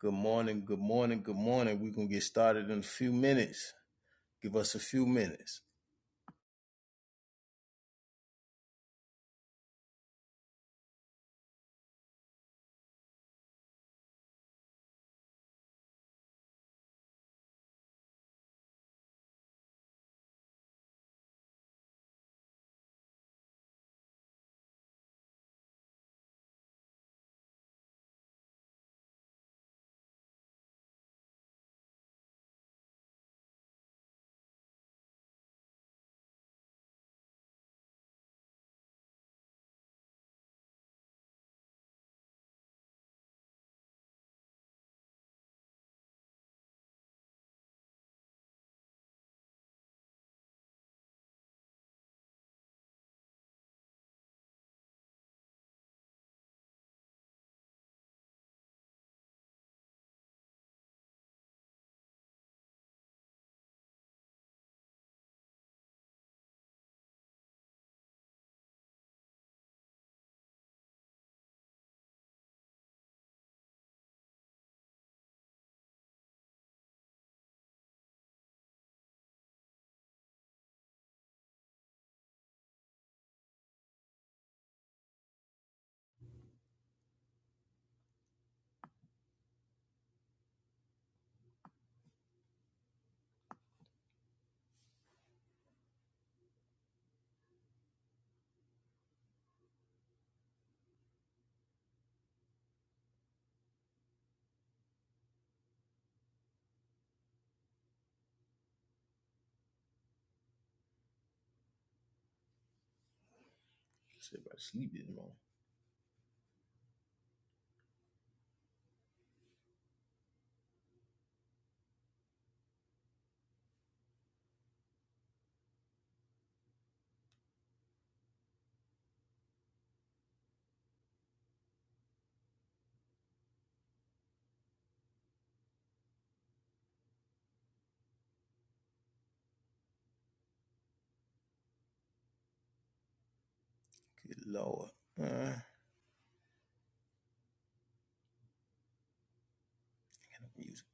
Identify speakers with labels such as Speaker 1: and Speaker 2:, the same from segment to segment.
Speaker 1: Good morning, good morning, good morning. We're gonna get started in a few minutes. Give us a few minutes. Let's see sleep this morning. Good lord. Uh, kind of music.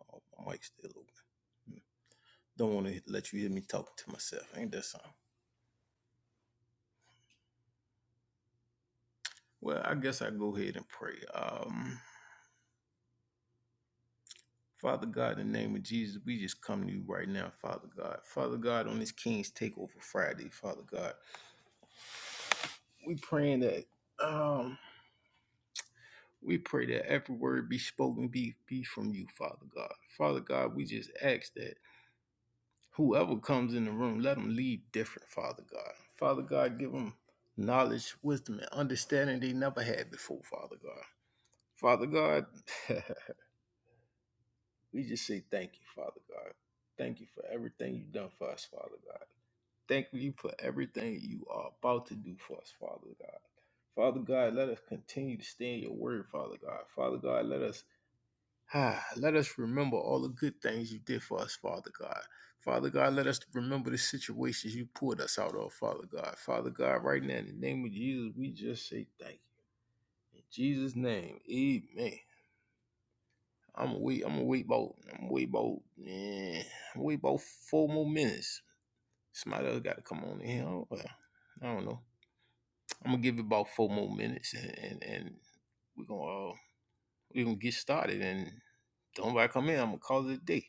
Speaker 1: Oh, my mic's still open. Mm. Don't want to let you hear me talk to myself. Ain't that something? Well, I guess I go ahead and pray. Um, Father God, in the name of Jesus, we just come to you right now, Father God. Father God, on this King's Takeover Friday, Father God, we praying that. Um, We pray that every word be spoken be, be from you, Father God. Father God, we just ask that whoever comes in the room, let them leave different, Father God. Father God, give them knowledge, wisdom, and understanding they never had before, Father God. Father God, we just say thank you, Father God. Thank you for everything you've done for us, Father God. Thank you for everything you are about to do for us, Father God. Father God, let us continue to stay in your word, Father God. Father God, let us Ah, let us remember all the good things you did for us, Father God. Father God, let us remember the situations you pulled us out of, Father God. Father God, right now, in the name of Jesus, we just say thank you. In Jesus' name, amen. I'm gonna wait, I'm gonna wait about, I'm gonna wait about, man, I'm gonna wait about four more minutes. Somebody else gotta come on in here. Oh, well, I don't know. I'm gonna give it about four more minutes and, and, and we're gonna, uh, we're gonna get started. And don't nobody come in, I'm gonna call it a day.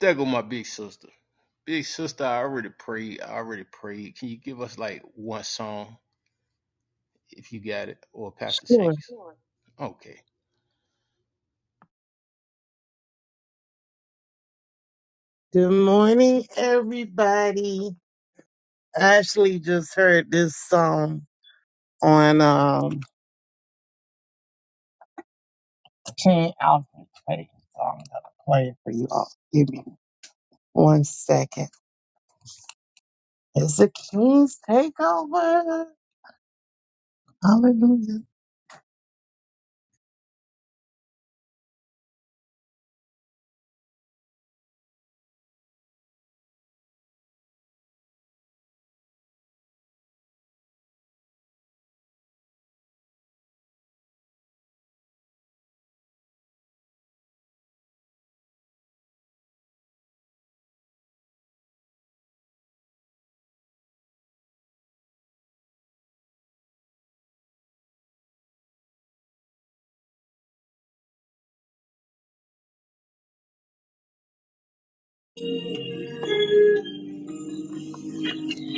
Speaker 1: There go my big sister. Big sister, I already prayed. I already prayed. Can you give us like one song if you got it? Or Pastor
Speaker 2: Sure.
Speaker 1: Shanks? Okay.
Speaker 2: Good morning, everybody. I actually just heard this song on um King Alfred Clayton song that I played for you all. Give me one second. It's the King's Takeover. Hallelujah.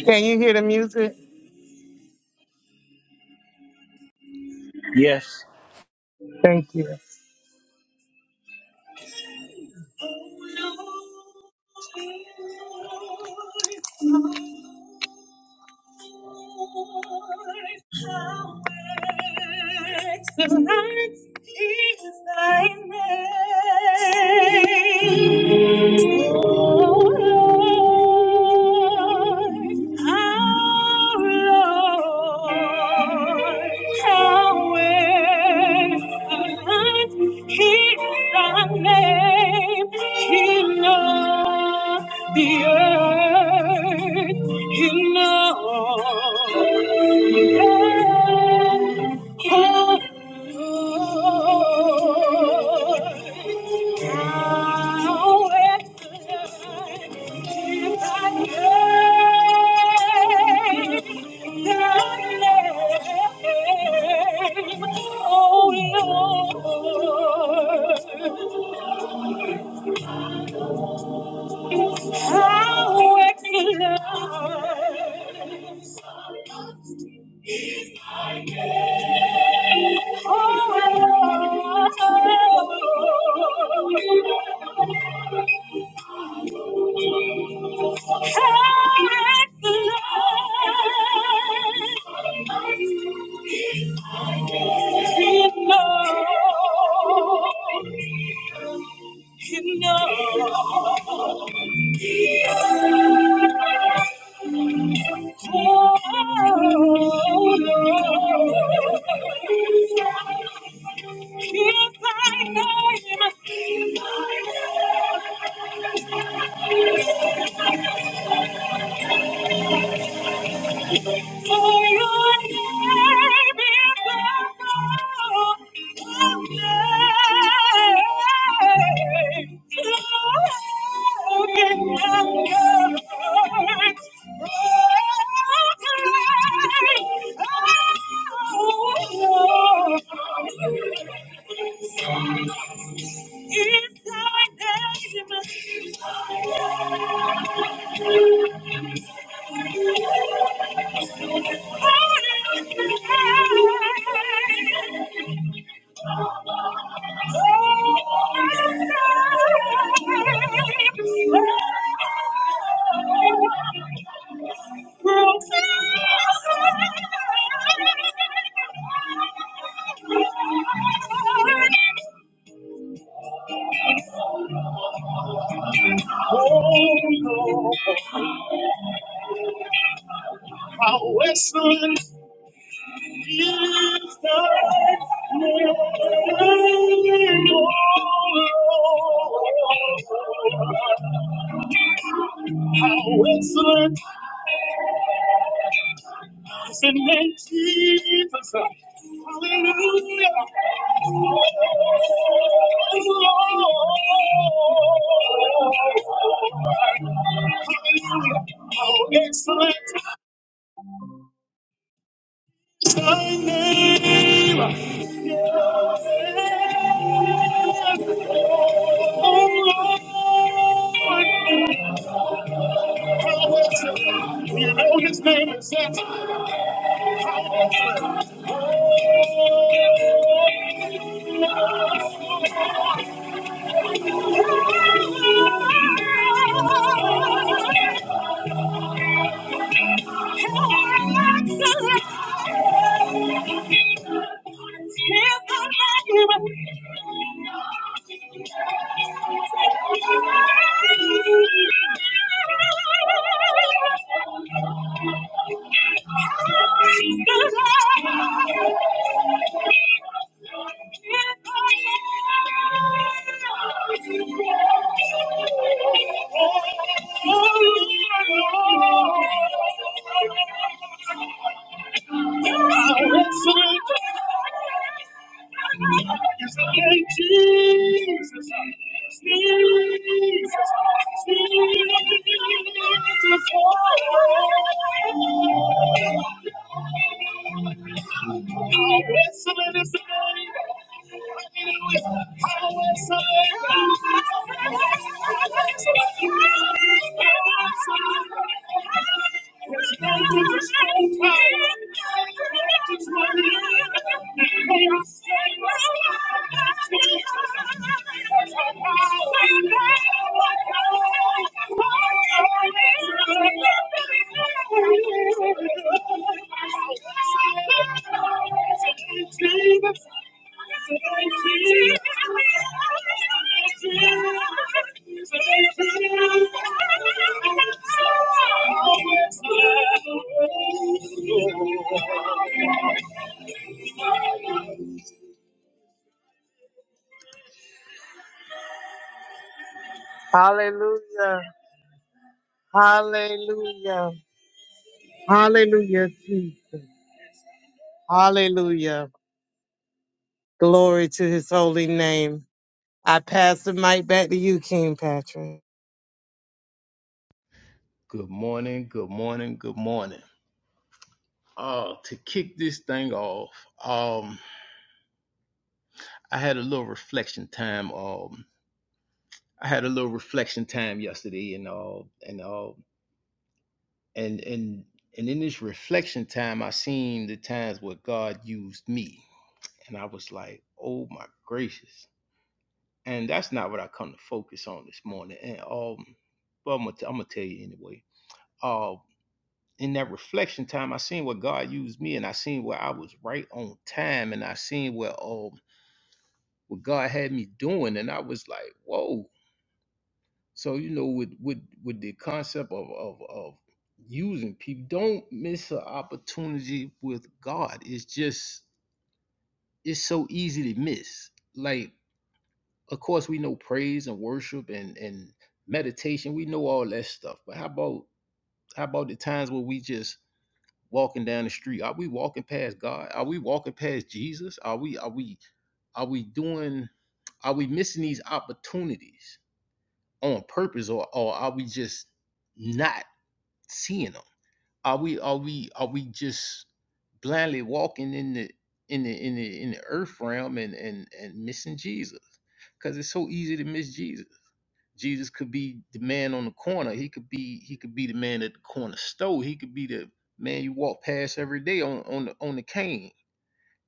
Speaker 2: Can you hear the music?
Speaker 3: Yes.
Speaker 2: Thank you. is thy name. oh Lord, our Lord, how excellent is thy name in all the earth, in all the earth. How excellent, oh my Lord. Thank you. For your name is above all names. Lord, in the earth, How excellent It's the name of Jesus. Hallelujah. Hallelujah. How excellent is thy name. Oh Lord. How excellent. We know his name is that. Thank you. Thank you. Jesus, Thank you. Hallelujah. Hallelujah. Hallelujah, Jesus. Hallelujah. Glory to his holy name. I pass the mic back to you, King Patrick.
Speaker 1: Good morning, good morning, good morning. Uh to kick this thing off, um, I had a little reflection time. Um I had a little reflection time yesterday and all and all and and and in this reflection time I seen the times where God used me. And I was like, oh my gracious. and that's not what I come to focus on this morning. And um, well, I'm gonna, t- I'm gonna tell you anyway. Um, in that reflection time, I seen where God used me, and I seen where I was right on time, and I seen where um what God had me doing, and I was like, whoa. So you know, with with with the concept of of of using people, don't miss an opportunity with God. It's just it's so easy to miss. Like Of course, we know praise and worship and and meditation. We know all that stuff. But how about how about the times where we just walking down the street? Are we walking past God? Are we walking past Jesus? Are we are we are we doing? Are we missing these opportunities on purpose, or or are we just not seeing them? Are we are we are we just blindly walking in the in the in the in the earth realm and and and missing Jesus? Because it's so easy to miss Jesus. Jesus could be the man on the corner. He could be he could be the man at the corner store. He could be the man you walk past every day on on the on the cane.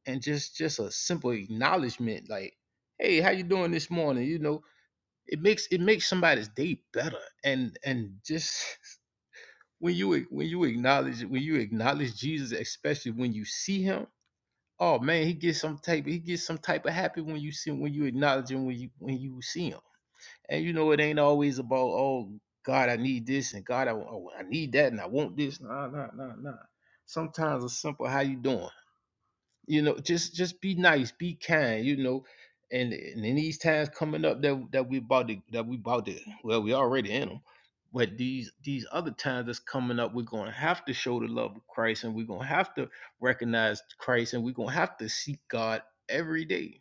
Speaker 1: And just just a simple acknowledgement like, hey, how you doing this morning? You know, it makes it makes somebody's day better. And and just when you ac- when you acknowledge when you acknowledge Jesus, especially when you see him, oh man, he gets some type he gets some type of happy when you see him, when you acknowledge him when you when you see him and you know, it ain't always about, oh, God, I need this, and God, I, oh, I need that, and I want this. Nah, nah, nah, nah. Sometimes it's simple. How you doing? You know, just just be nice, be kind. You know, and, and in these times coming up that that we about to that we about to well, we already in them. But these these other times that's coming up, we're gonna have to show the love of Christ, and we're gonna have to recognize Christ, and we're gonna have to seek God every day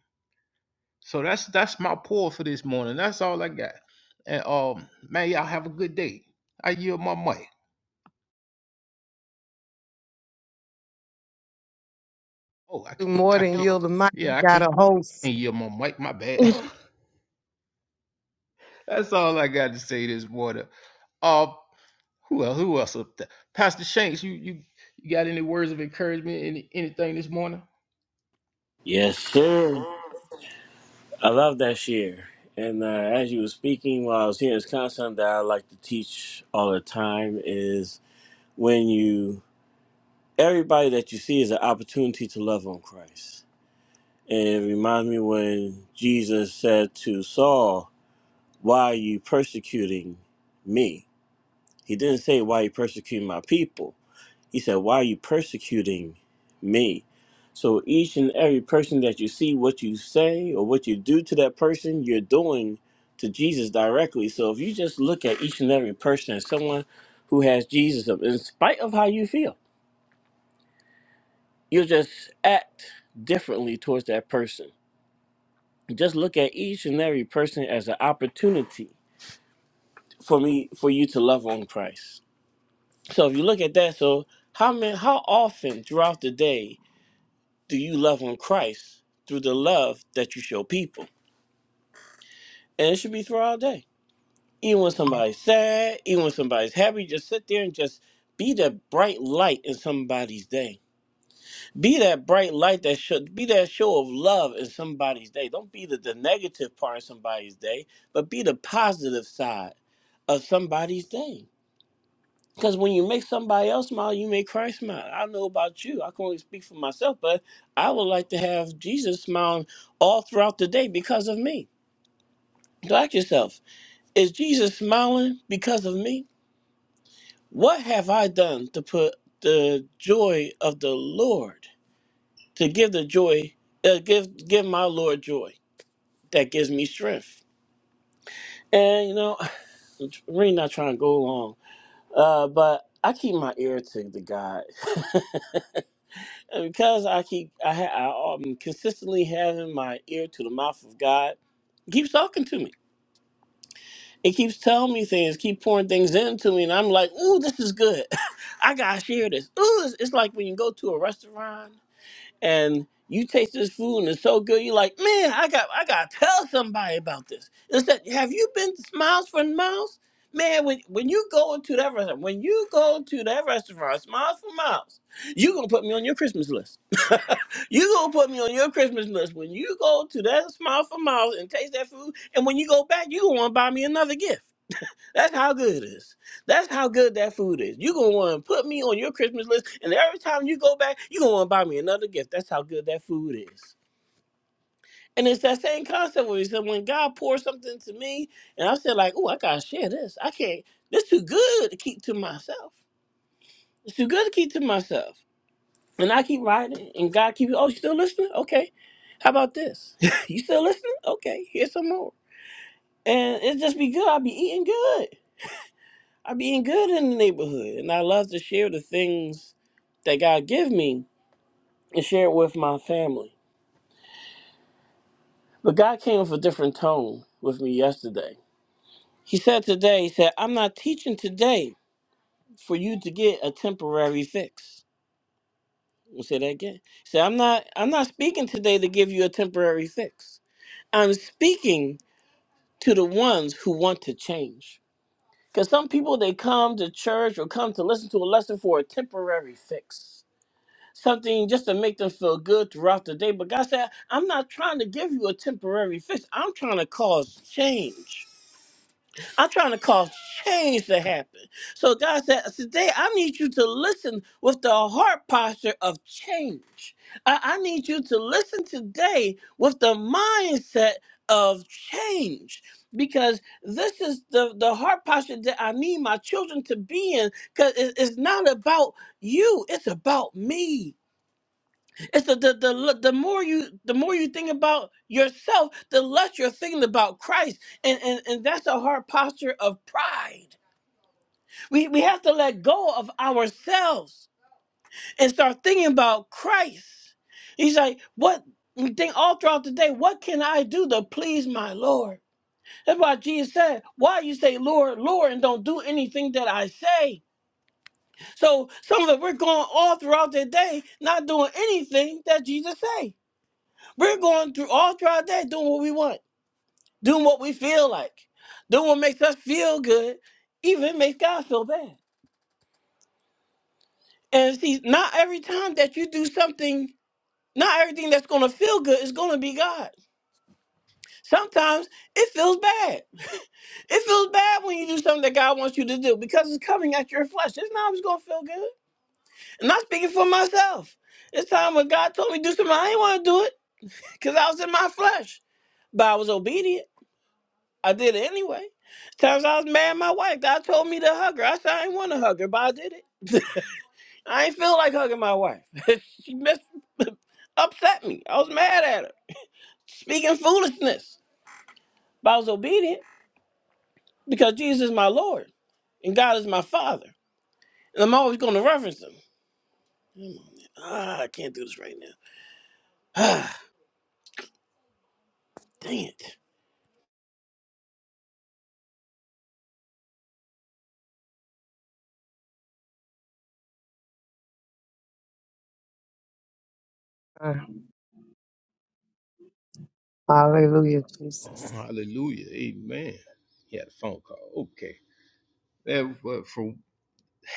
Speaker 1: so that's that's my pour for this morning. That's all I got. And um, man, y'all have a good day. I yield my mic. Oh, I
Speaker 2: Do
Speaker 1: can't.
Speaker 2: more
Speaker 1: I
Speaker 2: than
Speaker 1: can't
Speaker 2: yield the mic. You
Speaker 1: yeah, I
Speaker 2: got
Speaker 1: can't
Speaker 2: a host.
Speaker 1: yield my mic. My bad. that's all I got to say this morning. Uh, who else? Who else up there? Pastor Shanks, you you you got any words of encouragement? Any anything this morning?
Speaker 3: Yes, sir. I love that share. And uh, as you were speaking while I was here, it's kind of something that I like to teach all the time is when you, everybody that you see is an opportunity to love on Christ. And it reminds me when Jesus said to Saul, why are you persecuting me? He didn't say, why are you persecuting my people? He said, Why are you persecuting me? So each and every person that you see, what you say or what you do to that person, you're doing to Jesus directly. So if you just look at each and every person as someone who has Jesus, in spite of how you feel, you'll just act differently towards that person. Just look at each and every person as an opportunity for me for you to love on Christ. So if you look at that, so how many how often throughout the day do you love on Christ through the love that you show people? And it should be through all day. Even when somebody's sad, even when somebody's happy, just sit there and just be that bright light in somebody's day. Be that bright light that should be that show of love in somebody's day. Don't be the, the negative part of somebody's day, but be the positive side of somebody's day. Because when you make somebody else smile, you make Christ smile. I know about you. I can only speak for myself, but I would like to have Jesus smiling all throughout the day because of me. So ask yourself, is Jesus smiling because of me? What have I done to put the joy of the Lord, to give the joy, uh, give give my Lord joy that gives me strength? And you know, I'm really not trying to go long, uh, but I keep my ear to the God. And because I keep, I, ha- I am consistently having my ear to the mouth of God, He keeps talking to me. It keeps telling me things, keep pouring things into me, and I'm like, ooh, this is good. I gotta share this. Ooh, it's, it's like when you go to a restaurant and you taste this food and it's so good, you're like, man, I got, I gotta tell somebody about this. Instead, have you been to Smiles for Miles? Man, when, when you go into that restaurant, when you go to that restaurant, Smiles for Miles, you gonna put me on your Christmas list. You gonna put me on your Christmas list when you go to that Smile for Miles and taste that food, and when you go back, you gonna want to buy me another gift. That's how good it is. That's how good that food is. You gonna want to put me on your Christmas list, and every time you go back, you gonna want to buy me another gift. That's how good that food is. And it's that same concept where he said, when God pours something to me, and I said, like, oh, I gotta share this. I can't. This too good to keep to myself. It's too good to keep to myself. And I keep riding, and God keep you. Oh, you still listening? Okay. How about this? you still listening? Okay. Here's some more. And it just be good. I be eating good. I be eating good in the neighborhood, and I love to share the things that God give me and share it with my family. But God came with a different tone with me yesterday. He said today, He said, "I'm not teaching today for you to get a temporary fix." We'll say that again. He said, "I'm not. I'm not speaking today to give you a temporary fix. I'm speaking." to the ones who want to change. Because some people, they come to church or come to listen to a lesson for a temporary fix, something just to make them feel good throughout the day. But God said, I'm not trying to give you a temporary fix, I'm trying to cause change. I'm trying to cause change to happen. So God said, Today I need you to listen with the heart posture of change. I, I need you to listen today with the mindset of change because this is the, the heart posture that I need my children to be in because it's not about you, it's about me it's the, the the l- the more you the more you think about yourself, the less you're thinking about Christ, and and, and that's a hard posture of pride. We we have to let go of ourselves and start thinking about Christ. He's like, what? You think all throughout the day, what can I do to please my Lord? That's why Jesus said, Why you say Lord, Lord, and don't do anything that I say? So some of us we're going all throughout the day not doing anything that Jesus say We're going through all throughout that doing what we want, doing what we feel like, doing what makes us feel good, even makes God feel bad. And see, not every time that you do something, not everything that's going to feel good is going to be God. Sometimes it feels bad. It feels bad when you do something that God wants you to do because it's coming at your flesh. It's not always going to feel good. And I'm speaking for myself. It's time when God told me to do something, I didn't want to do it because I was in my flesh, but I was obedient. I did it anyway. Times I was mad at my wife. God told me to hug her. I said I didn't want to hug her, but I did it. I ain't feel like hugging my wife. she mis- upset me. I was mad at her. Speaking foolishness. But I was obedient because Jesus is my Lord and God is my Father. And I'm always going to reference him. Ah, I can't do this right now. Ah, dang it.
Speaker 2: Uh, Hallelujah,
Speaker 1: Oh,
Speaker 2: Jesus.
Speaker 1: hallelujah, Amen. He had a phone call. Okay. That but from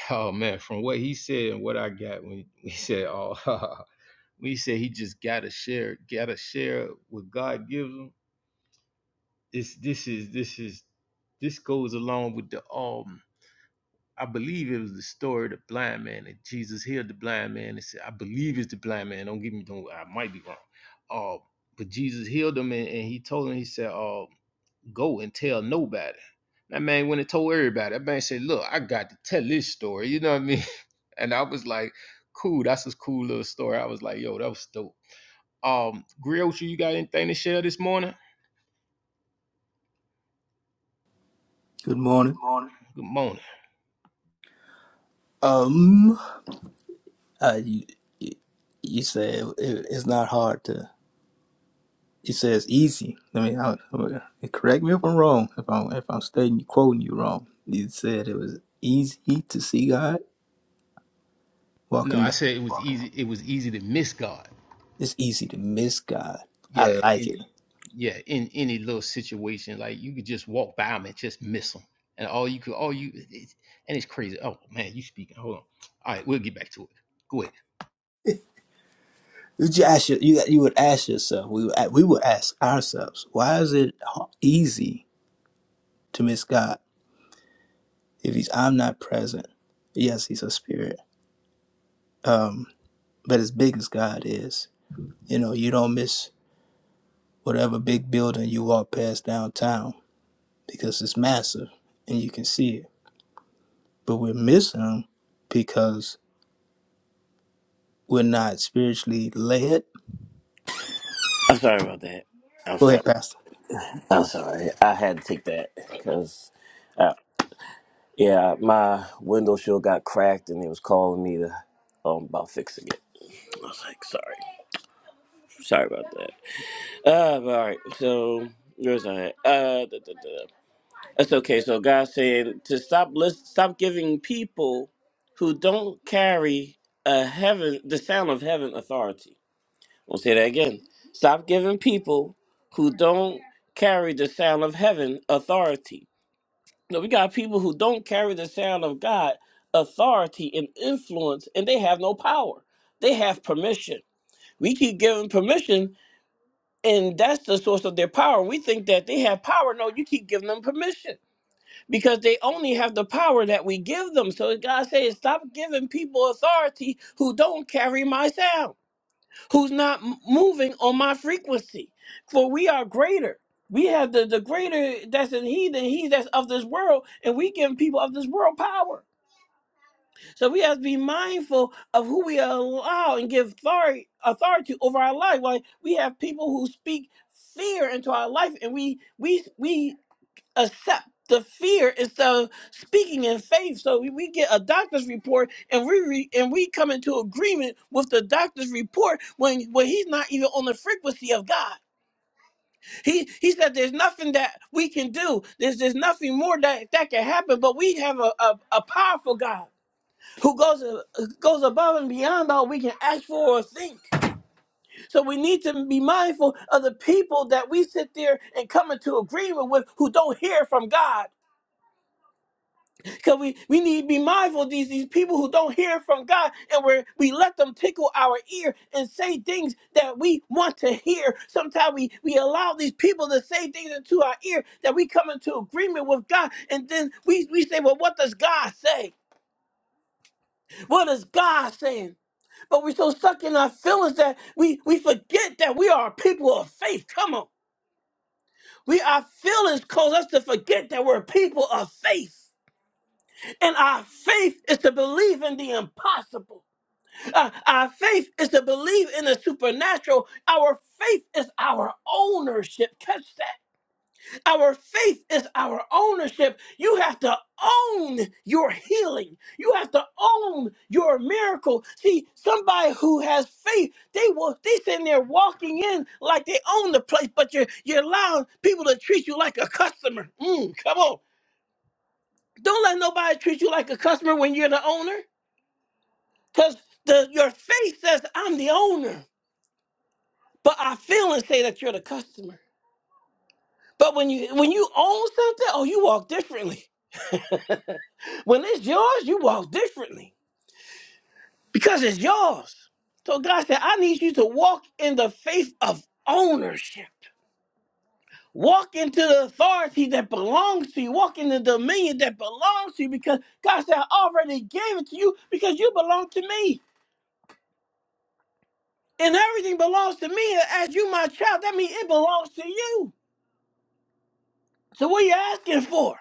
Speaker 1: oh man, from what he said and what I got when he said, oh. When he said he just gotta share, gotta share what God gives him. This this is this is this goes along with the um I believe it was the story of the blind man that Jesus healed the blind man and said, I believe it's the blind man. Don't give me don't I might be wrong. Uh, but Jesus healed him and, and he told him, he said, uh, go and tell nobody. That man went and told everybody. That man said, Look, I got to tell this story, you know what I mean? And I was like, cool, that's a cool little story. I was like, yo, that was dope. Um, Griot, you got anything to share this morning?
Speaker 4: Good
Speaker 1: Good
Speaker 4: morning.
Speaker 1: morning. Good morning.
Speaker 4: Um, uh, you, you you said it, it's not hard to. You said it's easy. I mean, I, I- correct me if I'm wrong. If I'm if I'm stating quoting you wrong, you said it was easy to see God
Speaker 1: No,
Speaker 4: walking
Speaker 1: I
Speaker 4: down.
Speaker 1: said it was easy. It was easy to miss God.
Speaker 4: It's easy to miss God. I
Speaker 1: Yeah,
Speaker 4: like
Speaker 1: in,
Speaker 4: it.
Speaker 1: yeah. In any little situation, like you could just walk by him and just miss him, and all you could, all you, it's, and it's crazy. Oh man, you speaking? Hold on. All right, we'll get back to it. Go ahead.
Speaker 4: Would you just ask your, you you would ask yourself. We would a- we would ask ourselves. Why is it ho- easy to miss God if He's I'm not present? Yes, He's a spirit. Um, but as big as God is. You know, you don't miss whatever big building you walk past downtown because it's massive and you can see it. But we're missing 'em because we're not spiritually led.
Speaker 3: I'm sorry about that. I'm
Speaker 4: Go
Speaker 3: sorry.
Speaker 4: ahead, Pastor.
Speaker 3: I'm sorry. I had to take that because. Yeah, my window shield got cracked and they was calling me to um about fixing it. I was like, sorry. Sorry about that. Uh but all right, so where's I at? Uh da, da, da. that's okay. So God's saying to stop list stop giving people who don't carry a heaven the sound of heaven authority. I'll say that again. Stop giving people who don't carry the sound of heaven authority No, we got people who don't carry the sound of God, authority, and influence, and they have no power. They have permission. We keep giving permission, and that's the source of their power. We think that they have power. No, you keep giving them permission because they only have the power that we give them. So God says, stop giving people authority who don't carry my sound who's not m- moving on my frequency. For we are greater. We have the, the greater that's in he than he that's of this world, and we give people of this world power. So we have to be mindful of who we allow and give authority, authority over our life. Like we have people who speak fear into our life, and we we we accept the fear instead of speaking in faith. So we, we get a doctor's report and we re, and we come into agreement with the doctor's report when when he's not even on the frequency of God. He he said there's nothing that we can do. There's there's nothing more that that can happen. But we have a a, a powerful God who goes a- goes above and beyond all we can ask for or think. So we need to be mindful of the people that we sit there and come into agreement with who don't hear from God because we, we need to be mindful of these, these people who don't hear from God and we're, we let them tickle our ear and say things that we want to hear. Sometimes we, we allow these people to say things into our ear that we come into agreement with God and then we, we say, well, what does God say? What is God saying? But we're so stuck in our feelings that we, we forget that we are people of faith. Come on. We our feelings cause us to forget that we're people of faith. And our faith is to believe in the impossible. Uh, our faith is to believe in the supernatural. Our faith is our ownership. Catch that. Our faith is our ownership. You have to own your healing. You have to own your miracle. See, somebody who has faith, they will they sitting there walking in like they own the place, but you're you're allowing people to treat you like a customer. Mm, come on. Don't let nobody treat you like a customer when you're the owner. Because the your faith says, I'm the owner. But I feel and say that you're the customer. But when you when you own something, oh, you walk differently. When it's yours, you walk differently because it's yours. So God said, I need you to walk in the faith of ownership. Walk into the authority that belongs to you. Walk in the dominion that belongs to you because God said, I already gave it to you because you belong to me. And everything belongs to me. As you, my child, that means it belongs to you. So what are you asking for?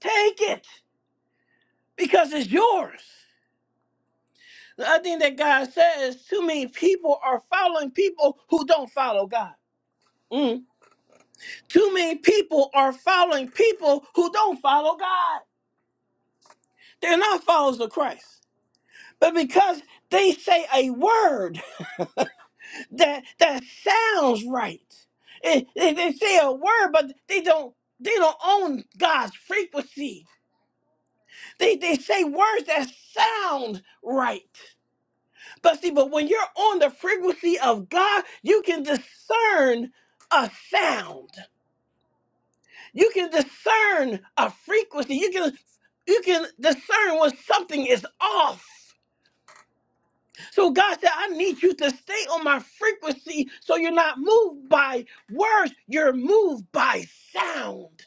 Speaker 3: Take it. because it's yours. The other thing that God says, too many people are following people who don't follow God. Mm. Too many people are following people who don't follow God. They're not followers of Christ. But because they say a word that that sounds right. Eh, They, they say a word, but they don't they don't own God's frequency. They they say words that sound right. But see, but when you're on the frequency of God, you can discern a sound. You can discern a frequency. You can you can discern when something is off. So God said, I need you to stay on my frequency so you're not moved by words, you're moved by sound.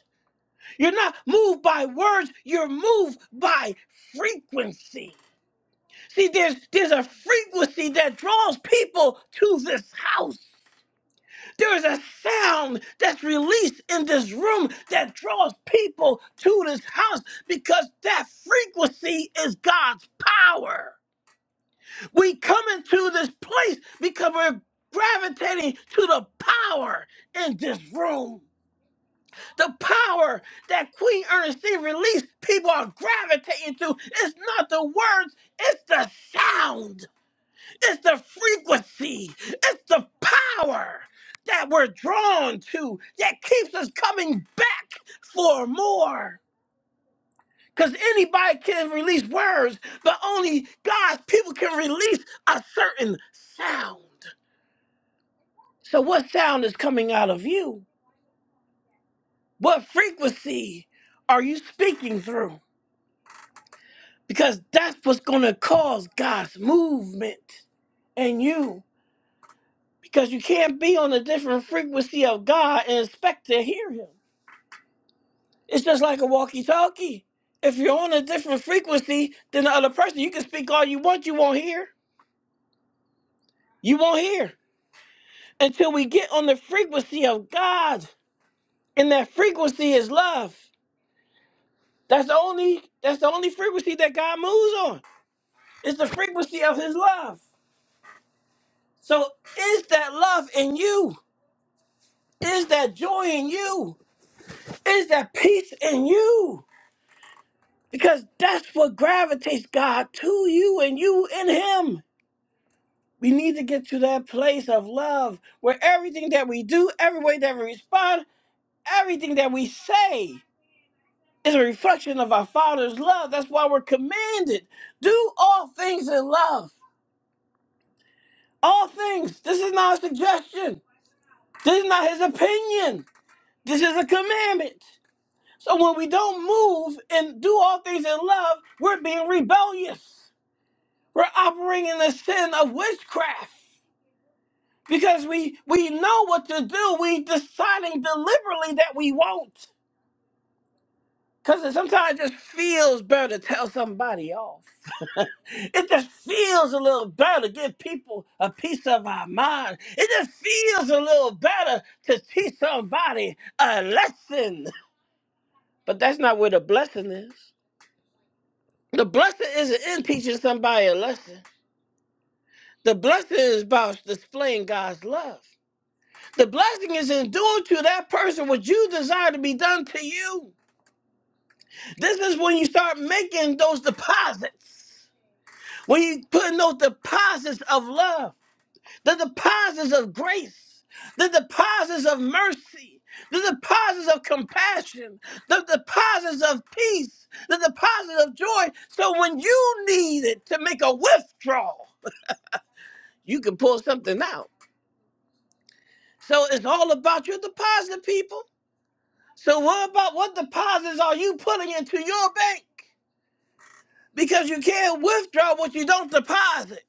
Speaker 3: You're not moved by words, you're moved by frequency. See, there's there's a frequency that draws people to this house. There is a sound that's released in this room that draws people to this house because that frequency is God's power. We come into this place because we're gravitating to the power in this room. The power that Queen Ernestine released, people are gravitating to. It's not the words, it's the sound. It's the frequency, it's the power that we're drawn to that keeps us coming back for more. Because anybody can release words, but only God's people can release a certain sound. So, what sound is coming out of you? What frequency are you speaking through? Because that's what's going to cause God's movement in you. because you can't be on a different frequency of God and expect to hear Him. It's just like a walkie-talkie. If you're on a different frequency than the other person, you can speak all you want, you won't hear. You won't hear until we get on the frequency of God, and that frequency is love. That's the only that's the only frequency that God moves on. It's the frequency of His love. So is that love in you? Is that joy in you? Is that peace in you? Because that's what gravitates God to you and you in Him. We need to get to that place of love where everything that we do, every way that we respond, everything that we say is a reflection of our Father's love. That's why we're commanded do all things in love. All things. This is not a suggestion, this is not His opinion, this is a commandment. So when we don't move and do all things in love, we're being rebellious. We're operating in the sin of witchcraft because we we know what to do. We deciding deliberately that we won't. Cause it sometimes just feels better to tell somebody off. It just feels a little better to give people a piece of our mind. It just feels a little better to teach somebody a lesson. But that's not where the blessing is. The blessing isn't in teaching somebody a lesson. The blessing is about displaying God's love. The blessing is in to that person what you desire to be done to you. This is when you start making those deposits. When you put in those deposits of love, the deposits of grace, the deposits of mercy, the deposits of compassion, the deposits of peace, the deposits of joy. So when you need it to make a withdrawal, you can pull something out. So it's all about your deposit, people. So what about what deposits are you putting into your bank? Because you can't withdraw what you don't deposit.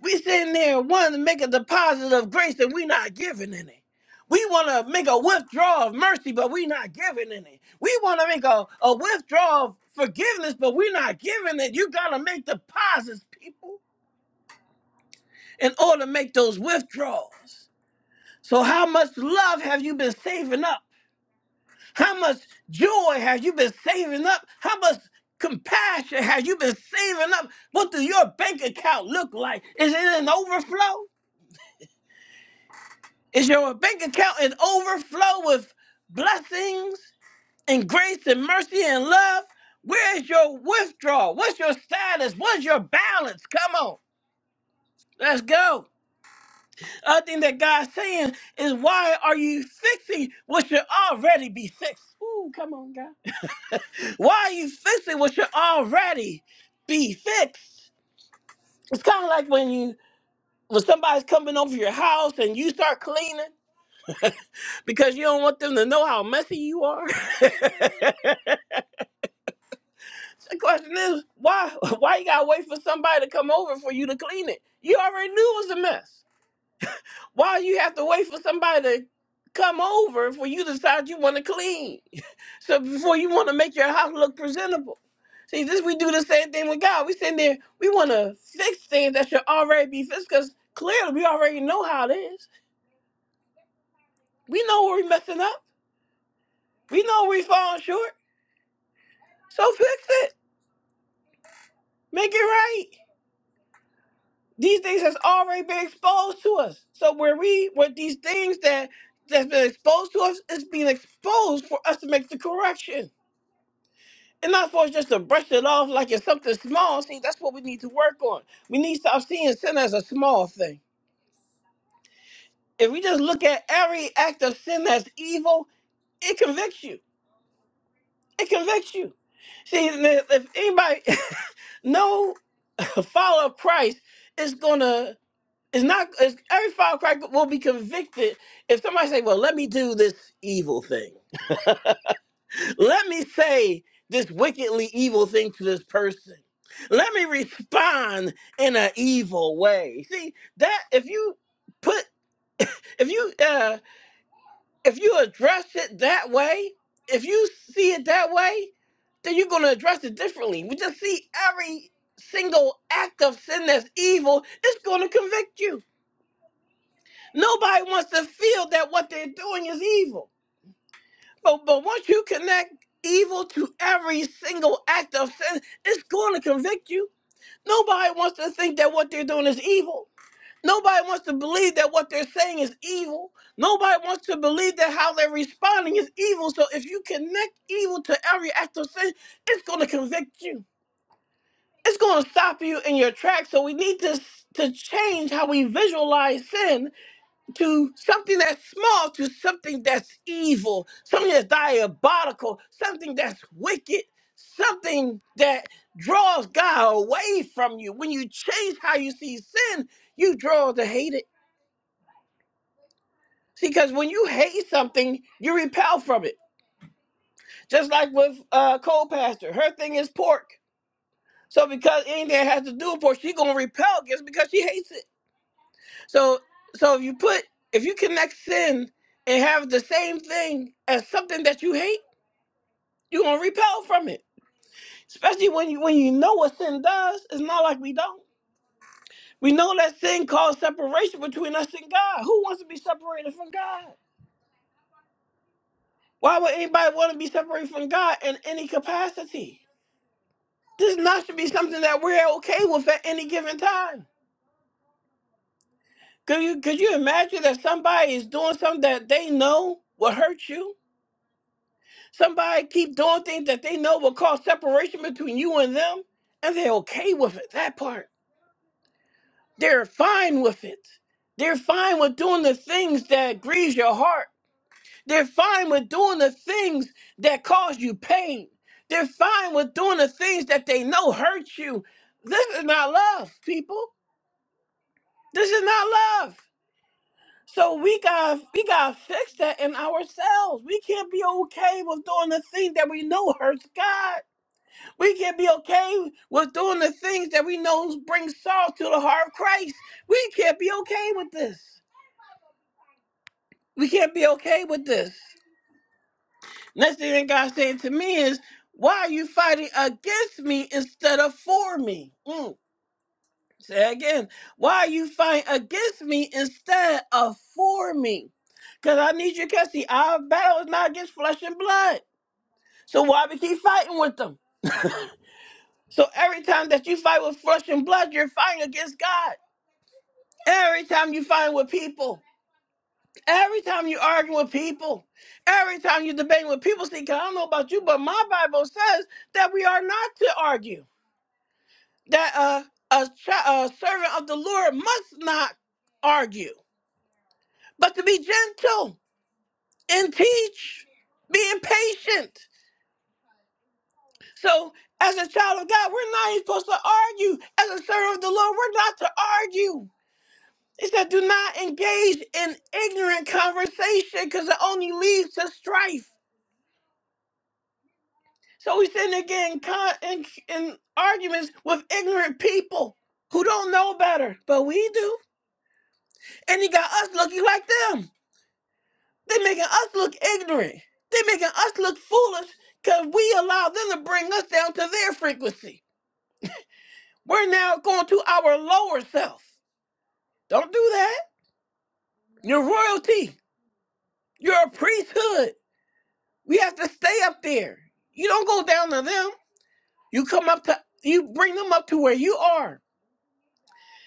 Speaker 3: We sitting there wanting to make a deposit of grace and we not giving any. We want to make a withdrawal of mercy, but we not giving any. We want to make a, a withdrawal of forgiveness, but we not giving it. You got to make deposits, people, in order to make those withdrawals. So how much love have you been saving up? How much joy have you been saving up? How much compassion have you been saving up? What does your bank account look like? Is it an overflow? Is your bank account an overflow with blessings and grace and mercy and love? Where's your withdrawal? What's your status? What's your balance? Come on, let's go. Other thing that God's saying is, why are you fixing what should already be fixed? Ooh, come on, God. Why are you fixing what should already be fixed? It's kind of like when you when somebody's coming over your house and you start cleaning because you don't want them to know how messy you are. the question is, why why you gotta wait for somebody to come over for you to clean it? You already knew it was a mess. Why you have to wait for somebody to come over for you to decide you want to clean? So before you want to make your house look presentable. See, this we do the same thing with God. We sitting there, we want to fix things that should already be fixed because clearly we already know how it is. We know where we messing up. We know we falling short. So fix it. Make it right. These things has already been exposed to us. So where we, what these things that that's been exposed to us is being exposed for us to make the correction. And not for us just to brush it off like it's something small. See, that's what we need to work on. We need to stop seeing sin as a small thing. If we just look at every act of sin that's evil, it convicts you. It convicts you. See, and if if anybody no follower of Christ is gonna is not is every follower of Christ will be convicted if somebody say, "Well, let me do this evil thing." Let me say this wickedly evil thing to this person. Let me respond in an evil way. See that if you put if you uh if you address it that way, if you see it that way, then you're gonna address it differently. We just see every single act of sin that's evil, it's gonna convict you. Nobody wants to feel that what they're doing is evil. But but once you connect evil to every single act of sin, it's going to convict you. Nobody wants to think that what they're doing is evil. Nobody wants to believe that what they're saying is evil. Nobody wants to believe that how they're responding is evil. So if you connect evil to every act of sin, it's going to convict you. It's going to stop you in your tracks. So we need to to change how we visualize sin to something that's small to something that's evil, something that's diabolical, something that's wicked, something that draws God away from you. When you change how you see sin, you draw to hate it. See, because when you hate something, you repel from it. Just like with uh, Cole Pastor, her thing is pork. So because anything that has to do with pork, she gonna repel against it because she hates it. So so if you put if you connect sin and have the same thing as something that you hate, you're gonna repel from it. Especially when you when you know what sin does, it's not like we don't. We know that sin caused separation between us and God. Who wants to be separated from God? Why would anybody want to be separated from God in any capacity? This not should be something that we're okay with at any given time. Could you could you imagine that somebody is doing something that they know will hurt you? Somebody keep doing things that they know will cause separation between you and them, and they're okay with it. That part. They're fine with it. They're fine with doing the things that grieves your heart. They're fine with doing the things that cause you pain. They're fine with doing the things that they know hurt you. This is not love, people. This is not love. So we got we got to fix that in ourselves. We can't be okay with doing the thing that we know hurts God. We can not be okay with doing the things that we know bring Saul to the heart of Christ. We can't be okay with this. We can't be okay with this. Next thing that God said to me is, why are you fighting against me instead of for me? Mm. Say it again, why are you fighting against me instead of for me? Because I need you, Cassie. Our battle is not against flesh and blood. So why we keep fighting with them? So every time that you fight with flesh and blood, you're fighting against God. Every time you fight with people, every time you argue with people, every time you debate with people, see, 'cause I don't know about you, but my Bible says that we are not to argue. That uh, a, chi- a servant of the Lord must not argue, but to be gentle and teach, being patient. So, as a child of God, we're not even supposed to argue. As a servant of the Lord, we're not to argue. He said, do not engage in ignorant conversation because it only leads to strife. So he's sitting there getting con- in, in arguments with ignorant people who don't know better, but we do. And he got us looking like them. They're making us look ignorant. They're making us look foolish because we allow them to bring us down to their frequency. We're now going to our lower self. Don't do that. You're royalty. You're a priesthood. We have to stay up there. You don't go down to them. You come up to you bring them up to where you are.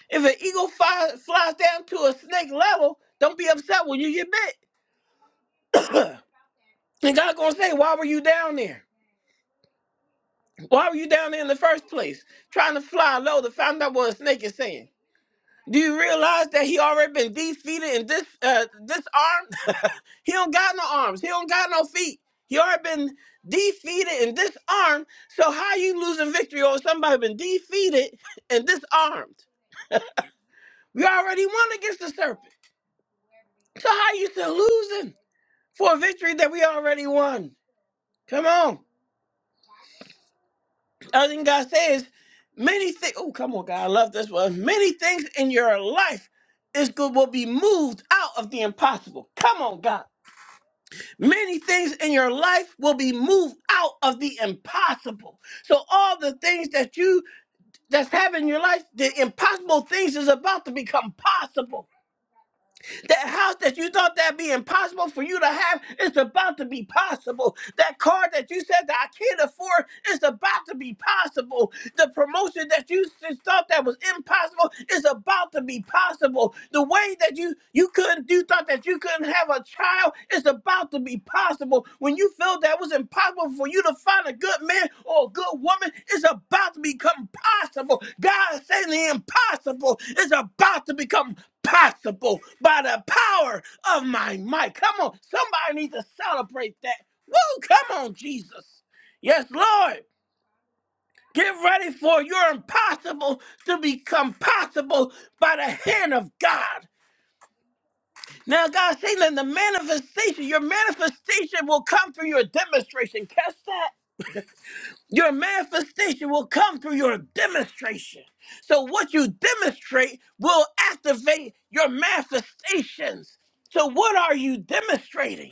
Speaker 3: If an eagle fly, flies down to a snake level, don't be upset when you get bit. and God's gonna say, why were you down there? Why were you down there in the first place? Trying to fly low to find out what a snake is saying. Do you realize that he already been defeated and dis, uh, disarmed? he don't got no arms. He don't got no feet. He already been defeated and disarmed. So how you losing victory over somebody been defeated and disarmed? We already won against the serpent. So how you still losing for a victory that we already won? Come on. Other than God says, many things. Oh, come on, God. I love this one. Many things in your life is good will be moved out of the impossible. Come on, God. Many things in your life will be moved out of the impossible. So all the things that you that's happening in your life, the impossible things is about to become possible. That house that you thought that'd be impossible for you to have is about to be possible. That car that you said that I can't afford is about to be possible. The promotion that you just thought that was impossible is about to be possible. The way that you you couldn't you thought that you couldn't have a child is about to be possible. When you felt that was impossible for you to find a good man or a good woman, it's about to become possible. God is saying the impossible is about to become possible by the power of my might. Come on, somebody needs to celebrate that. Woo, come on, Jesus. Yes, Lord. Get ready for your impossible to become possible by the hand of God. Now, God saying that the manifestation, your manifestation will come through your demonstration. Catch that. Your manifestation will come through your demonstration. So, what you demonstrate will activate your manifestations. So, what are you demonstrating?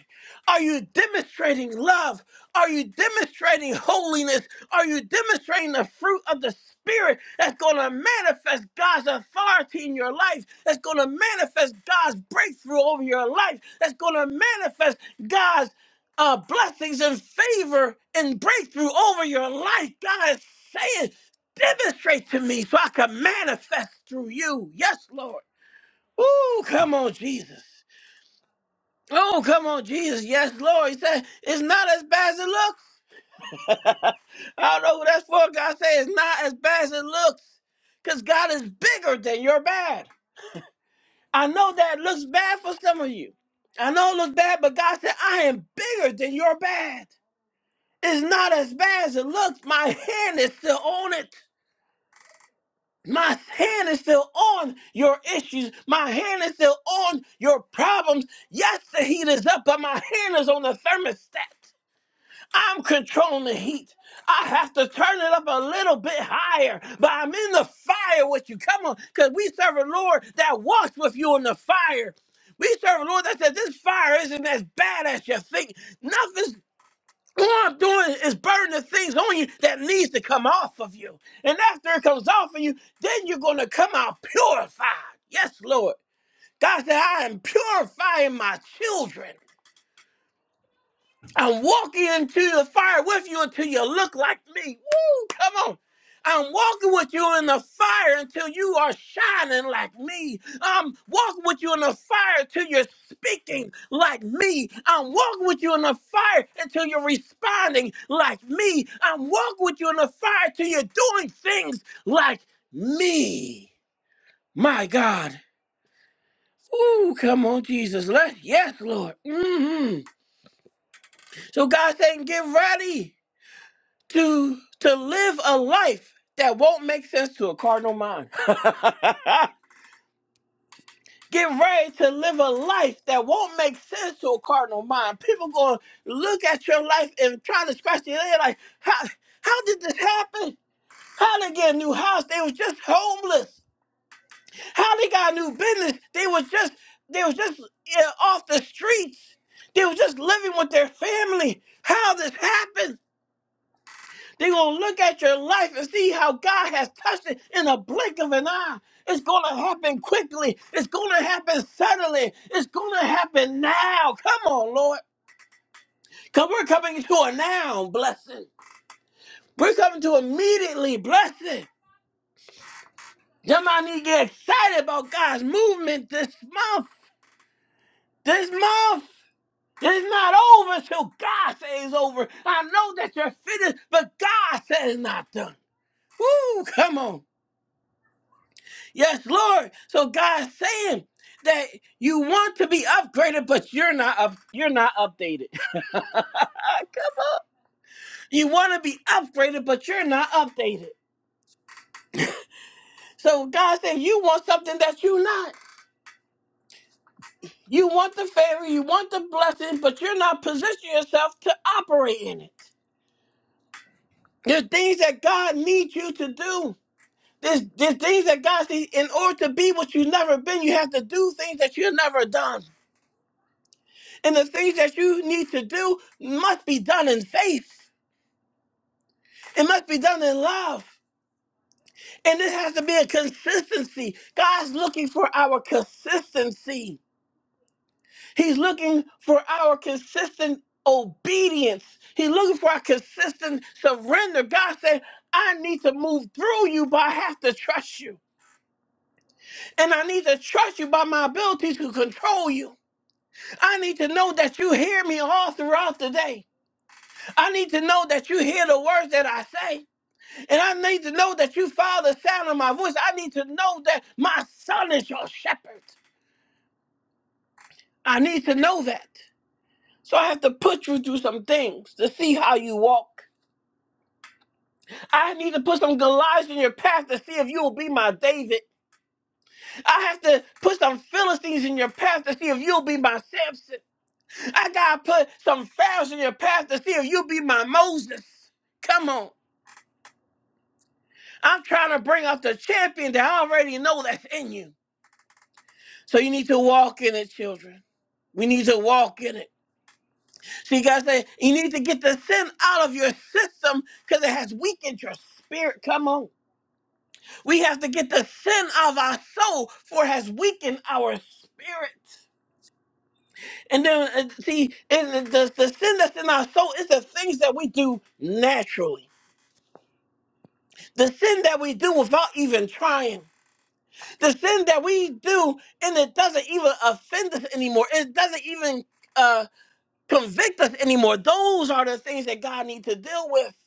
Speaker 3: Are you demonstrating love? Are you demonstrating holiness? Are you demonstrating the fruit of the Spirit that's going to manifest God's authority in your life? That's going to manifest God's breakthrough over your life? That's going to manifest God's uh, blessings and favor and breakthrough over your life. God is saying, demonstrate to me so I can manifest through you. Yes, Lord. Ooh, come on, Jesus. Oh, come on, Jesus. Yes, Lord. He said, it's not as bad as it looks. I don't know who that's for. God said, it's not as bad as it looks because God is bigger than your bad. I know that looks bad for some of you. I know it looks bad, but God said, I am bigger than your bad. It's not as bad as it looks. My hand is still on it. My hand is still on your issues. My hand is still on your problems. Yes, the heat is up, but my hand is on the thermostat. I'm controlling the heat. I have to turn it up a little bit higher, but I'm in the fire with you. Come on, because we serve a Lord that walks with you in the fire. We serve a Lord that says this fire isn't as bad as you think. Nothing's all I'm doing is burning the things on you that needs to come off of you. And after it comes off of you, then you're going to come out purified. Yes, Lord. God said, I am purifying my children. I'm walking into the fire with you until you look like me. Woo, come on. I'm walking with you in the fire until you are shining like me. I'm walking with you in the fire until you're speaking like me. I'm walking with you in the fire until you're responding like me. I'm walking with you in the fire until you're doing things like me. My God. Ooh, come on, Jesus. Let, yes, Lord. mm hmm So God's saying, get ready. to to live a life that won't make sense to a cardinal mind. Get ready to live a life that won't make sense to a cardinal mind. People going to look at your life and try to scratch their head like, how, how did this happen? How they get a new house? They was just homeless. How they got a new business? They was just they was just yeah, off the streets. They was just living with their family. How this happened? They're going to look at your life and see how God has touched it in a blink of an eye. It's going to happen quickly. It's going to happen suddenly. It's going to happen now. Come on, Lord. Because we're coming to a now blessing. We're coming to immediately blessing. Somebody need to get excited about God's movement this month. This month. It's not over till God says over. I know that you're finished, but God says it's not done. Woo, come on. Yes, Lord. So God's saying that you want to be upgraded, but you're not up, you're not updated. You want to be upgraded, but you're not updated. So God said, You want something that you're not. You want the favor, you want the blessing, but you're not positioning yourself to operate in it. There's things that God needs you to do. There's, there's things that God says, in order to be what you've never been, you have to do things that you've never done. And the things that you need to do must be done in faith. It must be done in love. And it has to be a consistency. God's looking for our consistency. He's looking for our consistent obedience. He's looking for our consistent surrender. God said, I need to move through you, but I have to trust you. And I need to trust you by my ability to control you. I need to know that you hear me all throughout the day. I need to know that you hear the words that I say. And I need to know that you follow the sound of my voice. I need to know that my son is your shepherd. I need to know that. So I have to put you through some things to see how you walk. I need to put some Goliaths in your path to see if you'll be my David. I have to put some Philistines in your path to see if you'll be my Samson. I gotta put some Pharaohs in your path to see if you'll be my Moses. Come on. I'm trying to bring out the champion that I already know that's in you. So you need to walk in it, children. We need to walk in it. See, God said you need to get the sin out of your system because it has weakened your spirit. Come on. We have to get the sin out of our soul for it has weakened our spirit. And then, uh, see, and the, the sin that's in our soul is the things that we do naturally. The sin that we do without even trying. The sin that we do and it doesn't even offend us anymore. It doesn't even uh, convict us anymore. Those are the things that God needs to deal with.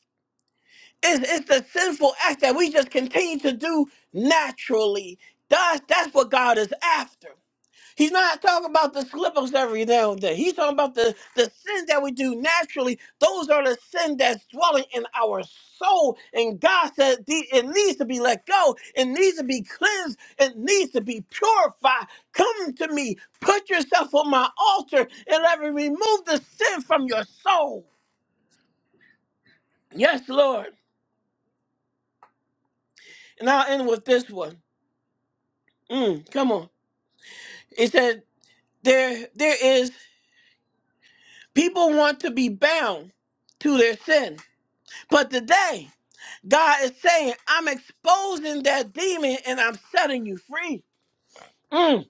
Speaker 3: It's, it's the sinful act that we just continue to do naturally. That's, that's what God is after. He's not talking about the slip ups every now and then. He's talking about the, the sins that we do naturally. Those are the sin that's dwelling in our soul. And God said the- it needs to be let go. It needs to be cleansed. It needs to be purified. Come to me. Put yourself on my altar and let me remove the sin from your soul. Yes, Lord. And I'll end with this one. Mm, come on. It said there there is people want to be bound to their sin. But today, God is saying, I'm exposing that demon and I'm setting you free. Mm.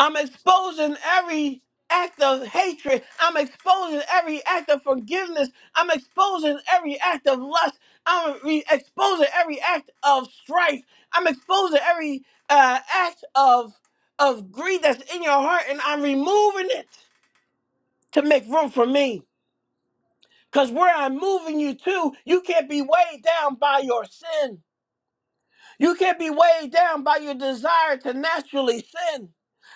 Speaker 3: I'm exposing every act of hatred. I'm exposing every act of forgiveness. I'm exposing every act of lust. I'm re- exposing every act of strife. I'm exposing every uh, act of of greed that's in your heart and I'm removing it. to make room for me. Because where I'm moving you to, you can't be weighed down by your sin. You can't be weighed down by your desire to naturally sin.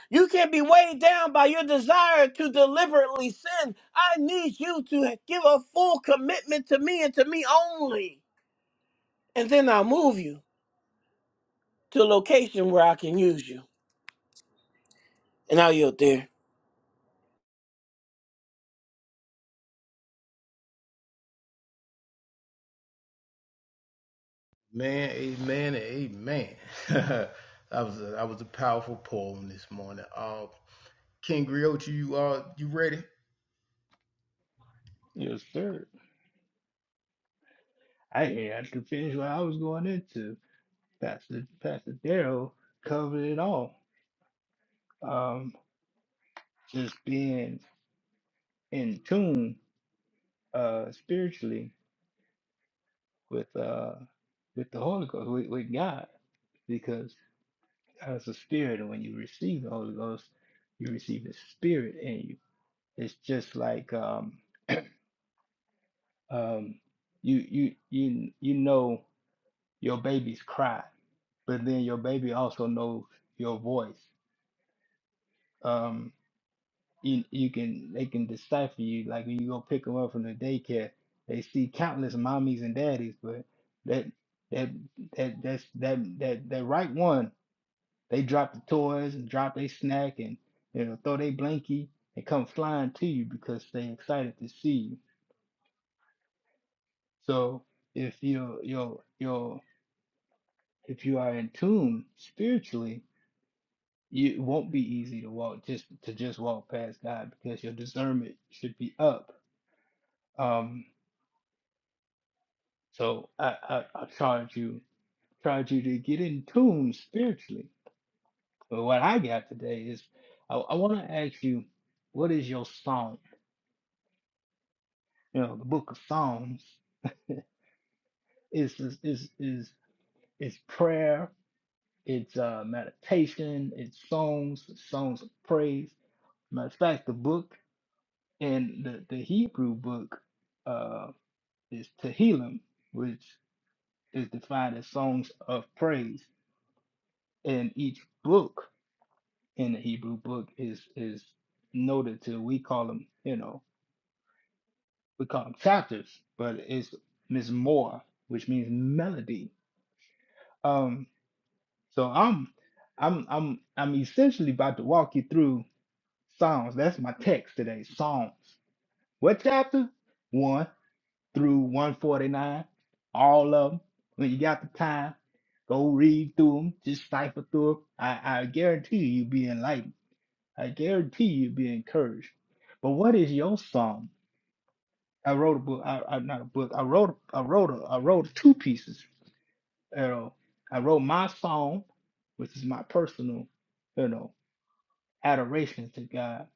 Speaker 3: You can't be weighed down by your desire to deliberately sin. I need you to give a full commitment to me and to me only. And then I'll move you to a location where I can use you. And I'll yield there.
Speaker 1: Man, amen, amen. that was a, that was a powerful poem this morning. Uh, King Griot, you uh, you ready?
Speaker 4: Yes, sir. I ain't to finish what I was going into. Pastor Pastor Darrow covered it all. Um, just being in tune uh spiritually with uh with the Holy Ghost, with, with God. because as a spirit, and when you receive the Holy Ghost, you receive the Spirit in you. It's just like um, um, you you you you know your baby's cry, but then your baby also knows your voice. Um, you, you can they can decipher you. Like when you go pick them up from the daycare, they see countless mommies and daddies, but that that that that's, that that that right one They drop the toys and drop their snack and you know throw their blankie and come flying to you because they excited to see you. So if you're you're you're if you are in tune spiritually, you, it won't be easy to walk just to just walk past God because your discernment should be up. Um, so I, I I charge you charge you to get in tune spiritually. But what I got today is I, I want to ask you, what is your song? You know, the book of Psalms. It's is is is it's prayer. It's uh, meditation. It's songs, songs of praise. Matter of fact, the book in the the Hebrew book uh, is Tehillim, which is defined as songs of praise. And each book in the Hebrew book is is noted to we call them you know we call them chapters, but it's Ms. Moore, which means melody. Um, So I'm I'm I'm I'm essentially about to walk you through Psalms. That's my text today. Psalms. What chapter? One through 149. All of them. When you got the time, go read through them. Just cipher through 'em. I, I guarantee you you'll be enlightened. I guarantee you'll be encouraged. But what is your psalm? I wrote a book. I, I not a book. I wrote I wrote a, I wrote two pieces. You know, I wrote my psalm, which is my personal, you know, adoration to God.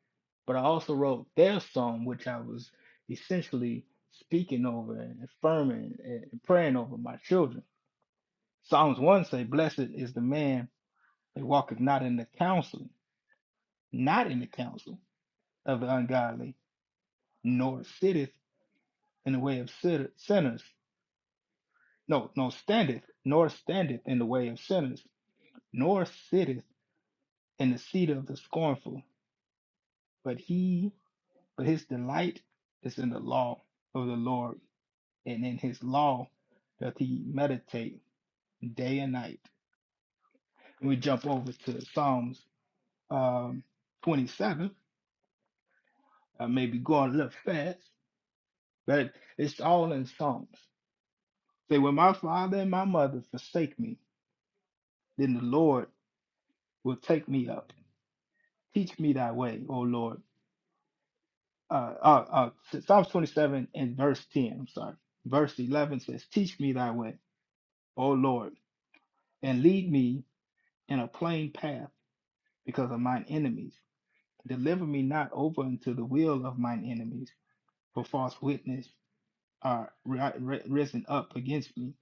Speaker 4: But I also wrote their song, which I was essentially speaking over and affirming and praying over my children. Psalms 1 say, Blessed is the man that walketh not in the counsel, not in the counsel of the ungodly, nor sitteth in the way of sitter- sinners. No, no, standeth, nor standeth in the way of sinners, nor sitteth in the seat of the scornful. But he, but his delight is in the law of the Lord and in his law doth he meditate day and night. And We jump over to Psalms um, 27. I may be going a little fast, but it's all in Psalms. Say, when my father and my mother forsake me, then the Lord will take me up. Teach me thy way, O Lord. Uh, uh, uh, Psalms 27 and verse 10, I'm sorry. Verse 11 says, Teach me thy way, O Lord, and lead me in a plain path because of mine enemies Deliver me not over unto the will of mine enemies, for false witness are ri- ri- risen up against me,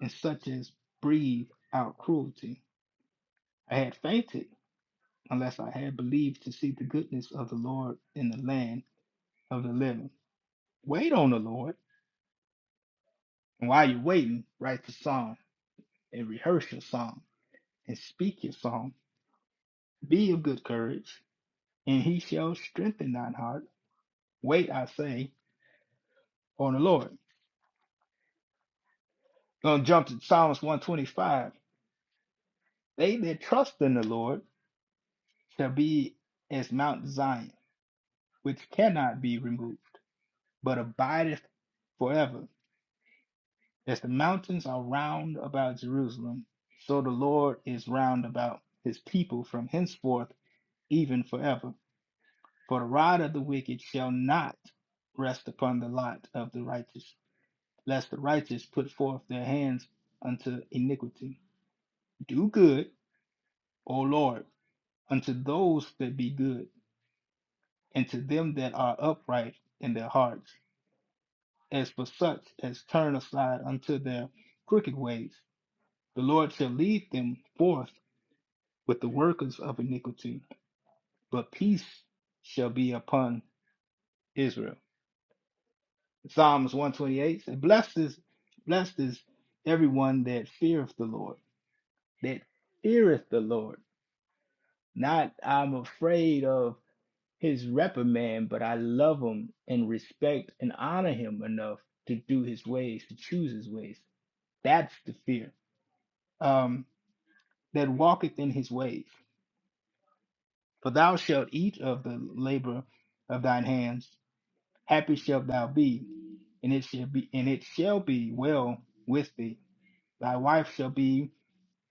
Speaker 4: and such as breathe out cruelty. I had fainted unless I had believed to see the goodness of the Lord in the land of the living. Wait on the Lord, and while you're waiting, write the psalm and rehearse your psalm and speak your psalm. Be of good courage, and he shall strengthen thine heart. Wait, I say, on the Lord. Gonna jump to Psalms 125. They that trust in the Lord shall be as Mount Zion, which cannot be removed, but abideth forever. As the mountains are round about Jerusalem, so the Lord is round about his people from henceforth, even forever. For the rod of the wicked shall not rest upon the lot of the righteous, lest the righteous put forth their hands unto iniquity. Do good, O Lord, unto those that be good and to them that are upright in their hearts, as for such as turn aside unto their crooked ways. The Lord shall lead them forth with the workers of iniquity, but peace shall be upon Israel. Psalms 128 says, Blessed is, blessed is everyone that feareth the Lord, that feareth the Lord. Not I'm afraid of his reprimand, but I love him and respect and honor him enough to do his ways, to choose his ways. That's the fear um, that walketh in his ways. For thou shalt eat of the labor of thine hands; happy shalt thou be, and it shall be, and it shall be well with thee. Thy wife shall be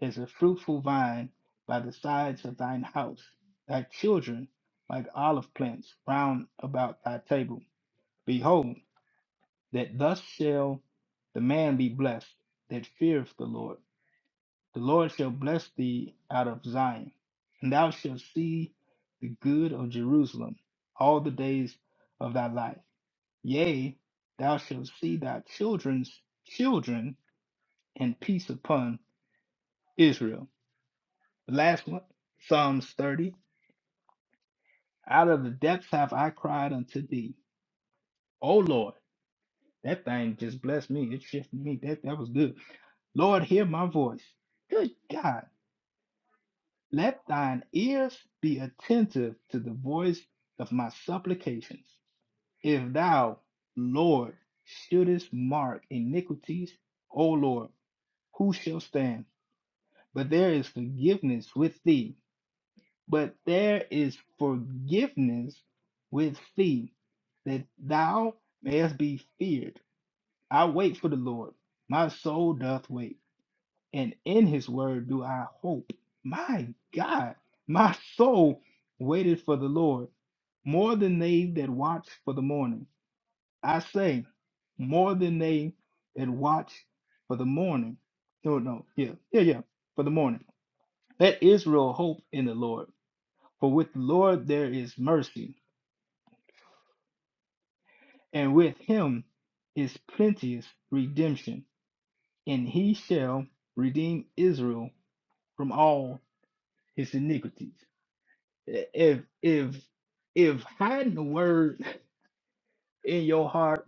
Speaker 4: as a fruitful vine by the sides of thine house, thy children like olive plants round about thy table. Behold that thus shall the man be blessed that feareth the Lord. The Lord shall bless thee out of Zion, and thou shalt see the good of Jerusalem all the days of thy life. Yea, thou shalt see thy children's children and peace upon Israel. The last one, Psalms 30. Out of the depths have I cried unto thee, O Lord. That thing just blessed me. It shifted me. That that was good. Lord, hear my voice. Good God, let thine ears be attentive to the voice of my supplications. If thou, Lord, shouldest mark iniquities, O Lord, who shall stand? But there is forgiveness with thee. But there is forgiveness with thee, that thou mayest be feared. I wait for the Lord. My soul doth wait. and in his word do I hope. My God, my soul waited for the Lord more than they that watch for the morning. I say, more than they that watch for the morning. No, no, yeah, yeah, yeah, for the morning. Let Israel hope in the Lord. For with the Lord there is mercy, and with him is plenteous redemption, and he shall redeem Israel from all his iniquities. if if if hiding the word in your heart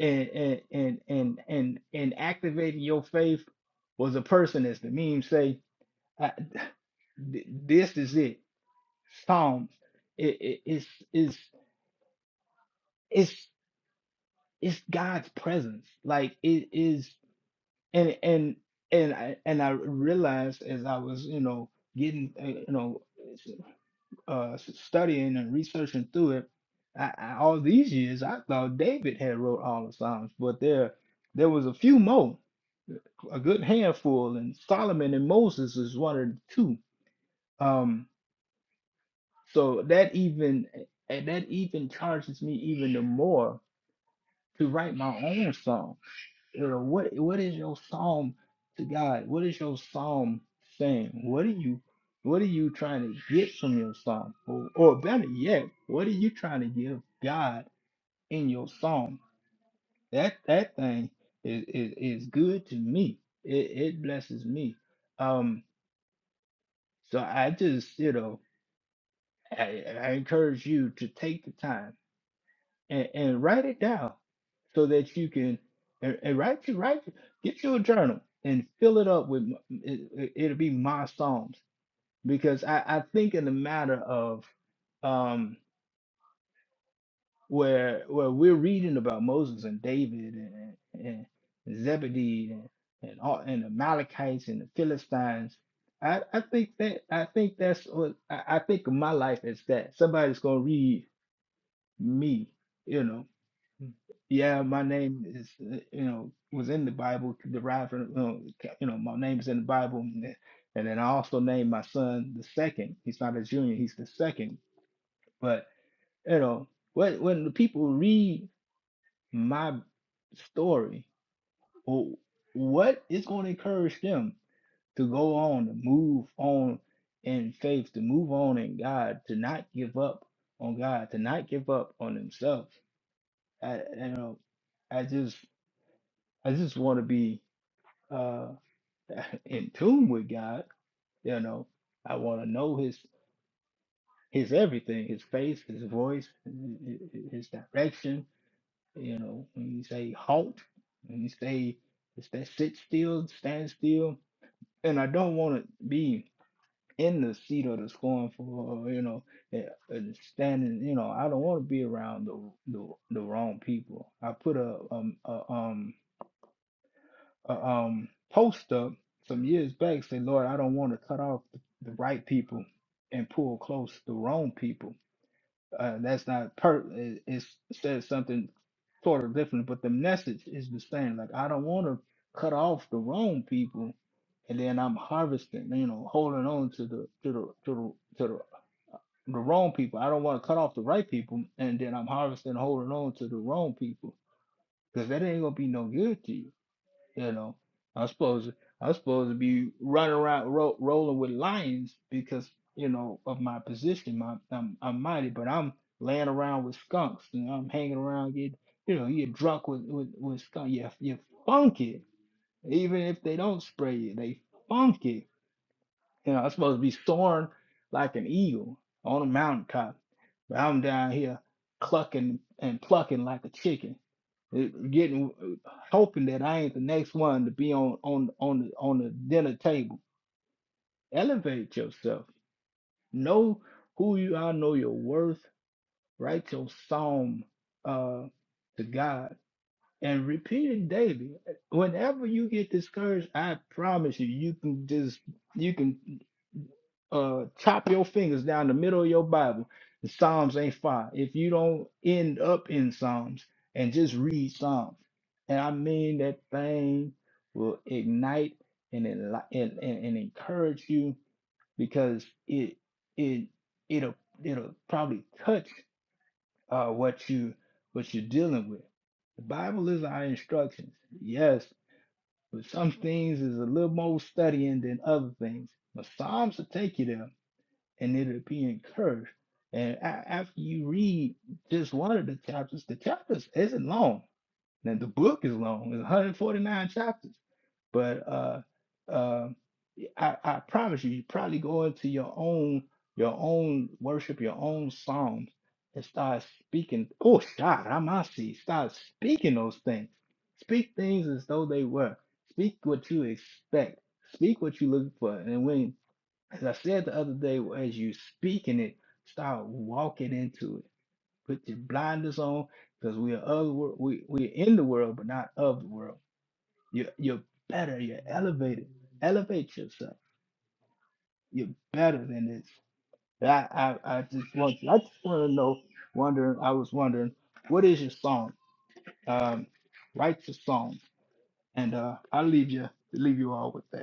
Speaker 4: and and and and and, and activating your faith was a person, as the meme say, I, th- this is it. Psalms. It, it, it's it's it's it's God's presence. Like it is, and and and I and I realized as I was you know getting uh, you know. uh s- studying and researching through it I, I, all these years i thought david had wrote all the psalms but there there was a few more a good handful and solomon and moses is one of the two um so that even and that even charges me even the more to write my own song you know, what what is your psalm to God? What is your psalm saying? What are you what are you trying to get from your psalm? Or, or better yet, what are you trying to give God in your psalm? That that thing is is, is good to me. It it blesses me. Um so I just, you know, I, I encourage you to take the time. and, and write it down so that you can and, and write you write get you a journal and fill it up with m- it, it- it'll be my psalms because I, I think in the matter of um where where we're reading about Moses and David and and, and Zebedee and and, all, and the Malachites and the Philistines I, I think that I think that's what I, I think of my life as that somebody's gonna read me you know. yeah, my name is, uh, you know, was in the Bible, derived from, you know, ca- you know, my name's in the Bible. And then and then I also named my son the second. He's not a junior, he's the second. But, you know, when, when the people read my story, wh- what is going to encourage them to go on, to move on in faith, to move on in God, to not give up on God, to not give up on themselves? I, you know, I just, I just want to be uh, in tune with God. You know, I want to know His His everything, His face, His voice, His direction. You know, when you say halt, when you say it's that sit still, stand still, and I don't want to be in the seat of the scornful, or, you know, eh, and standing. You know, I don't want to be around the the the wrong people. I put a um a, um a um, post up some years back say, Lord, I don't want to cut off the, the right people and pull close the wrong people. Uh, that's not per. It, it says something sort of different, but the message is the same. Like I don't want to cut off the wrong people, and then I'm harvesting. You know, holding on to the to the to the to the, the wrong people. I don't want to cut off the right people, and then I'm harvesting, holding on to the wrong people, because that ain't gonna be no good to you you know, I'm supposed I'm supposed to be running around ro- rolling with lions because you know of my position. My I'm, I'm mighty, but I'm laying around with skunks and I'm hanging around getting you know you're drunk with with, with skunk. You're, you're funky, even if they don't spray you. They funky. You know, I'm supposed to be soaring like an eagle on a mountaintop, but I'm down here clucking and plucking like a chicken, eh, getting uh, hoping that I ain't the next one to be on on on the on the dinner table. Elevate yourself. Know who you are. Know your worth. Write your psalm uh, to God and repeat it daily. Whenever you get discouraged, I promise you, you can just you can. uh chop your fingers down the middle of your Bible. The Psalms ain't fire. If you don't end up in Psalms and just read Psalms, and I mean that thing will ignite and enli- and, and, and encourage you because it it it'll it'll probably touch uh what you what you're dealing with. The Bible is our instructions, yes, but some things is a little more studying than other things. But Psalms will take you there and it'll be encouraged. And a- after you read just one of the chapters, the chapters isn't long. Now the book is long; it's 149 chapters. But uh, uh, y- I, I promise you, you probably go into your own your own worship, your own psalms, and start speaking. Oh, God, I must see. Start speaking those things. Speak things as though they were. Speak what you expect. Speak what you're looking for. And when as I said the other day, well, as you speaking it, start walking into it. Put your blinders on, because we are other world. We we're in the world, but not of the world. You're you're better. You're elevated. Elevate yourself. You're better than this. I I, I just want you. I just want to know. Wondering. I was wondering, what is your song? Um, write your song, and uh, i leave you leave you all with that.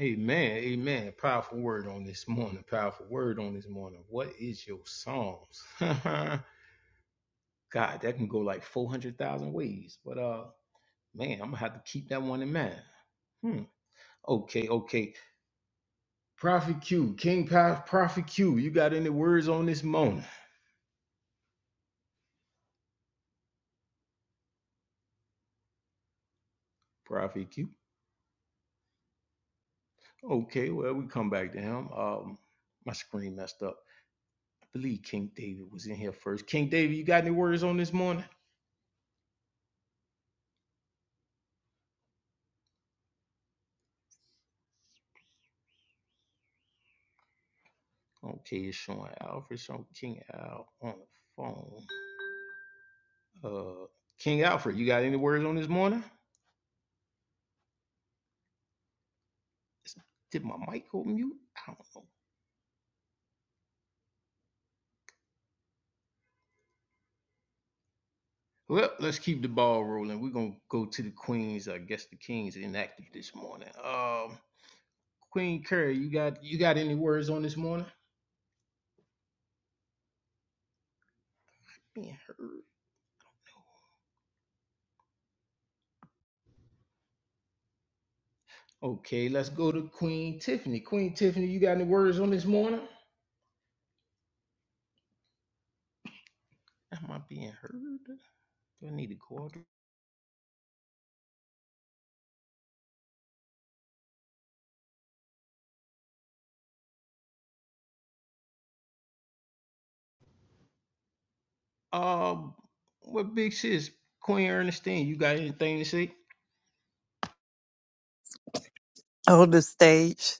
Speaker 1: Amen. Amen. Powerful word on this morning. Powerful word on this morning. What is your Psalms? God, that can go like 400,000 ways. But uh, man, I'm going to have to keep that one in mind. Hmm. Okay, okay. Prophet Q, King Pa- Prophet Q, you got any words on this morning? Prophet Q. Okay, well, we come back to him. Um, my screen messed up. I believe King David was in here first. King David, you got any words on this morning? Okay, it's showing Alfred, showing King Al on the phone. Uh, King Alfred, you got any words on this morning? Did my mic go mute? I don't know. Well, let's keep the ball rolling. We're gonna go to the Queens. I guess the Kings inactive this morning. Um, Queen Curry, you got you got any words on this morning? Being heard. Okay, let's go to Queen Tiffany. Queen Tiffany, you got any words on this morning? Am I being heard? Do I need to go out? Um, what big sis, Queen Ernestine, you got anything to say?
Speaker 2: On the stage.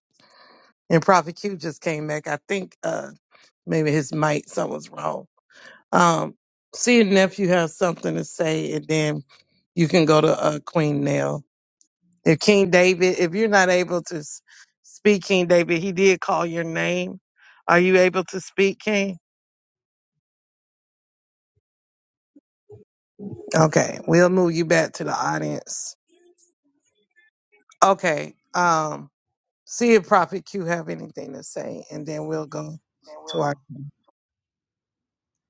Speaker 2: And Prophet Q just came back. I think uh maybe his mic, something's wrong. Um, see if nephew has something to say, and then you can go to uh, Queen Nell. If King David, if you're not able to s- speak, King David, he did call your name. Are you able to speak, King? Okay, we'll move you back to the audience. Okay, um, see if Prophet Q have anything to say, and then we'll go to our.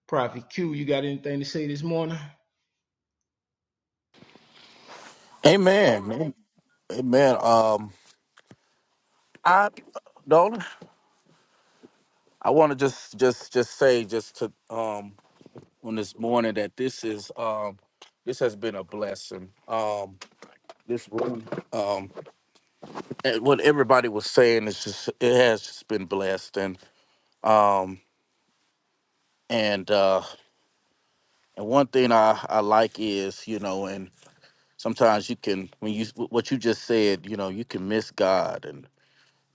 Speaker 1: Prophet Q, you got anything to say this morning? Amen.
Speaker 5: Amen. Amen. Um, I don't. I want to just just just say just to um on this morning that this is um this has been a blessing. Um, this room um and what everybody was saying is just it has just been blessed and um and uh and one thing I I like is you know and sometimes you can when you what you just said you know you can miss God and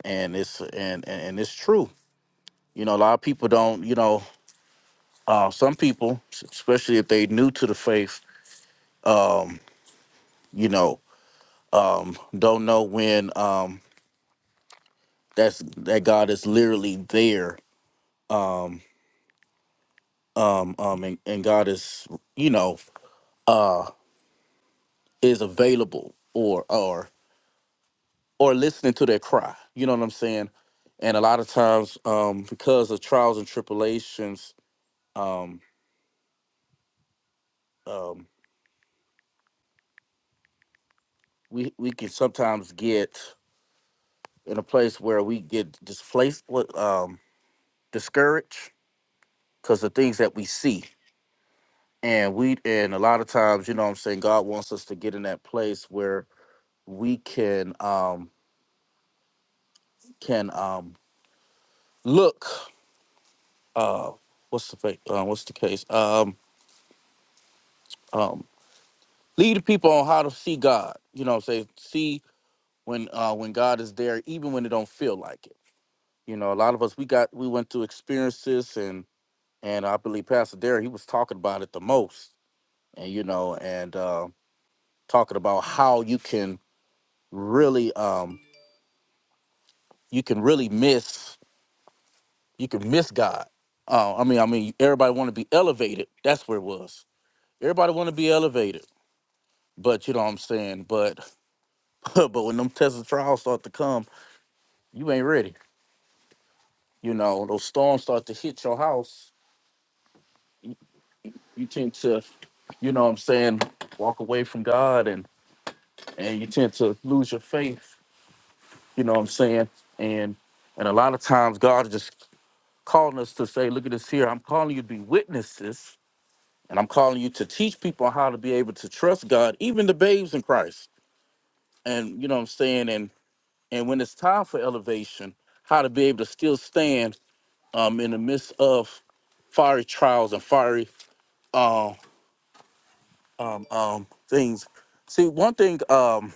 Speaker 5: and it's and and, and it's true you know a lot of people don't you know uh, some people, especially if they new to the faith, um, you know, um, don't know when um, that's that God is literally there, um, um, um, and, and God is, you know, uh, is available or or or listening to their cry. You know what I'm saying? And a lot of times, um, because of trials and tribulations, um, um, we we can sometimes get in a place where we get displaced, what, um, discouraged because the things that we see and we and a lot of times you know what i'm saying god wants us to get in that place where we can um can um look uh what's the fa- uh, what's the case um um lead the people on how to see god you know what i'm saying see when uh when god is there even when it don't feel like it you know a lot of us we got we went through experiences and and i believe pastor derek he was talking about it the most and you know and uh talking about how you can really um you can really miss you can miss God. Uh, I mean, I mean, everybody want to be elevated. That's where it was. Everybody want to be elevated, but you know what I'm saying. But but when them tests and trials start to come, you ain't ready. You know, those storms start to hit your house. You, you tend to, you know what I'm saying, walk away from God, and and you tend to lose your faith. You know what I'm saying, and and a lot of times God is just calling us to say, look at this here. I'm calling you to be witnesses And I'm calling you to teach people how to be able to trust God, even the babes in Christ. And you know what I'm saying? And and when it's time for elevation, how to be able to still stand um in the midst of fiery trials and fiery um um um things. See, one thing um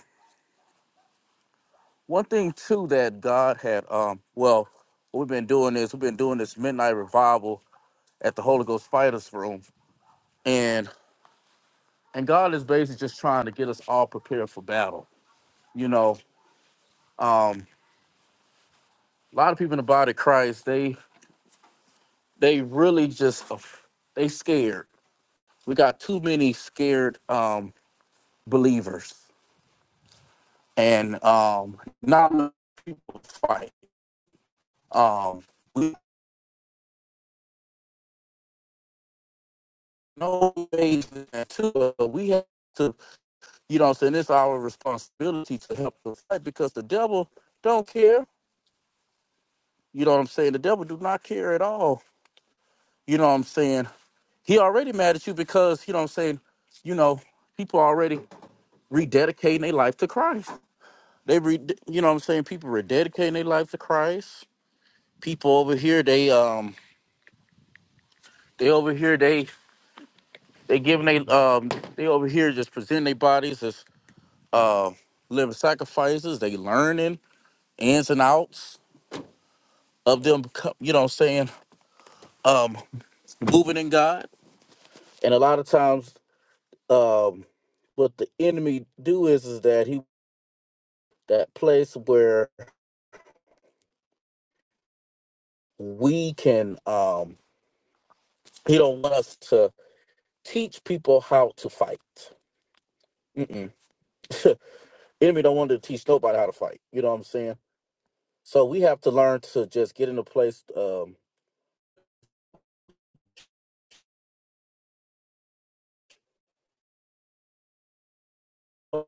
Speaker 5: one thing too that God had um well we've been doing this, we've been doing this midnight revival at the Holy Ghost Fighters Room. And and God is basically just trying to get us all prepared for battle. You know, um, a lot of people in the body of Christ, they they really just af- they scared. We got too many scared um believers and um not enough people fight. Um we know ways to uh, we have to you know what I'm saying it's our responsibility to help the fight because the devil don't care. You know what I'm saying? The devil do not care at all. You know what I'm saying? He already mad at you because you know what I'm saying, you know, people already rededicating their life to Christ. They re, you know what I'm saying people are dedicating their life to Christ. People over here they um they over here they they giving they um they over here just presenting their bodies as uh living sacrifices. They learning ins and outs of them. co- You know what I'm saying um moving in God. And a lot of times um what the enemy do is is that he that place where we can um he don't want us to teach people how to fight. Mm-mm. enemy don't want to teach nobody how to fight. You know what I'm saying? So we have to learn to just get in a place. Um, um,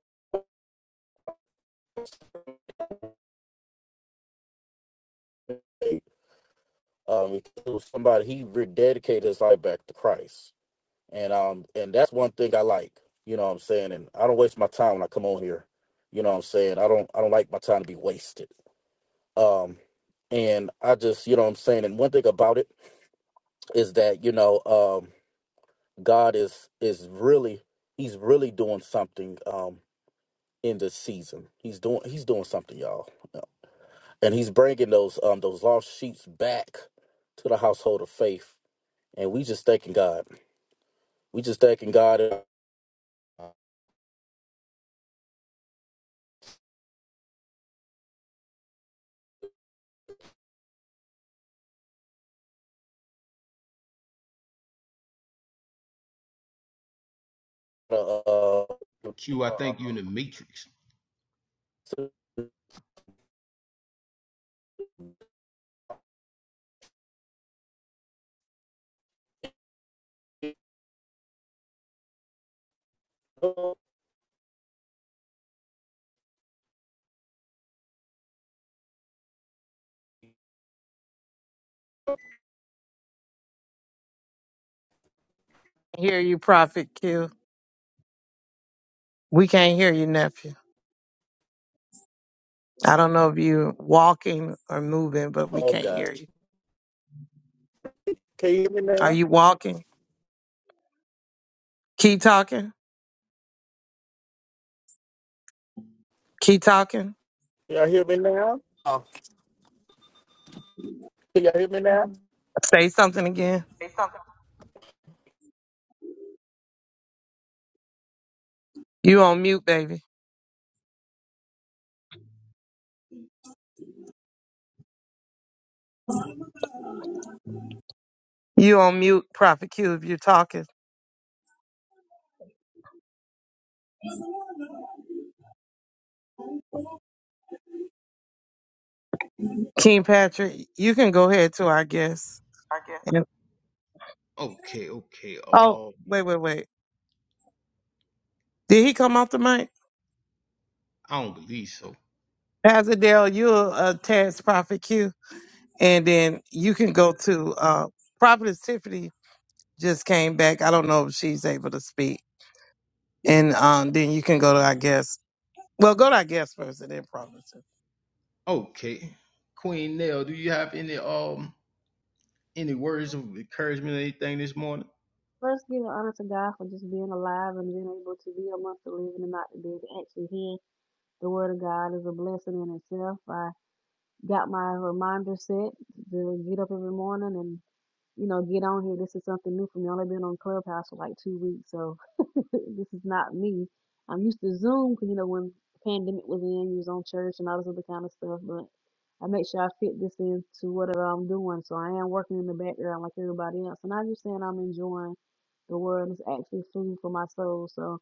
Speaker 5: somebody he rededicated his life back to Christ, and um, and that's one thing I like. You know what I'm saying? And I don't waste my time when I come on here. You know what I'm saying? I don't I don't like my time to be wasted. Um, and I just you know what I'm saying. And one thing about it is that you know um, God is is really he's really doing something. Um, in this season. He's doing he's doing something, y'all, and he's bringing those um those lost sheep back to the household of faith. And we just thanking God. We just thanking God. Uh,
Speaker 1: Q, I Uh, think you in the matrix.
Speaker 2: Hear you, Prophet Q. We can't hear you, nephew. I don't know if you're walking or moving, but we
Speaker 5: oh
Speaker 2: can't
Speaker 5: God,
Speaker 2: hear you.
Speaker 5: can you hear me
Speaker 2: Are
Speaker 5: now?
Speaker 2: you walking? Keep talking. Keep talking.
Speaker 5: Can y'all hear me now? Oh, can y'all hear me now?
Speaker 2: Say something again.
Speaker 1: say something,
Speaker 2: You on mute, baby. You on mute, Prophet Q. If you're talking, King Patrick, you can go ahead to our guest.
Speaker 1: I guess.
Speaker 2: And
Speaker 1: Okay, okay.
Speaker 2: oh,
Speaker 1: Um,
Speaker 2: wait, wait, wait. Did he come off the mic?
Speaker 1: I don't believe so.
Speaker 2: Pastor Daryl, you're a tax prophet Q, and then you can go to uh, Prophetess Tiffany just came back. I don't know if she's able to speak, and um, then you can go to our guest. Well, go to our guest first, and then Prophetess. Tiffany.
Speaker 1: Okay, Queen Nell, do you have any um any words of encouragement or anything this morning?
Speaker 6: First, us let give honor to God for just being alive and being able to be amongst the living and not the dead. To actually hear the word of God is a blessing in itself. I got my reminder set to get up every morning and. you know, get on here. This is something new for me. I've only been on Clubhouse for like two weeks, so this is not me. I'm used to Zoom, 'cause, you know, when the pandemic was in, you was on church and all this other kind of stuff, but I make sure I fit this into whatever I'm doing. So I am working in the background like everybody else. And I'm just saying I'm enjoying the world. It's actually food for my soul. So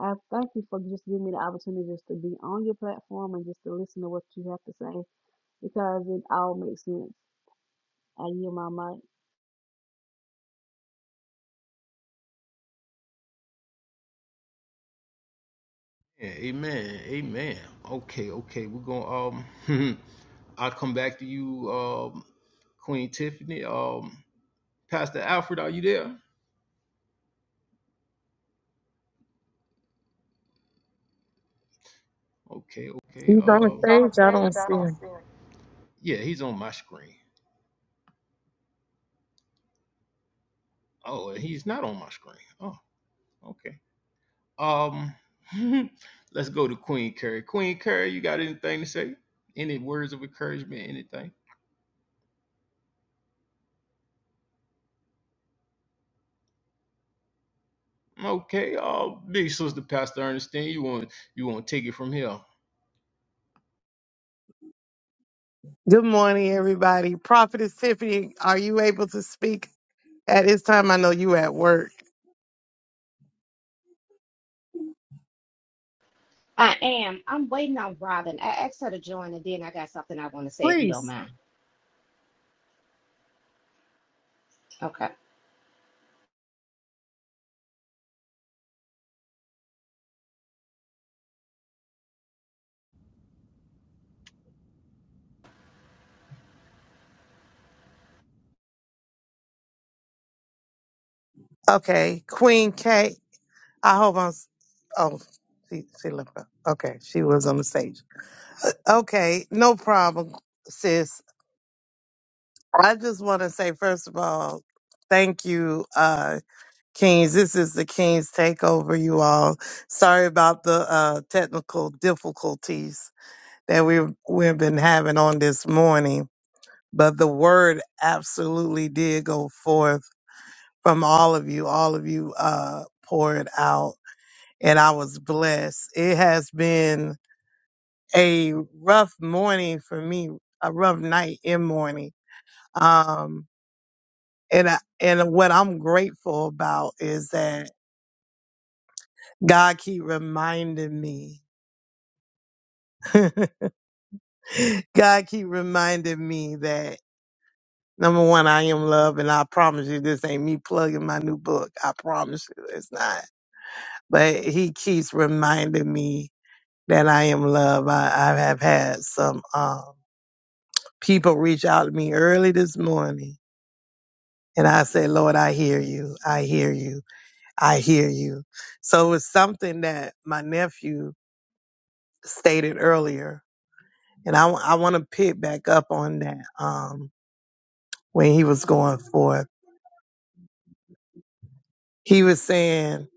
Speaker 6: I thank you for just giving me the opportunity just to be on your platform and just to listen to what you have to say because it all makes sense. I yield my mic.
Speaker 1: Yeah, amen, amen. Okay, okay. We're gonna um, I'll come back to you, um, Queen Tiffany. Um, Pastor Alfred, are you there? Okay, okay.
Speaker 2: He's on the
Speaker 1: Uh, He's on the
Speaker 2: stage. I don't
Speaker 1: stage. I
Speaker 2: see
Speaker 1: don't
Speaker 2: him.
Speaker 1: see him. yeah, he's on my screen. Oh, he's not on my screen. Oh, okay. Um, let's go to Queen Curry. Queen Curry, you got anything to say? Any words of encouragement? Anything? Okay. Uh, big sister, Pastor Ernestine, you want you want to take it from here?
Speaker 2: Good morning, everybody. Prophetess Tiffany, are you able to speak at this time? I know you at work.
Speaker 7: I am. I'm waiting on Robin. I asked her to join, and then I got something I want to say if you don't mind. okay.
Speaker 2: Okay, Queen Kate. I hope I'm. s- Oh, she, she left. Up. Okay, she was on the stage. Okay, no problem, sis. I just want to say, first of all, thank you, uh, Kings. This is the Kings takeover, you all. Sorry about the uh, technical difficulties that we we've been having on this morning, but the word absolutely did go forth from all of you. All of you uh, poured out, and I was blessed. It has been a rough morning for me, a rough night and morning Um, and I, and what I'm grateful about is that God keep reminding me, God keep reminding me that number one, I am love, and I promise you, this ain't me plugging my new book. I promise you, it's not. But He keeps reminding me that I am love. I, I have had some um, people reach out to me early this morning, and I say, Lord, I hear you. I hear you. I hear you. So it's something that my nephew stated earlier, and I, want to pick back up on that um, when he was going forth. He was saying,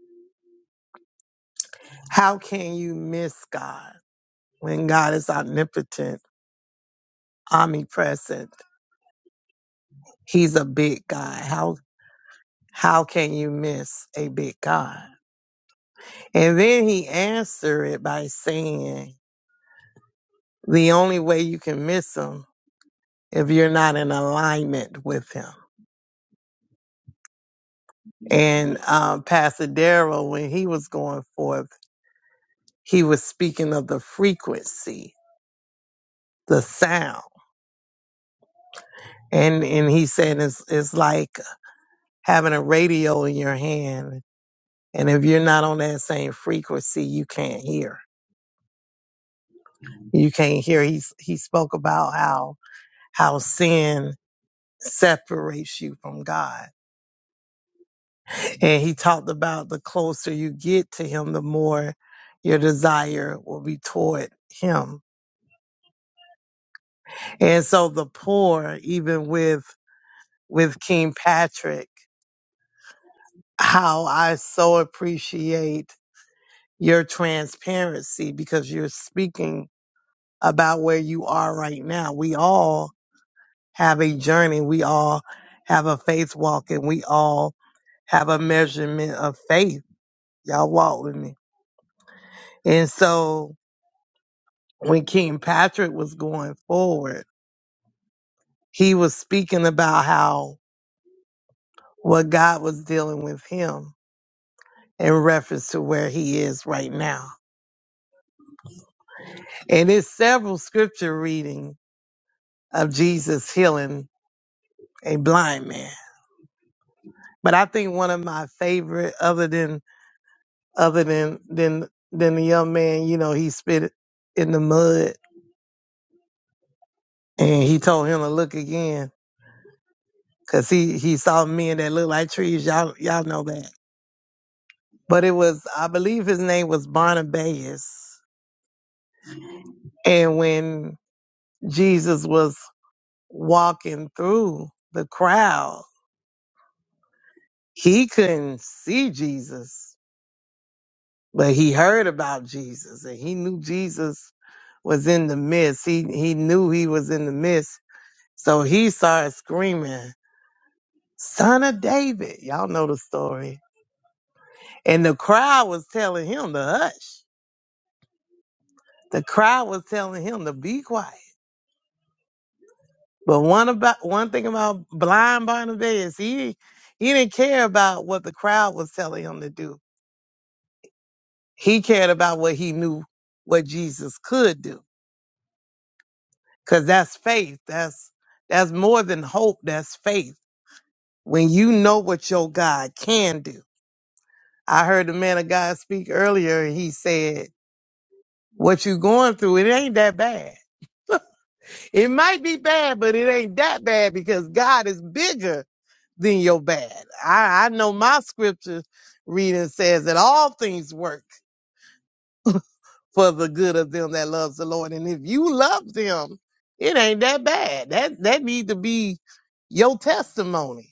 Speaker 2: How can you miss God when God is omnipotent, omnipresent? He's a big God. How, how can you miss a big God? And then he answered it by saying, The only way you can miss him if you're not in alignment with him And um, Pastor Darrell, when he was going forth, he was speaking of the frequency, the sound. And and he said it's, it's like having a radio in your hand. And if you're not on that same frequency, you can't hear. You can't hear. He, he spoke about how, how sin separates you from God. And he talked about the closer you get to him, the more your desire will be toward him And so the poor, even with, with King Patrick, how I so appreciate your transparency because you're speaking about where you are right now. We all have a journey. We all have a faith walk and we all have a measurement of faith. Y'all walk with me. And so when King Patrick was going forward, he was speaking about how what God was dealing with him in reference to where he is right now. And it's several scripture reading of Jesus healing a blind man. But I think one of my favorite, other than other than than than the young man, you know, he spit in the mud and he told him to look again because he he saw men that look like trees. Y'all y'all know that. But it was I believe his name was Barnabas. And when Jesus was walking through the crowd he couldn't see Jesus, but he heard about Jesus and he knew Jesus was in the midst. He he knew he was in the midst. So he started screaming, Son of David. Y'all know the story. And the crowd was telling him to hush. The crowd was telling him to be quiet. But one about one thing about blind Barnabas, he he didn't care about what the crowd was telling him to do. He cared about what he knew what Jesus could do. Cause that's faith. That's that's more than hope. That's faith. When you know what your God can do. I heard the man of God speak earlier and he said, What you going through, it ain't that bad. It might be bad, but it ain't that bad because God is bigger than your bad. I, I know my scripture reading says that all things work for the good of them that loves the Lord. And if you love them, it ain't that bad. That that need to be your testimony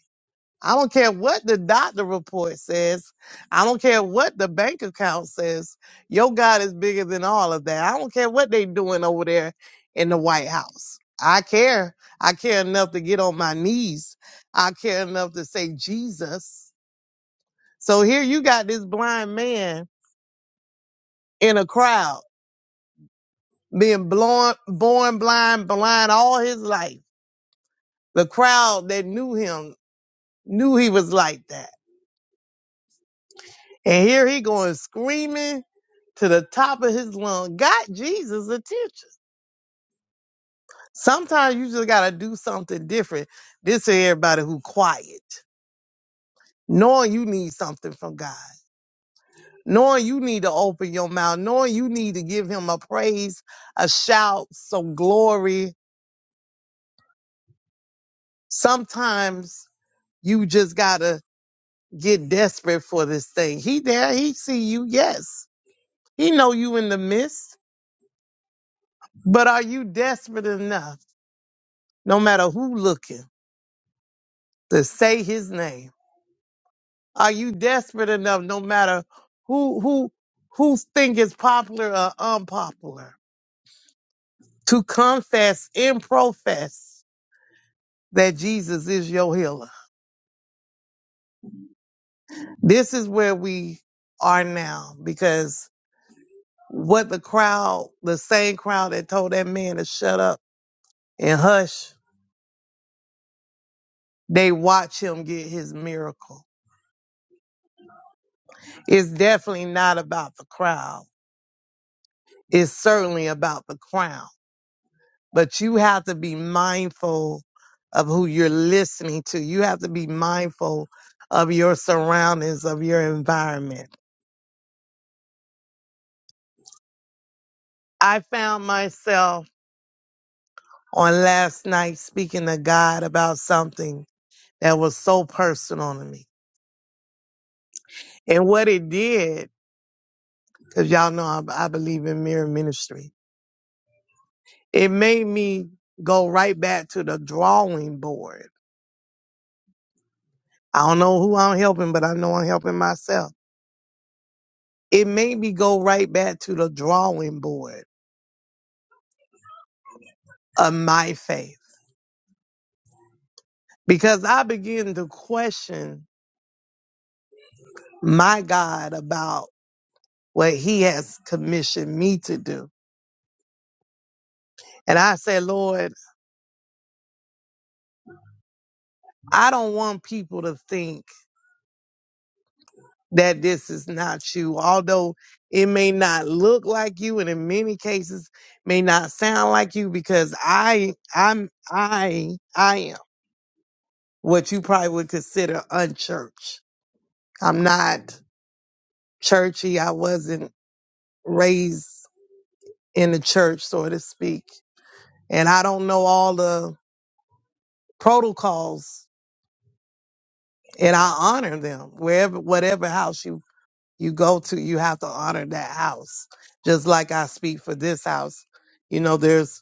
Speaker 2: I don't care what the doctor report says. I don't care what the bank account says. Your God is bigger than all of that. I don't care what they doing over there in the White House. I care. I care enough to get on my knees. I care enough to say Jesus. So here you got this blind man in a crowd being born, born blind, blind all his life. The crowd that knew him knew he was like that And here he going screaming to the top of his lung, got Jesus' attention. Sometimes you just gotta do something different. This to everybody who quiet, knowing you need something from God, knowing you need to open your mouth, knowing you need to give him a praise, a shout, some glory. Sometimes you just gotta get desperate for this thing. He there, he see you, yes. He know you in the midst, but are you desperate enough? no matter who looking to say his name are you desperate enough no matter who who who think is popular or unpopular to confess and profess that jesus is your healer this is where we are now because what the crowd the same crowd that told that man to shut up and hush they watch him get his miracle it's definitely not about the crowd it's certainly about the crown but you have to be mindful of who you're listening to. You have to be mindful of your surroundings, of your environment. I found myself on last night speaking to God about something that was so personal to me. And what it did, because y'all know I, I believe in mirror ministry, it made me go right back to the drawing board. I don't know who I'm helping, but I know I'm helping myself. It made me go right back to the drawing board of my faith because I begin to question my God about what he has commissioned me to do. And I said, Lord, I don't want people to think that this is not you, although it may not look like you and in many cases may not sound like you because I I'm I I am what you probably would consider unchurched. I'm not churchy. I wasn't raised in the church, so to speak. and I don't know all the protocols and I honor them wherever whatever house you you go to you have to honor that house just like I speak for this house you know there's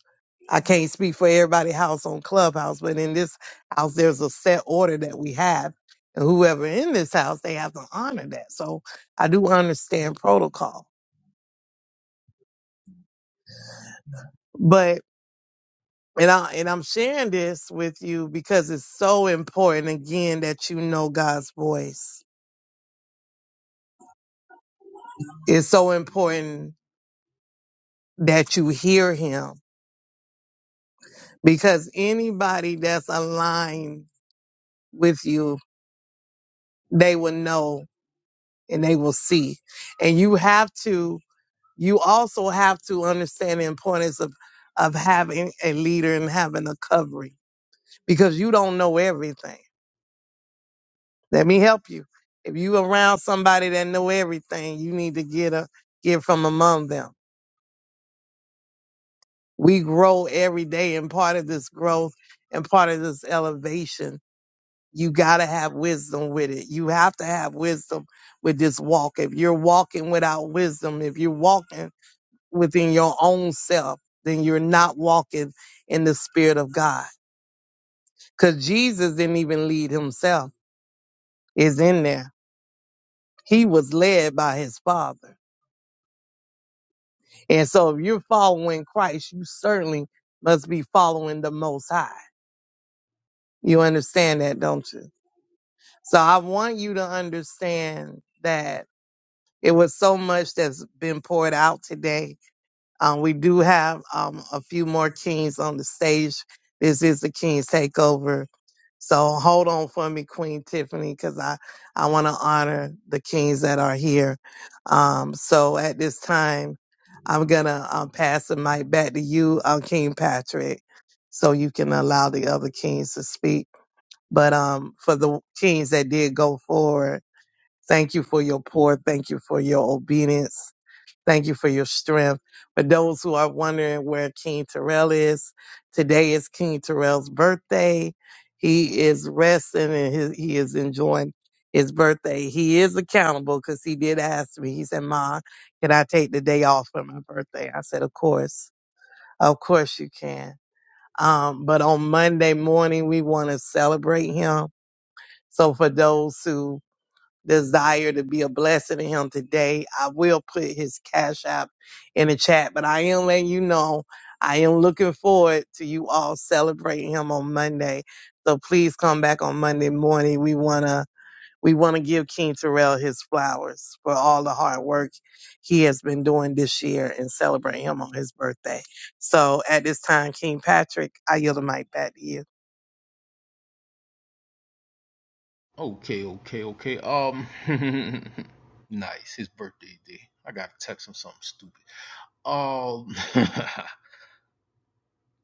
Speaker 2: I can't speak for everybody house on clubhouse but in this house there's a set order that we have and whoever in this house they have to honor that so I do understand protocol but and I and I'm sharing this with you because it's so important again that you know God's voice it's so important that you hear him because anybody that's aligned with you, they will know and they will see. And you have to, you also have to understand the importance of, of having a leader and having a covering because you don't know everything. Let me help you. If you around somebody that know everything, you need to get a, get from among them. We grow every day and part of this growth and part of this elevation You got to have wisdom with it. You have to have wisdom with this walk. If you're walking without wisdom, if you're walking within your own self, then you're not walking in the spirit of God. Because Jesus didn't even lead himself, is in there. He was led by his Father. And so if you're following Christ, you certainly must be following the Most High. You understand that, don't you? So I want you to understand that It was so much that's been poured out today. Um, we do have um, a few more kings on the stage. This is the King's Takeover. So hold on for me, Queen Tiffany, because I, I want to honor the kings that are here. Um, so at this time, I'm going to um, pass the mic back to you, uh, King Patrick, so you can allow the other kings to speak. But um, for the kings that did go forward, Thank you for your pour. Thank you for your obedience. Thank you for your strength. For those who are wondering where King Terrell is, today is King Terrell's birthday. He is resting and his, he is enjoying his birthday. He is accountable because he did ask me. He said, Ma, can I take the day off for my birthday? I said, Of course. Of course you can. Um, but on Monday morning, we want to celebrate him. So for those who desire to be a blessing to him today. I will put his cash app in the chat, but I am letting you know I am looking forward to you all celebrating him on Monday. So please come back on Monday morning. We wanna we wanna give King Terrell his flowers for all the hard work he has been doing this year and celebrate him on his birthday. So at this time, King Patrick, I yield the mic back to you.
Speaker 1: Okay, okay, okay. Um, nice. His birthday day. I gotta text him something stupid. Um,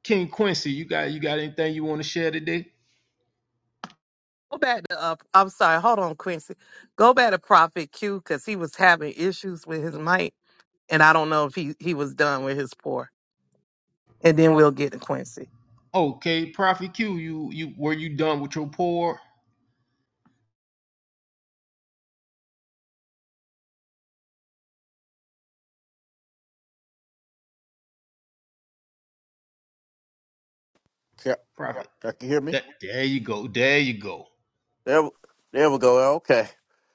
Speaker 1: King Quincy, you got you got anything you want to share today?
Speaker 2: Go back to uh, I'm sorry, hold on, Quincy. Go back to Prophet Q because he was having issues with his mic, and I don't know if he he was done with his pour. And then we'll get to Quincy.
Speaker 1: Okay, Prophet Q, you you were you done with your pour?
Speaker 5: Yeah,
Speaker 1: Prophet.
Speaker 5: y'all can hear me.
Speaker 1: That there you go. There you go.
Speaker 5: There, there we go. Okay.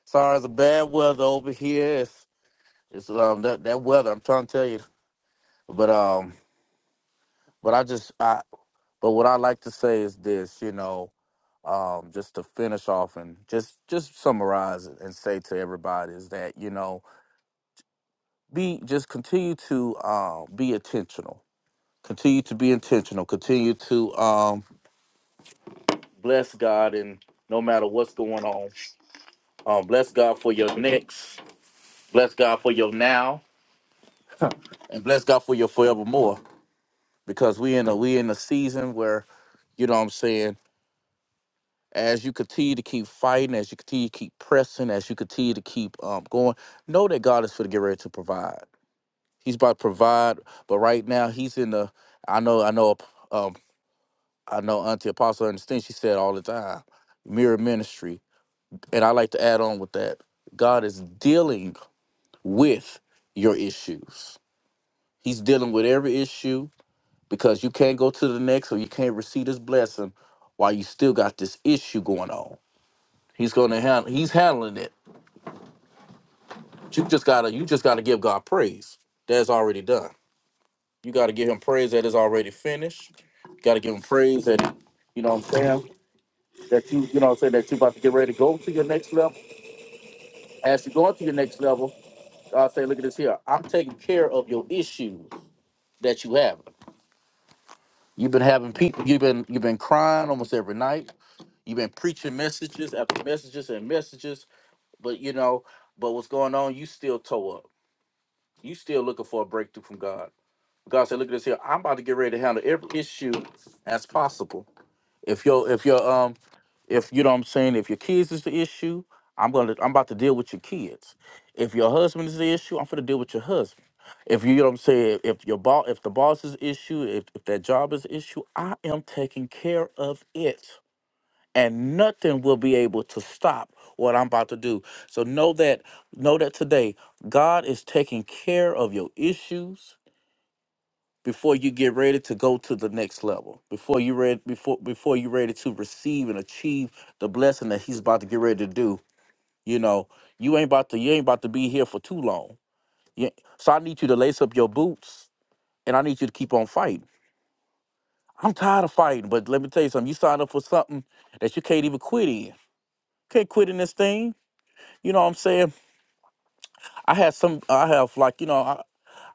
Speaker 5: Sorry, it's a bad weather over here. It's, it's um that that weather. I'm trying to tell you, but um, but I just I But what I like to say is this, you know, um, just to finish off and just just summarize it and say to everybody is that you know be just continue to um, be intentional, continue to be intentional, continue to um, bless God and no matter what's going on, um, bless God for your next, bless God for your now, and bless God for your forevermore because we in a we in a season where you know what I'm saying as you continue to keep fighting, as you continue to keep pressing, as you continue to keep um, going, know that God is going to get ready to provide. He's about to provide, but right now He's in the. I know, I know, um, I know. Auntie Apostle understands. She said all the time, mirror ministry, and I like to add on with that. God is dealing with your issues. He's dealing with every issue because you can't go to the next or you can't receive this blessing while you still got this issue going on. He's going to handle. He's handling it But you just gotta you just gotta give God praise. That's already done. You gotta give him praise that is already finished. You gotta give him praise that you know what I'm saying that you you know what I'm saying that you about to get ready to go to your next level. As you go to your next level, God say, look at this here. I'm taking care of your issues that you have. You've been having people you've been you've been crying almost every night. You've been preaching messages after messages and messages, but you know, but what's going on, you still toe up. You still looking for a breakthrough from God God said, "Look at this here. I'm about to get ready to handle every issue as possible. If your if your um if you know what I'm saying, if your kids is the issue, I'm gonna I'm about to deal with your kids. If your husband is the issue, I'm gonna deal with your husband. If you, you know what I'm saying, if your boss if the boss is the issue, if, if that job is the issue, I am taking care of it. And nothing will be able to stop what I'm about to do. So know that, know that today, God is taking care of your issues before you get ready to go to the next level before you ready before before you ready to receive and achieve the blessing that he's about to get ready to do you know you ain't about to you ain't about to be here for too long You- so i need you to lace up your boots and i need you to keep on fighting i'm tired of fighting but let me tell you something you signed up for something that you can't even quit in can't quit in this thing you know what i'm saying i had some i have like you know I,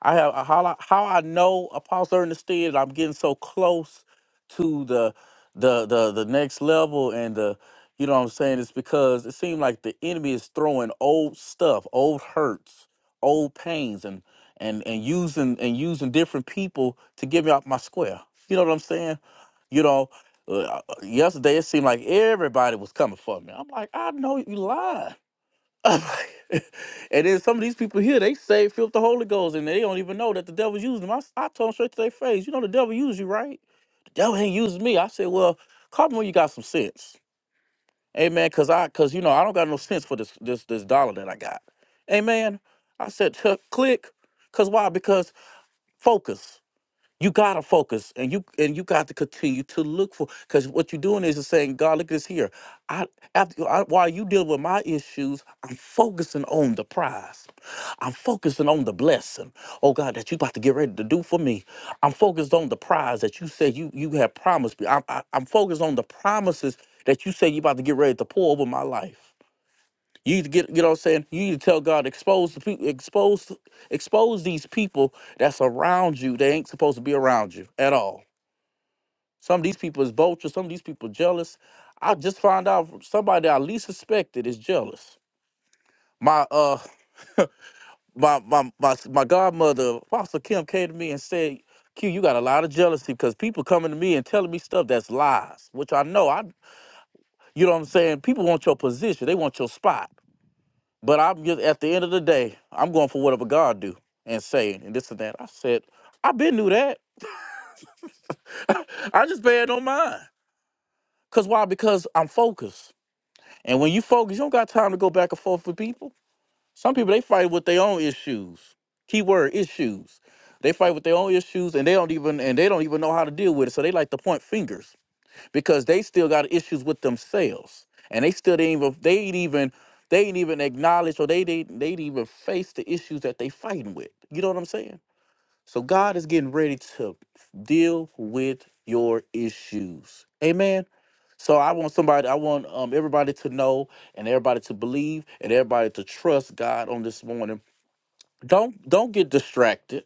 Speaker 5: I have uh, how I, how I know Apostle Ernest I'm getting so close to the the the the next level and the you know what I'm saying it's because it seems like the enemy is throwing old stuff, old hurts, old pains and and and using and using different people to get me off my square. You know what I'm saying? You know, uh, uh, yesterday it seemed like everybody was coming for me. I'm like, I know you lying. and then some of these people here, they say filled with the Holy Ghost, and they don't even know that the devil's using them. I, s- I told them straight to their face, you know the devil uses you, right? The devil ain't using me. I said, well, call me when you got some sense, amen. Cause I, cause you know I don't got no sense for this this this dollar that I got, amen. I said, "Huh, click, cause why? Because focus. You gotta focus, and you and you got to continue to look for. Because what you're doing is you're saying, God, look at this here. I after I, while you deal with my issues, I'm focusing on the prize. I'm focusing on the blessing. Oh God, that you about to get ready to do for me. I'm focused on the prize that you said you you have promised me. I'm I, I'm focused on the promises that you say you about to get ready to pour over my life. You need to get you know what I'm saying. You need to tell God expose the people, expose expose these people that's around you. They ain't supposed to be around you at all. Some of these people is vultures. Some of these people jealous. I just found out from somebody that I least suspected is jealous. My uh my my my my godmother Apostle Kim came to me and said, "Q, you got a lot of jealousy because people coming to me and telling me stuff that's lies, which I know I." You know what I'm saying? People want your position. They want your spot. But I'm just at the end of the day, I'm going for whatever God do and say and this and that. I said, I been knew that. I just bad on mine. Cause why? Because I'm focused. And when you focus, you don't got time to go back and forth with people. Some people they fight with their own issues. Keyword issues. They fight with their own issues and they don't even and they don't even know how to deal with it. So they like to point fingers. because they still got issues with themselves and they still didn't even they ain't even they ain't even acknowledge or they didn't they didn't even face the issues that they fighting with you know what i'm saying so god is getting ready to deal with your issues amen so i want somebody i want um, everybody to know and everybody to believe and everybody to trust god on this morning don't don't get distracted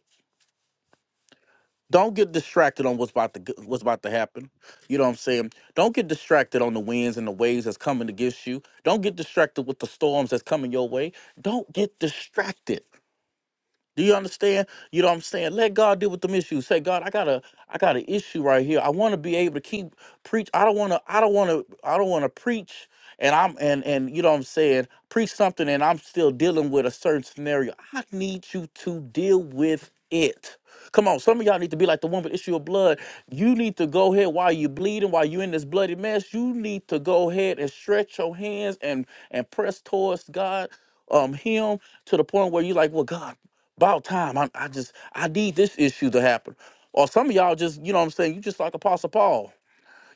Speaker 5: don't get distracted on what's about to g- what's about to happen. You know what I'm saying? Don't get distracted on the winds and the waves that's coming against you. Don't get distracted with the storms that's coming your way. Don't get distracted. Do you understand? You know what I'm saying? Let God deal with them issues. Say, God, I got a I got an issue right here. I want to be able to keep preach. I don't want to I don't want to I don't want to preach and I'm and and you know what I'm saying? Preach something and I'm still dealing with a certain scenario. I need you to deal with it. Come on, some of y'all need to be like the woman with the issue of blood. You need to go ahead while you are bleeding, while you are in this bloody mess. You need to go ahead and stretch your hands and and press towards God, um, Him to the point where you're like, well, God, about time. I, I just I need this issue to happen. Or some of y'all just, you know what I'm saying, you just like Apostle Paul.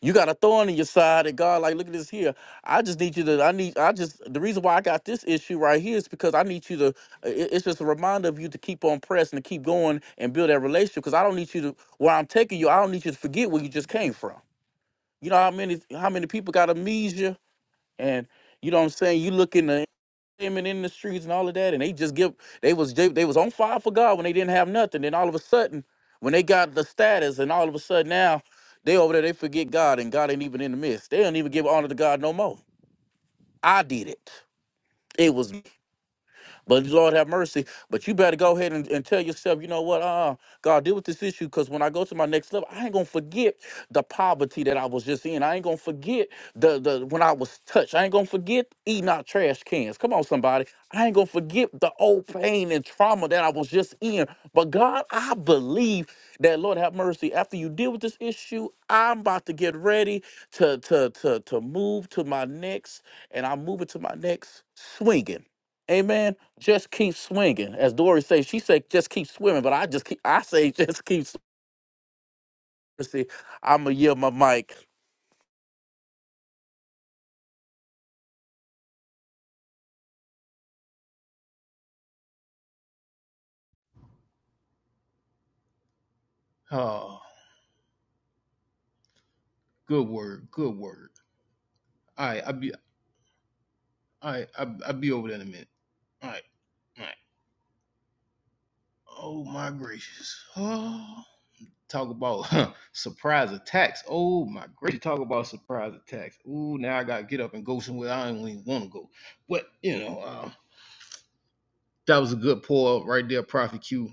Speaker 5: You got a thorn in your side, and God, like, look at this here. I just need you to. I need. I just. The reason why I got this issue right here is because I need you to. i- It's just a reminder of you to keep on pressing, to keep going, and build that relationship. Because I don't need you to. Where I'm taking you, I don't need you to forget where you just came from. You know how many how many people got amnesia, and you know what I'm saying. You look in the women in the streets and all of that, and they just give they was they, they was on fire for God when they didn't have nothing. Then all of a sudden, when they got the status, and all of a sudden now they over there they forget God, and God ain't even in the midst. They don't even give honor to God no more. I did it. It was. But Lord have mercy. But you better go ahead and, and tell yourself, you know what? Uh, God, deal with this issue because when I go to my next level, I ain't gonna forget the poverty that I was just in. I ain't gonna forget the the when I was touched. I ain't gonna forget eating out trash cans. Come on, somebody. I ain't gonna forget the old pain and trauma that I was just in. But God, I believe that Lord have mercy. After you deal with this issue, I'm about to get ready to to to to move to my next, and I'm moving to my next swinging. Amen just keep swinging. As Dory says, she said, just keep swimming. But I just keep, I say, just keep swimming. See, I'm going to yield my mic.
Speaker 1: Oh, good word. Good word. All right, I'll be all right, I'll, I'll be over there in a minute. All right. All right. Oh my gracious. Oh. Talk about huh, surprise attacks. Oh my gracious. Talk about surprise attacks. Ooh, now I gotta get up and go somewhere I don't even want to go. But you know, uh, that was a good pour right there, Prophet Q.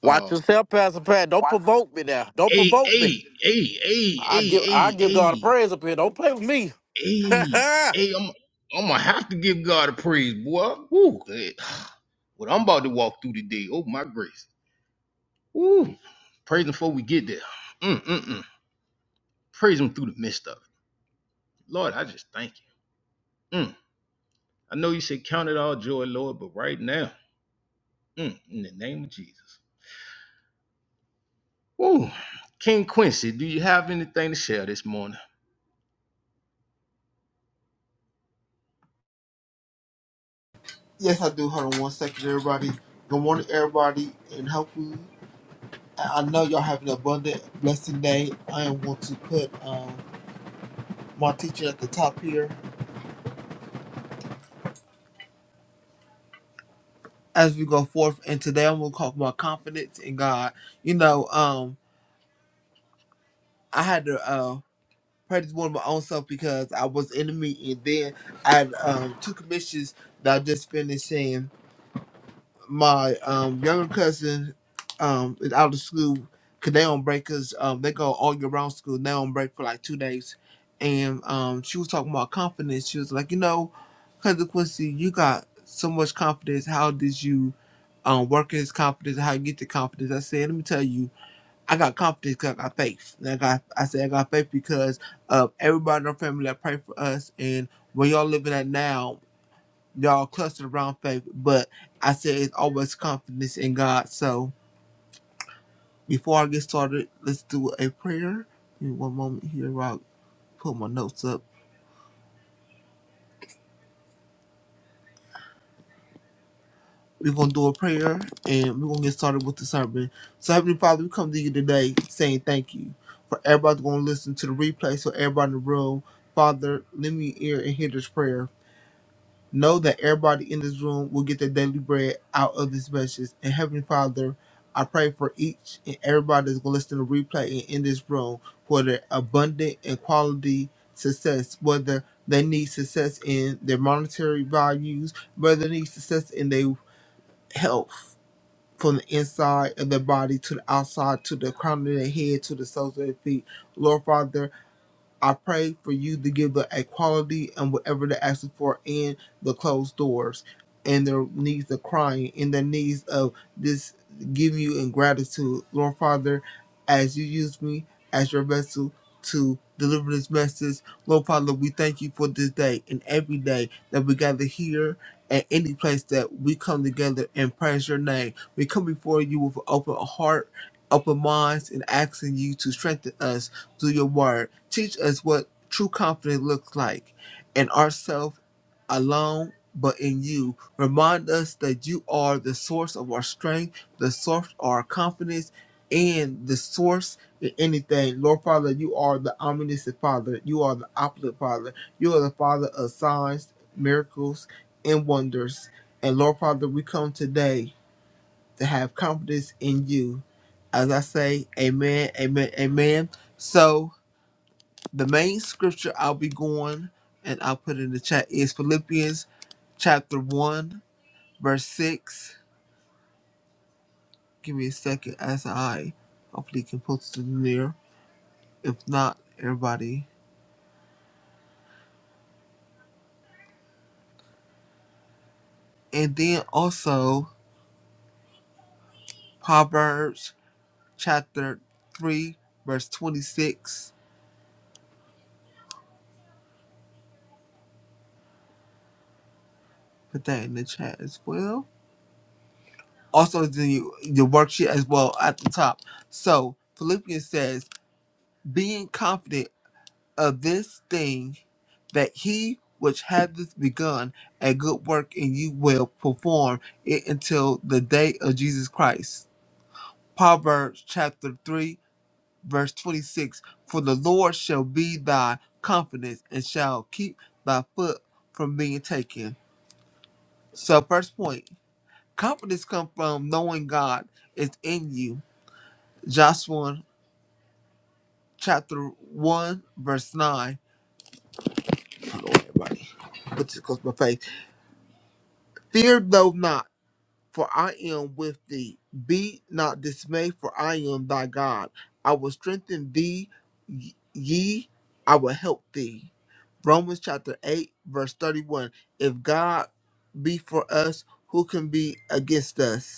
Speaker 5: Watch
Speaker 1: Um,
Speaker 5: yourself, Pastor Pat. Don't provoke me now. Don't
Speaker 1: Hey,
Speaker 5: provoke me.
Speaker 1: hey, hey, hey,
Speaker 5: I give I
Speaker 1: hey, hey,
Speaker 5: give God a
Speaker 1: hey,
Speaker 5: praise up here. Don't play with me.
Speaker 1: hey,
Speaker 5: say
Speaker 1: hey, I'm I'm gonna have to give God a praise, boy. Woo. eh, What I'm about to walk through today, oh my grace. Woo. Praise him before we get there. Mm, mm, mm. Praise him through the midst of it. Lord, I just thank you. Mm. I know you said count it all joy, Lord, but right now, mm, in the name of Jesus. Woo. King Quincy, do you have anything to share this morning?
Speaker 8: Yes, I do. Hold on one second, everybody. Good morning, everybody, and hopefully, I I know y'all have an abundant, blessing day. I am going to put um, my teacher at the top here as we go forth, and today I'm going to talk about confidence in God. You know, um, I had to uh, pray this morning my own self because I was in the meeting, then I had um, two commissions that I just finished seeing. my um, younger cousin um, is out of school because they on break 'cause, um, they go all year round school. They on break for like two days. And um, she was talking about confidence. She was like, you know, Cousin Quincy, you got so much confidence. How did you um, work in this confidence? How you get the confidence? I said, let me tell you, I got confidence 'cause I got faith. And I got, I said, I got faith because of everybody in our family that prayed for us. And where y'all living at now, y'all clustered around faith, but I said it's always confidence in God. So before I get started, let's do a prayer. Give me one moment here while I put my notes up. We're gonna do a prayer and we're gonna get started with the sermon. So Heavenly Father, we come to you today saying thank you for everybody gonna listen to the replay. So everybody in the room, Father, let me hear and hear this prayer. Know that everybody in this room will get their daily bread out of this message. And Heavenly Father, I pray for each and everybody that's going to listen to the replay and in this room for their abundant and quality success, whether they need success in their monetary values, whether they need success in their health from the inside of their body to the outside, to the crown of their head, to the soles of their feet. Lord Father, I pray for you to give the equality and whatever they're asking for in the closed doors and their needs of crying in their needs of this giving you in gratitude. Lord Father, as you use me as your vessel to deliver this message, Lord Father, we thank you for this day and every day that we gather here at any place that we come together and praise your name. We come before you with an open heart, open minds, and asking you to strengthen us through your word. Teach us what true confidence looks like in ourselves alone, but in you. Remind us that you are the source of our strength, the source of our confidence, and the source in anything. Lord Father, you are the omniscient Father. You are the opulent Father. You are the Father of signs, miracles, and wonders. And Lord Father, we come today to have confidence in you. As I say, amen, amen, amen. So, the main scripture I'll be going and I'll put in the chat is Philippians chapter 1, verse 6. Give me a second as I hopefully can post it in there. If not, everybody. And then also Proverbs chapter 3, verse 26. Put that in the chat as well. Also, the, the worksheet as well at the top. So, Philippians says, being confident of this thing that he which hath this begun a good work in you will perform it until the day of Jesus Christ. Proverbs chapter 3, verse 26 For the Lord shall be thy confidence and shall keep thy foot from being taken. So, first point confidence comes from knowing God is in you. Joshua chapter 1, verse 9. Hold on, everybody. Put this close to my face. Fear though not for I am with thee. Be not dismayed, for I am thy God. I will strengthen thee, y- ye, I will help thee. Romans chapter 8, verse 31. If God be for us, who can be against us?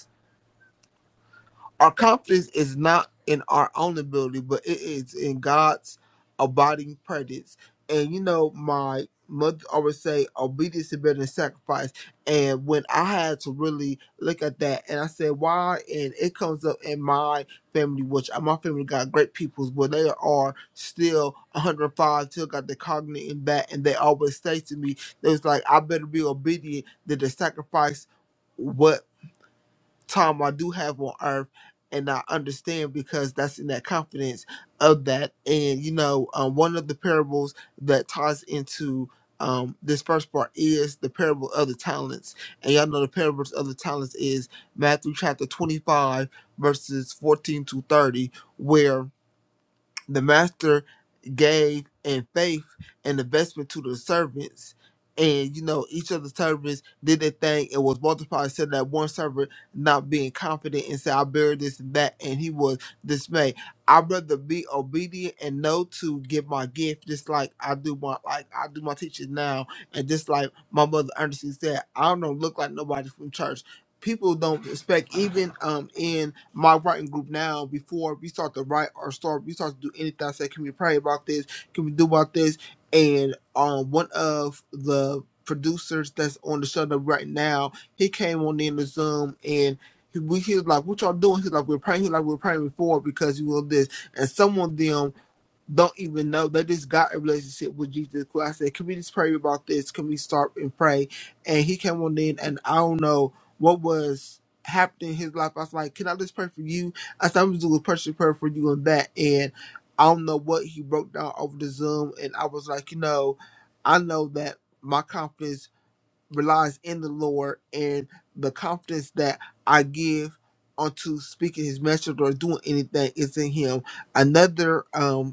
Speaker 8: Our confidence is not in our own ability, but it is in God's abiding presence. And you know, my mother always say, obedience is better than sacrifice. And when I had to really look at that, and I said, why? And it comes up in my family, which uh, my family got great peoples, but they are still 105, still got the cognitive in that, and they always say to me, they was like, I better be obedient than to sacrifice what time I do have on earth and I understand because that's in that confidence of that. And you know, um, one of the parables that ties into um, this first part is the parable of the talents. And y'all know the parables of the talents is Matthew chapter 25, verses 14 to 30, where the master gave in faith and investment to the servants. And you know, each of the servants did their thing and was multiplied. Said that one servant not being confident and said, I bear this and that, and he was dismayed. I'd rather be obedient and know to give my gift, just like I do my like I do my teaching now, and just like my mother Ernestine said, I don't look like nobody from church. People don't respect even um in my writing group now before we start to write or start we start to do anything. I said, can we pray about this? Can we do about this? And um, one of the producers that's on the show that right now, he came on in the Zoom and. He, we, he was like, "What y'all doing?" He's like, "We're praying." He's like, "We're praying before because you will this." And someone them don't even know they just got a relationship with Jesus Christ. I said, Can we just pray about this? Can we start and pray? And he came on in and I don't know what was happening in his life. I was like, Can I just pray for you? I said, I'm just doing a personal prayer for you and that and I don't know what he broke down over the Zoom and I was like, you know, I know that my confidence relies in the Lord and the confidence that I give onto speaking his message or doing anything is in him. Another um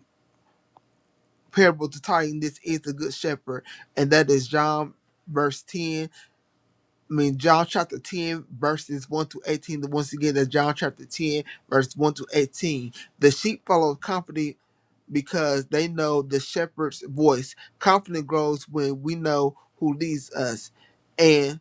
Speaker 8: parable to tie this is the good shepherd, and that is John verse 10. I mean John chapter 10 verses 1 to 18. The once again that's John chapter 10, verse 1 to 18. The sheep follow company because they know the shepherd's voice. Confidence grows when we know who leads us. and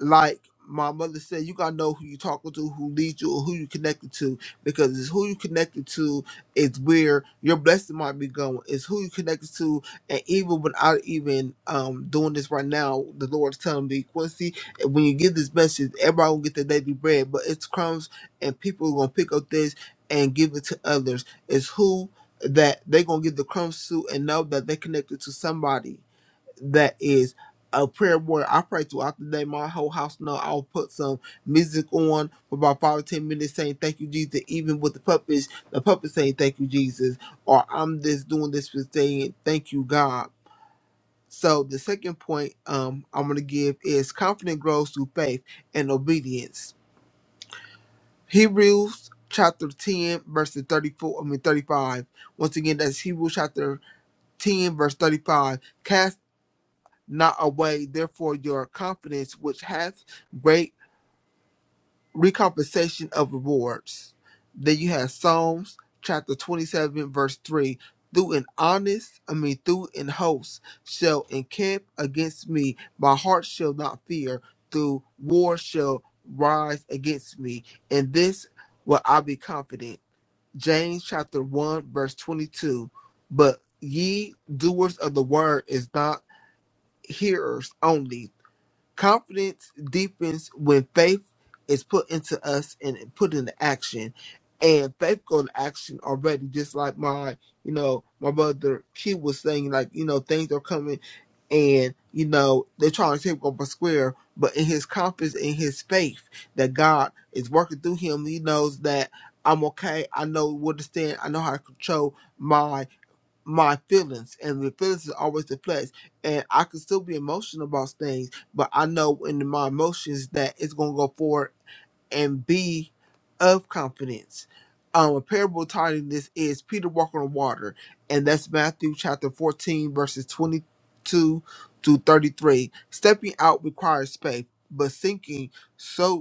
Speaker 8: like my mother said, you gotta know who you talking to, who leads you, or who you connected to, because it's who you connected to is where your blessing might be going. It's who you connected to, and even without even um doing this right now, the Lord's telling me, Quincy, when you give this message, everybody will get their daily bread, but it's crumbs, and people are gonna pick up this and give it to others. It's who that they gonna give the crumbs to, and know that they connected to somebody that is a prayer warrior. I pray throughout the day. My whole house know I'll put some music on for about five or ten minutes saying thank you, Jesus. Even with the puppets, the puppets saying thank you, Jesus. Or I'm just doing this for saying thank you, God. So the second point um, I'm gonna give is confidence grows through faith and obedience. Hebrews chapter 10, verses 34, I mean 35. Once again, that's Hebrews chapter 10, verse 35 Cast not away, therefore your confidence, which hath great recompensation of rewards. Then you have Psalms chapter 27, verse 3. Through an honest, I mean, through an host shall encamp against me. My heart shall not fear. Through war shall rise against me. In this will I be confident. James chapter 1, verse 22. But ye doers of the word is not hearers only Confidence deepens when faith is put into us and put into action. And faith go to action already, just like my, you know, my brother Q was saying, like, you know, things are coming and, you know, they're trying to take up a square, but in his confidence, in his faith that God is working through him, he knows that I'm okay. I know where to stand. I know how to control my my feelings, and the feelings is always the flesh. And I can still be emotional about things, but I know in my emotions that it's gonna go forward and be of confidence. Um, a parable titled this is Peter walking on water, and that's Matthew chapter 14, verses 22 to 33. Stepping out requires faith, but sinking so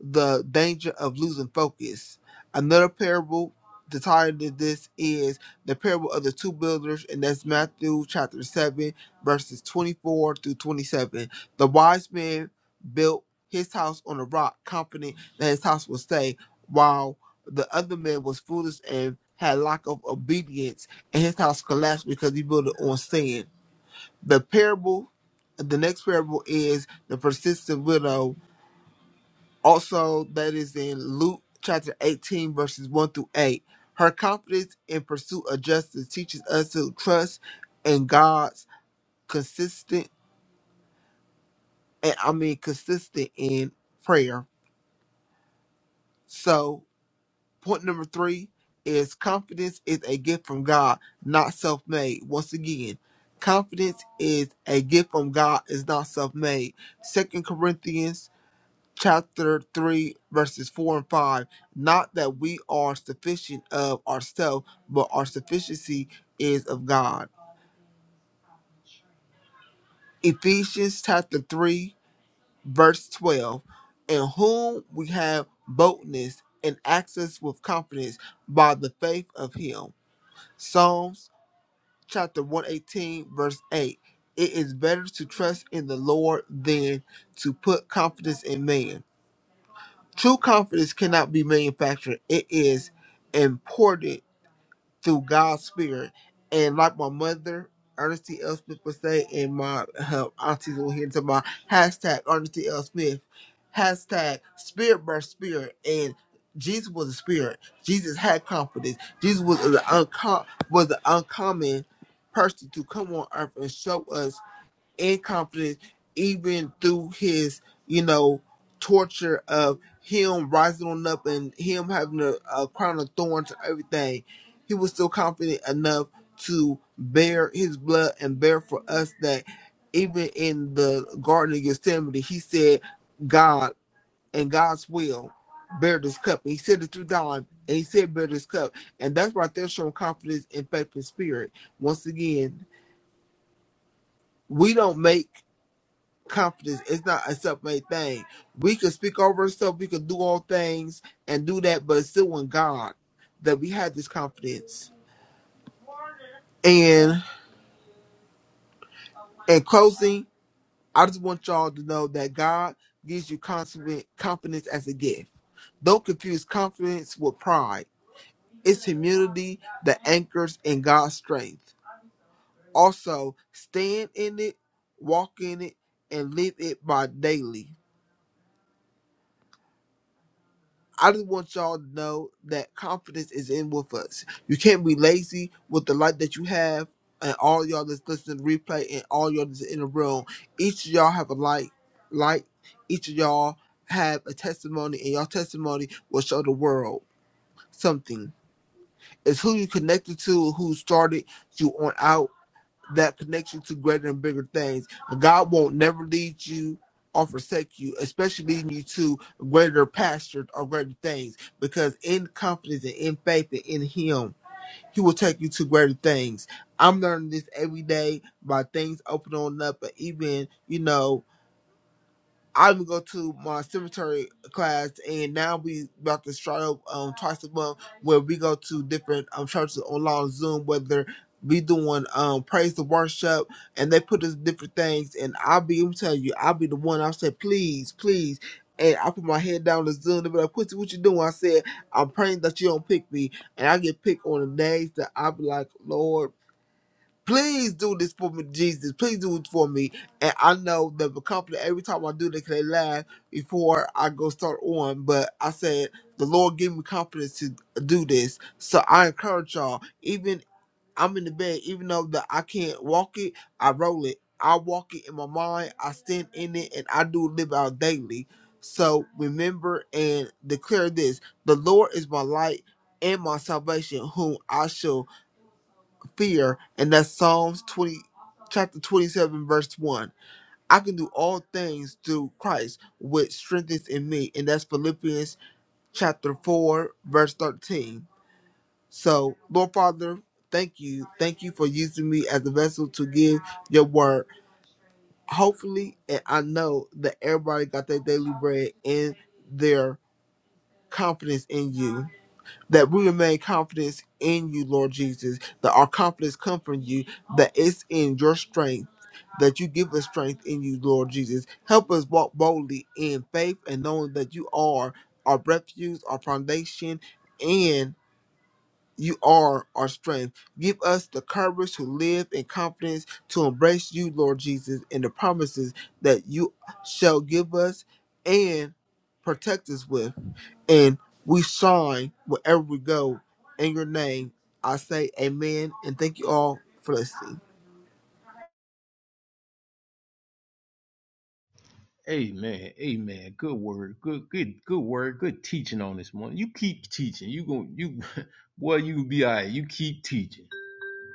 Speaker 8: the danger of losing focus. Another parable the title of this is the parable of the two builders, and that's Matthew chapter 7, verses 24 through 27. The wise man built his house on a rock, confident that his house would stay, while the other man was foolish and had lack of obedience, and his house collapsed because he built it on sand. The parable, the next parable is the persistent widow, also, that is in Luke chapter 18, verses 1 through 8. Her confidence in pursuit of justice teaches us to trust in God's consistent, and I mean consistent in prayer. So, point number three is confidence is a gift from God, not self-made. Once again, confidence is a gift from God, is not self-made. Second Corinthians chapter 3, verses 4 and 5. Not that we are sufficient of ourselves, but our sufficiency is of God. Ephesians chapter 3, verse 12. In whom we have boldness and access with confidence by the faith of Him. Psalms chapter 118, verse 8. It is better to trust in the Lord than to put confidence in man. True confidence cannot be manufactured. It is imported through God's spirit. And like my mother, Ernestine L. Smith would say, and my her aunties will hear to my hashtag Ernestine L. Smith, hashtag spirit birth spirit. And Jesus was a spirit. Jesus had confidence. Jesus was an unco- was an uncommon person to come on earth and show us incompetent even through his, you know, torture of him rising on up and him having a, a crown of thorns and everything. He was still confident enough to bear his blood and bear for us that even in the Garden of Gethsemane, he said, God and God's will, bear this cup. And he said it three times, and he said, bear this cup. And that's right there showing confidence in faith and spirit. Once again, we don't make confidence. It's not a self-made thing. We can speak over ourselves. We can do all things and do that, but it's still in God that we have this confidence. And in closing, I just want y'all to know that God gives you confident confidence as a gift. Don't confuse confidence with pride. It's humility that anchors in God's strength. Also, stand in it, walk in it, and live it by daily. I just want y'all to know that confidence is in with us. You can't be lazy with the light that you have, and all y'all that's listening to the replay, and all y'all that's in the room. Each of y'all have a light, light. Each of y'all have a testimony, and your testimony will show the world something. It's who you connected to, who started you on out that connects you to greater and bigger things. God won't never lead you or forsake you, especially leading you to greater pastures or greater things. Because in confidence and in faith and in Him, He will take you to greater things. I'm learning this every day by things opening up, and even you know. I would go to my cemetery class, and now we about to start up um, twice a month where we go to different um, churches online Zoom, whether we doing um, praise and worship, and they put us different things. And I'll be, I'm telling you, I'll be the one. I said, please, please. And I put my head down the Zoom. They be like, Quincy, what you doing? I said, I'm praying that you don't pick me. And I get picked on the days that I be like, Lord. Please do this for me, Jesus. Please do it for me. And I know that the company, every time I do this, they laugh before I go start on. But I said, the Lord gave me confidence to do this. So I encourage y'all, even I'm in the bed, even though that I can't walk it, I roll it. I walk it in my mind, I stand in it, and I do live out daily. So remember and declare this the Lord is my light and my salvation, whom I shall fear, and that's Psalms 20, chapter 27, verse 1. I can do all things through Christ, which strengthens in me, and that's Philippians chapter 4, verse 13. So, Lord Father, thank you. Thank you for using me as a vessel to give your word. Hopefully, and I know that everybody got their daily bread and their confidence in you. that we remain confident in you, Lord Jesus, that our confidence comes from you, that it's in your strength, that you give us strength in you, Lord Jesus. Help us walk boldly in faith and knowing that you are our refuge, our foundation, and you are our strength. Give us the courage to live in confidence, to embrace you, Lord Jesus, and the promises that you shall give us and protect us with and we shine wherever we go. In your name, I say amen and thank you all for listening.
Speaker 1: Amen. Amen. Good word. Good good good word. Good teaching on this one. You keep teaching. You gon' you boy, you gonna be all right. You keep teaching.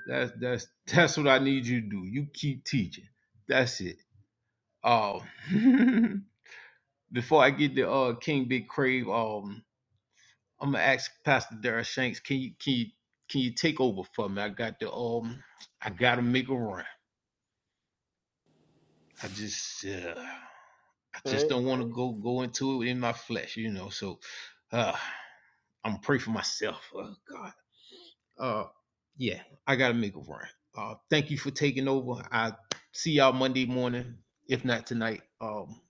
Speaker 1: That's that's that's what I need you to do. You keep teaching. That's it. Um before I get to uh King Big Crave, um I'm gonna ask Pastor Dara Shanks, can you can you can you take over for me? I got the um I gotta make a run. I just uh I
Speaker 3: All
Speaker 1: just
Speaker 3: right.
Speaker 1: don't wanna go go into it in my flesh, you know. So uh I'm gonna pray for myself. Oh God. Uh yeah, I gotta make a run. Uh thank you for taking over. I see y'all Monday morning, if not tonight. Um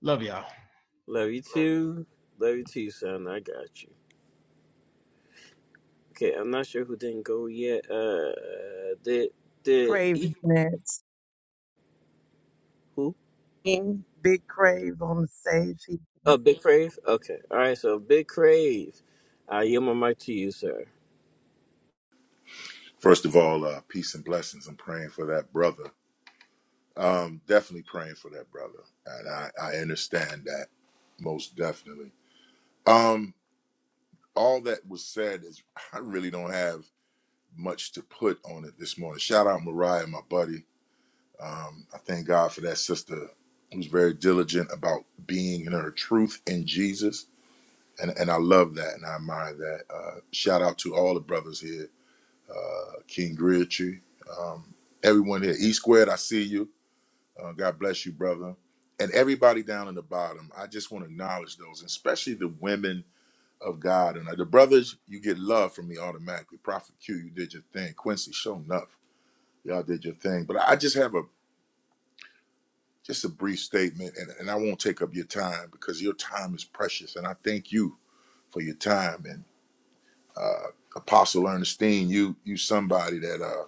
Speaker 1: love y'all.
Speaker 3: Love you too. Love you too, son. I got you. Okay, I'm not sure who didn't go yet. Uh, did did
Speaker 2: Crave
Speaker 3: E
Speaker 2: is next.
Speaker 3: who?
Speaker 2: King, Big Crave on the stage. He,
Speaker 3: Oh, Big Crave. Okay, all right. So Big Crave, I yield my mic to you, sir.
Speaker 9: First of all, uh, peace and blessings. I'm praying for that brother. Um, definitely praying for that brother, and I, I understand that most definitely. Um, all that was said is I really don't have much to put on it this morning. Shout out Mariah, my buddy. Um, I thank God for that sister who's very diligent about being in her truth in Jesus, and and I love that and I admire that. Uh, shout out to all the brothers here, uh, King Griotry, um, everyone here. E squared, I see you Uh, God bless you, brother. And everybody down in the bottom, I just want to acknowledge those, especially the women of God. And uh, the brothers, you get love from me automatically. Prophet Q, you did your thing. Quincy, show enough. Y'all did your thing. But I just have a just a brief statement, and, and I won't take up your time because your time is precious. And I thank you for your time. And uh, Apostle Ernestine, you you somebody that uh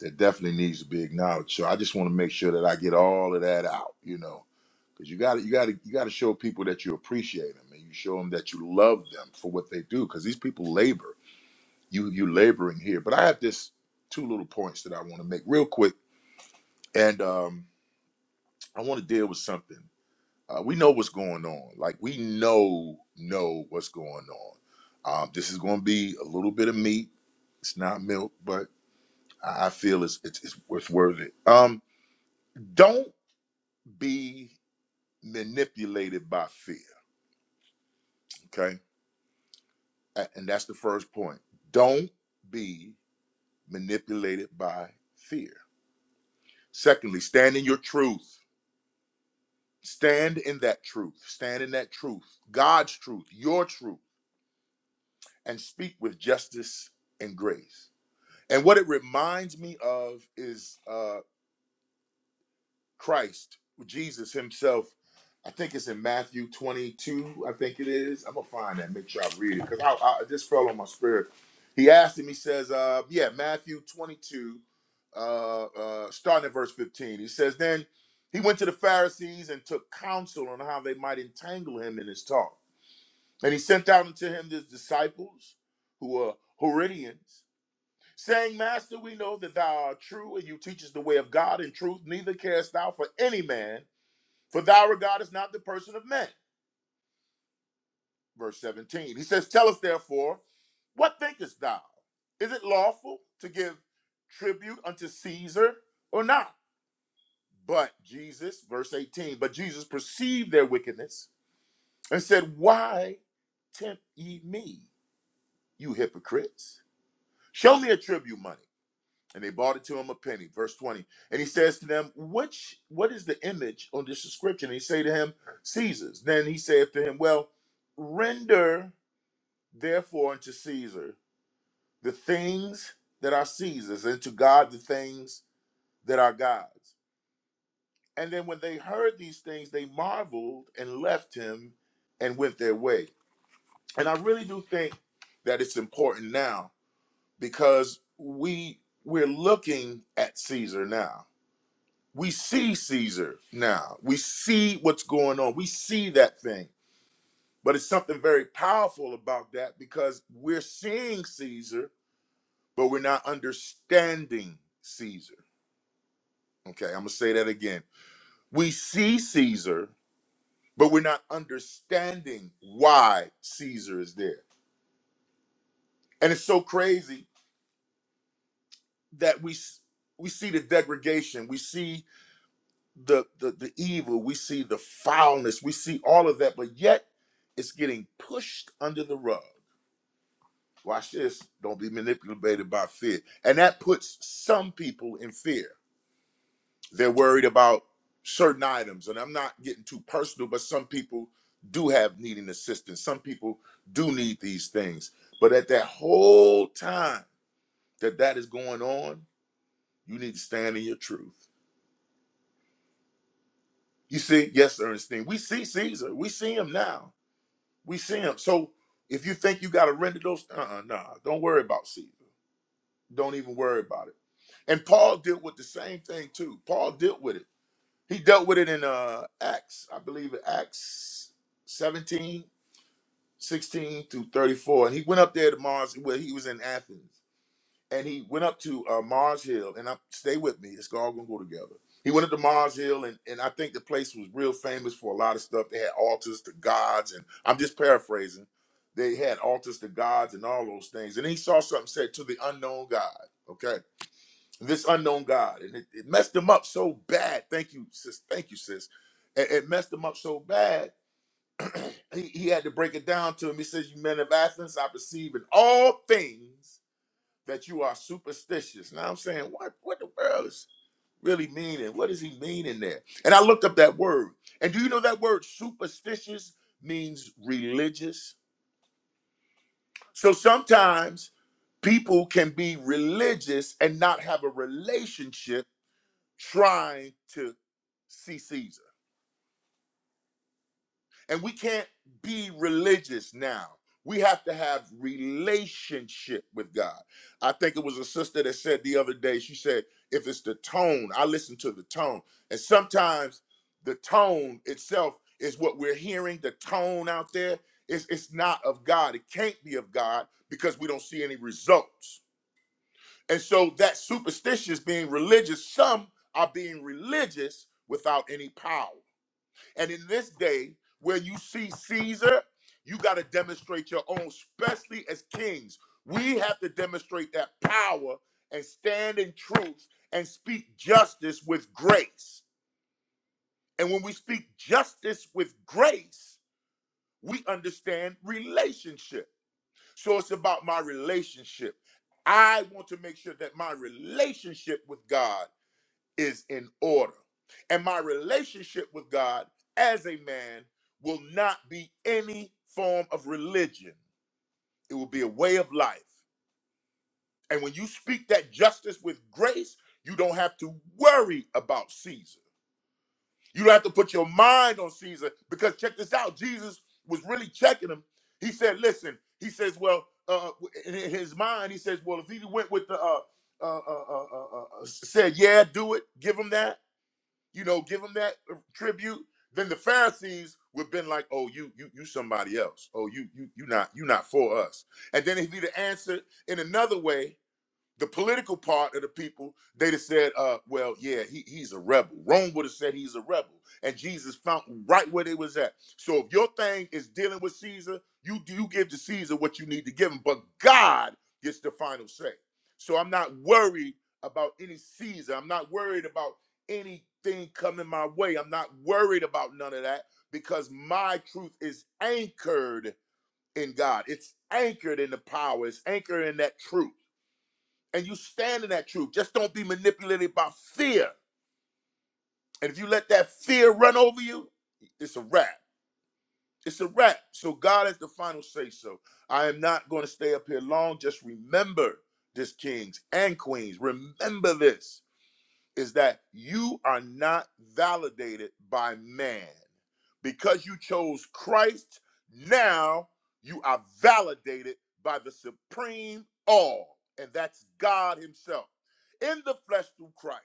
Speaker 9: that definitely needs to be acknowledged. So I just want to make sure that I get all of that out, you know because you got to you got to you got to show people that you appreciate them and you show them that you love them for what they do because these people labor you you laboring here but i have this two little points that i want to make real quick and um i want to deal with something uh, we know what's going on like we know know what's going on um this is going to be a little bit of meat it's not milk but i I feel it's it's, it's worth worth it um don't be manipulated by fear okay A- And that's the first point. Don't be manipulated by fear. Secondly, stand in your truth. Stand in that truth. Stand in that truth, God's truth, your truth, and speak with justice and grace. And what it reminds me of is uh, Christ, Jesus himself. I think it's in Matthew 22, I think it is. I'm going to find that, make sure I read it because I, I it just fell on my spirit. He asked him, he says, uh, yeah, Matthew 22, uh, uh, starting at verse 15. He says, Then he went to the Pharisees and took counsel on how they might entangle him in his talk. And he sent out unto him his disciples, who were Herodians, saying, Master, we know that thou art true, and you teach us the way of God in truth, neither carest thou for any man for thou regardest not the person of men. Verse 17. He says, Tell us therefore, what thinkest thou? Is it lawful to give tribute unto Caesar or not? But Jesus, verse 18, but Jesus perceived their wickedness and said, Why tempt ye me, you hypocrites? Show me a tribute money. and they bought it to him a penny. Verse 20. And he says to them, Which what is the image on this inscription? And he say to him, Caesar's. Then he saith to him, Well, render therefore unto Caesar the things that are Caesar's, and to God the things that are God's. And then when they heard these things, they marveled and left him and went their way. And I really do think that it's important now because we we're looking at Caesar now we see Caesar now. We see what's going on. We see that thing. But it's something very powerful about that because we're seeing Caesar, but we're not understanding Caesar. Okay, I'm going to say that again. We see Caesar, but we're not understanding why Caesar is there. And it's so crazy that we s- we see the degradation. We see the, the the evil we see the foulness we see all of that but yet it's getting pushed under the rug watch this don't be manipulated by fear and that puts some people in fear they're worried about certain items and i'm not getting too personal but some people do have needing assistance some people do need these things but at that whole time that that is going on you need to stand in your truth you see yes ernestine we see caesar we see him now We see him. So if you think you got to render those, uh, uh nah, don't worry about Caesar. Don't even worry about it. And Paul dealt with the same thing too. Paul dealt with it. He dealt with it in uh Acts, I believe, in Acts seventeen sixteen 16 through 34. And he went up there to Mars. Well, he was in Athens and he went up to uh, Mars Hill, and I stay with me. It's all gonna go together. He went up to Mars Hill, and, and I think the place was real famous for a lot of stuff. They had altars to gods, and I'm just paraphrasing. They had altars to gods and all those things. And he saw something said to the unknown God. Okay, this unknown God, and it, it messed him up so bad. Thank you, sis. Thank you, sis. It, it messed him up so bad. he, he had to break it down to him. He says, "You men of Athens, I perceive in all things." that you are superstitious. Now I'm saying, what what the world is really meaning? What does he mean in there? And I looked up that word. And do you know that word superstitious means religious? So sometimes people can be religious and not have a relationship trying to see Caesar. And we can't be religious now. We have to have relationship with God. I think it was a sister that said the other day, she said, if it's the tone, I listen to the tone. And sometimes the tone itself is what we're hearing, the tone out there. It's, it's not of God. It can't be of God because we don't see any results. And so that superstitious being religious, some are being religious without any power. And in this day where you see Caesar, you got to demonstrate your own, especially as kings. We have to demonstrate that power and stand in truth and speak justice with grace. And when we speak justice with grace, we understand relationship. So it's about my relationship. I want to make sure that my relationship with God is in order. And my relationship with God as a man will not be any form of religion, it will be a way of life. And when you speak that justice with grace, you don't have to worry about Caesar. You don't have to put your mind on Caesar because check this out Jesus was really checking him. He said, Listen, he says, Well, uh, in his mind, he says, Well, if he went with the, uh, uh, uh, uh, uh, uh, said, Yeah, do it, give him that you know, give him that uh, tribute, then the Pharisees would have been like, "Oh, you, you, you, somebody else. Oh, you, you, you not, you not for us." And then if he'd have answered in another way, the political part of the people, they'd have said, uh, well, yeah, he, he's a rebel. Rome would have said he's a rebel. And Jesus found right where they was at. So if your thing is dealing with Caesar, you do you give to Caesar what you need to give him. But God gets the final say. So I'm not worried about any Caesar. I'm not worried about anything coming my way. I'm not worried about none of that because my truth is anchored in God. It's anchored in the power. It's anchored in that truth and you stand in that truth. Just don't be manipulated by fear. And if you let that fear run over you, it's a wrap. It's a wrap. So God has the final say so. I am not going to stay up here long. Just remember this, kings and queens. Remember this is that you are not validated by man. Because you chose Christ, now you are validated by the supreme all, and that's God Himself in the flesh through Christ.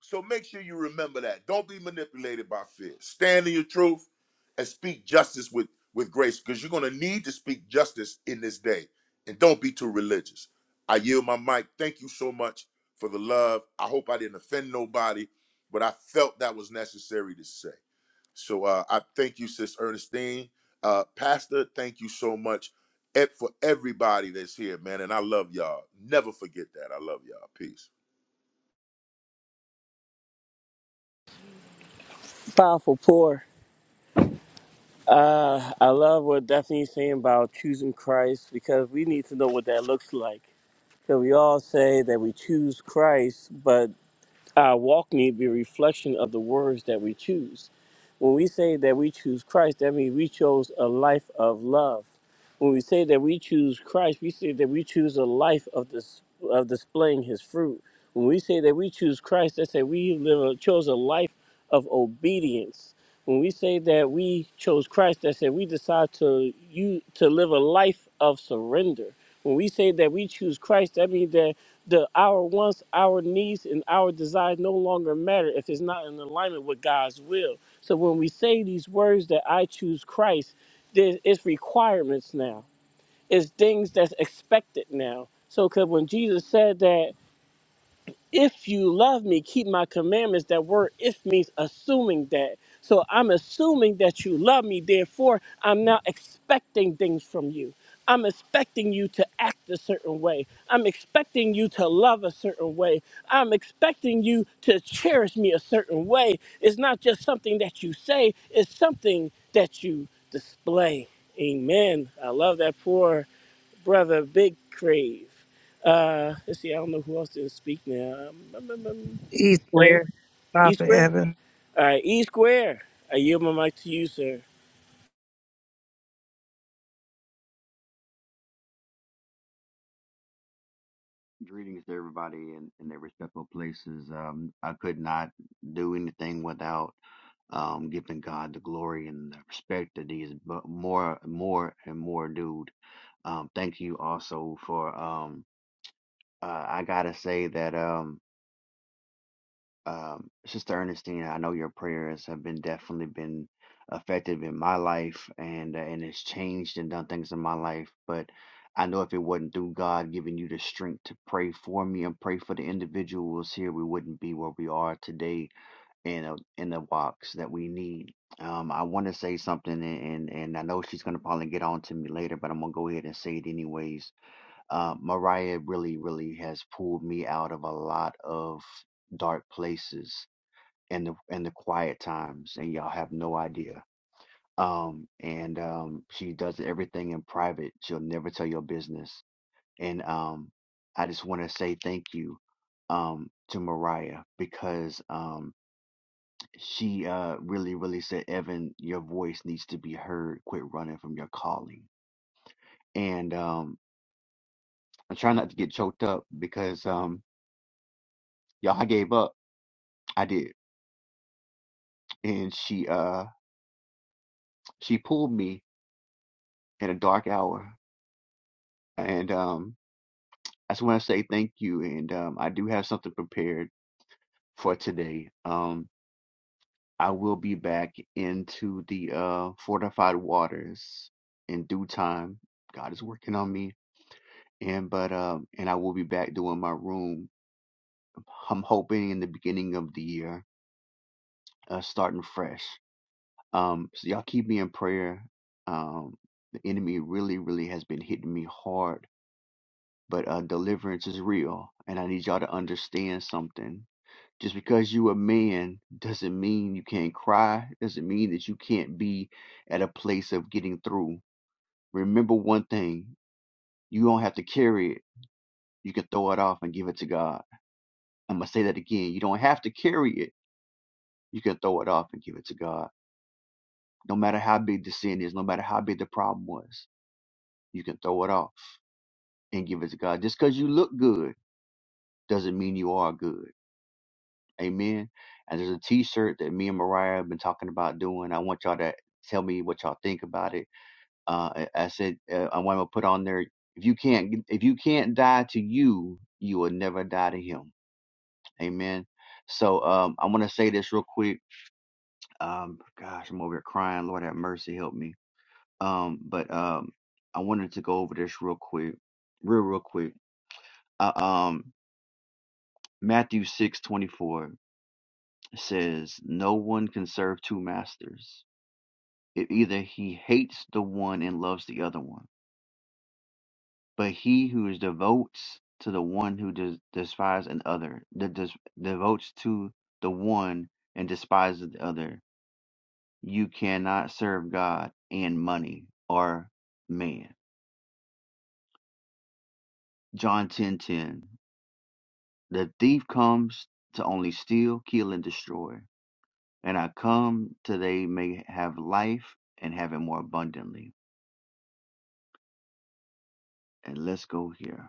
Speaker 9: So make sure you remember that. Don't be manipulated by fear. Stand in your truth and speak justice with, with grace because you're going to need to speak justice in this day. And don't be too religious. I yield my mic. Thank you so much for the love. I hope I didn't offend nobody, but I felt that was necessary to say. So uh, I thank you, Sis Ernestine. Uh, Pastor, thank you so much eh, for everybody that's here, man. And I love y'all. Never forget that. I love y'all. Peace.
Speaker 3: Powerful pour. Uh, I love what Daphne's saying about choosing Christ because we need to know what that looks like. So we all say that we choose Christ, but our walk need to be a reflection of the words that we choose. When we say that we choose Christ, that means we chose a life of love. When we say that we choose Christ, we say that we choose a life of this of displaying His fruit. When we say that we choose Christ, that's that we live a, chose a life of obedience. When we say that we chose Christ, that's that we decide to you to live a life of surrender. When we say that we choose Christ, that means that the our wants, our needs, and our desires no longer matter if it's not in alignment with God's will. So when we say these words that I choose Christ, there is requirements now. It's things that's expected now. So because when Jesus said that if you love me, keep my commandments. That word if means assuming that. So I'm assuming that you love me, therefore, I'm now expecting things from you. I'm expecting you to act a certain way. I'm expecting you to love a certain way. I'm expecting you to cherish me a certain way. It's not just something that you say, it's something that you display. Amen. I love that pour brother Big Crave. Uh, let's see, I don't know who else didn't speak now. Um, um, um, um,
Speaker 2: he
Speaker 3: hey,
Speaker 2: swear,
Speaker 3: E
Speaker 2: Prophet
Speaker 3: Square?
Speaker 2: Evan.
Speaker 3: All right, E Square. I yield my mic to you, sir.
Speaker 10: Greetings to everybody in, in their respectful places. Um, I could not do anything without um, giving God the glory and the respect that He's but more, more and more, dude. Um, thank you also for. Um, uh, I gotta say that. Um, um, Sister Ernestine, I know your prayers have been definitely been effective in my life, and uh, and it's changed and done things in my life. But I know if it wasn't through God giving you the strength to pray for me and pray for the individuals here, we wouldn't be where we are today in a, in the box that we need. Um, I want to say something, and, and and I know she's gonna probably get on to me later, but I'm gonna go ahead and say it anyways. Uh, Mariah really, really has pulled me out of a lot of dark places in the in the quiet times and y'all have no idea um and um she does everything in private she'll never tell your business and um i just want to say thank you um to mariah because um she uh really really said evan your voice needs to be heard quit running from your calling and um i'm trying not to get choked up because um y'all i gave up i did and she uh she pulled me in a dark hour and um I just want to say thank you, and um, I do have something prepared for today. Um, I will be back into the uh, fortified waters in due time. God is working on me, and but um, and I will be back doing my room. I'm hoping in the beginning of the year, uh, starting fresh. Um, so y'all keep me in prayer. Um, the enemy really, really has been hitting me hard, but uh, deliverance is real, and I need y'all to understand something Just because you a man doesn't mean you can't cry, doesn't mean that you can't be at a place of getting through. Remember one thing, you don't have to carry it. You can throw it off and give it to God. I'm going to say that again. You don't have to carry it. You can throw it off and give it to God. No matter how big the sin is, no matter how big the problem was, you can throw it off and give it to God. Just because you look good doesn't mean you are good Amen. And there's a T-shirt that me and Mariah have been talking about doing. I want y'all to tell me what y'all think about it. Uh, I I said uh, I want to put on there. If you can't, if you can't die to you, you will never die to him. Amen. So um, I want to say this real quick. Um, gosh, I'm over here crying. Lord have mercy, help me. Um, but um, I wanted to go over this real quick, real real quick. Uh, um, Matthew six twenty four says, "No one can serve two masters." It either he hates the one and loves the other one, but he who is devotes to the one who des- despises an other, that des- devotes to the one and despises the other. You cannot serve God and money or man. John ten ten. The thief comes to only steal, kill, and destroy. And I come to they may have life and have it more abundantly. And let's go here.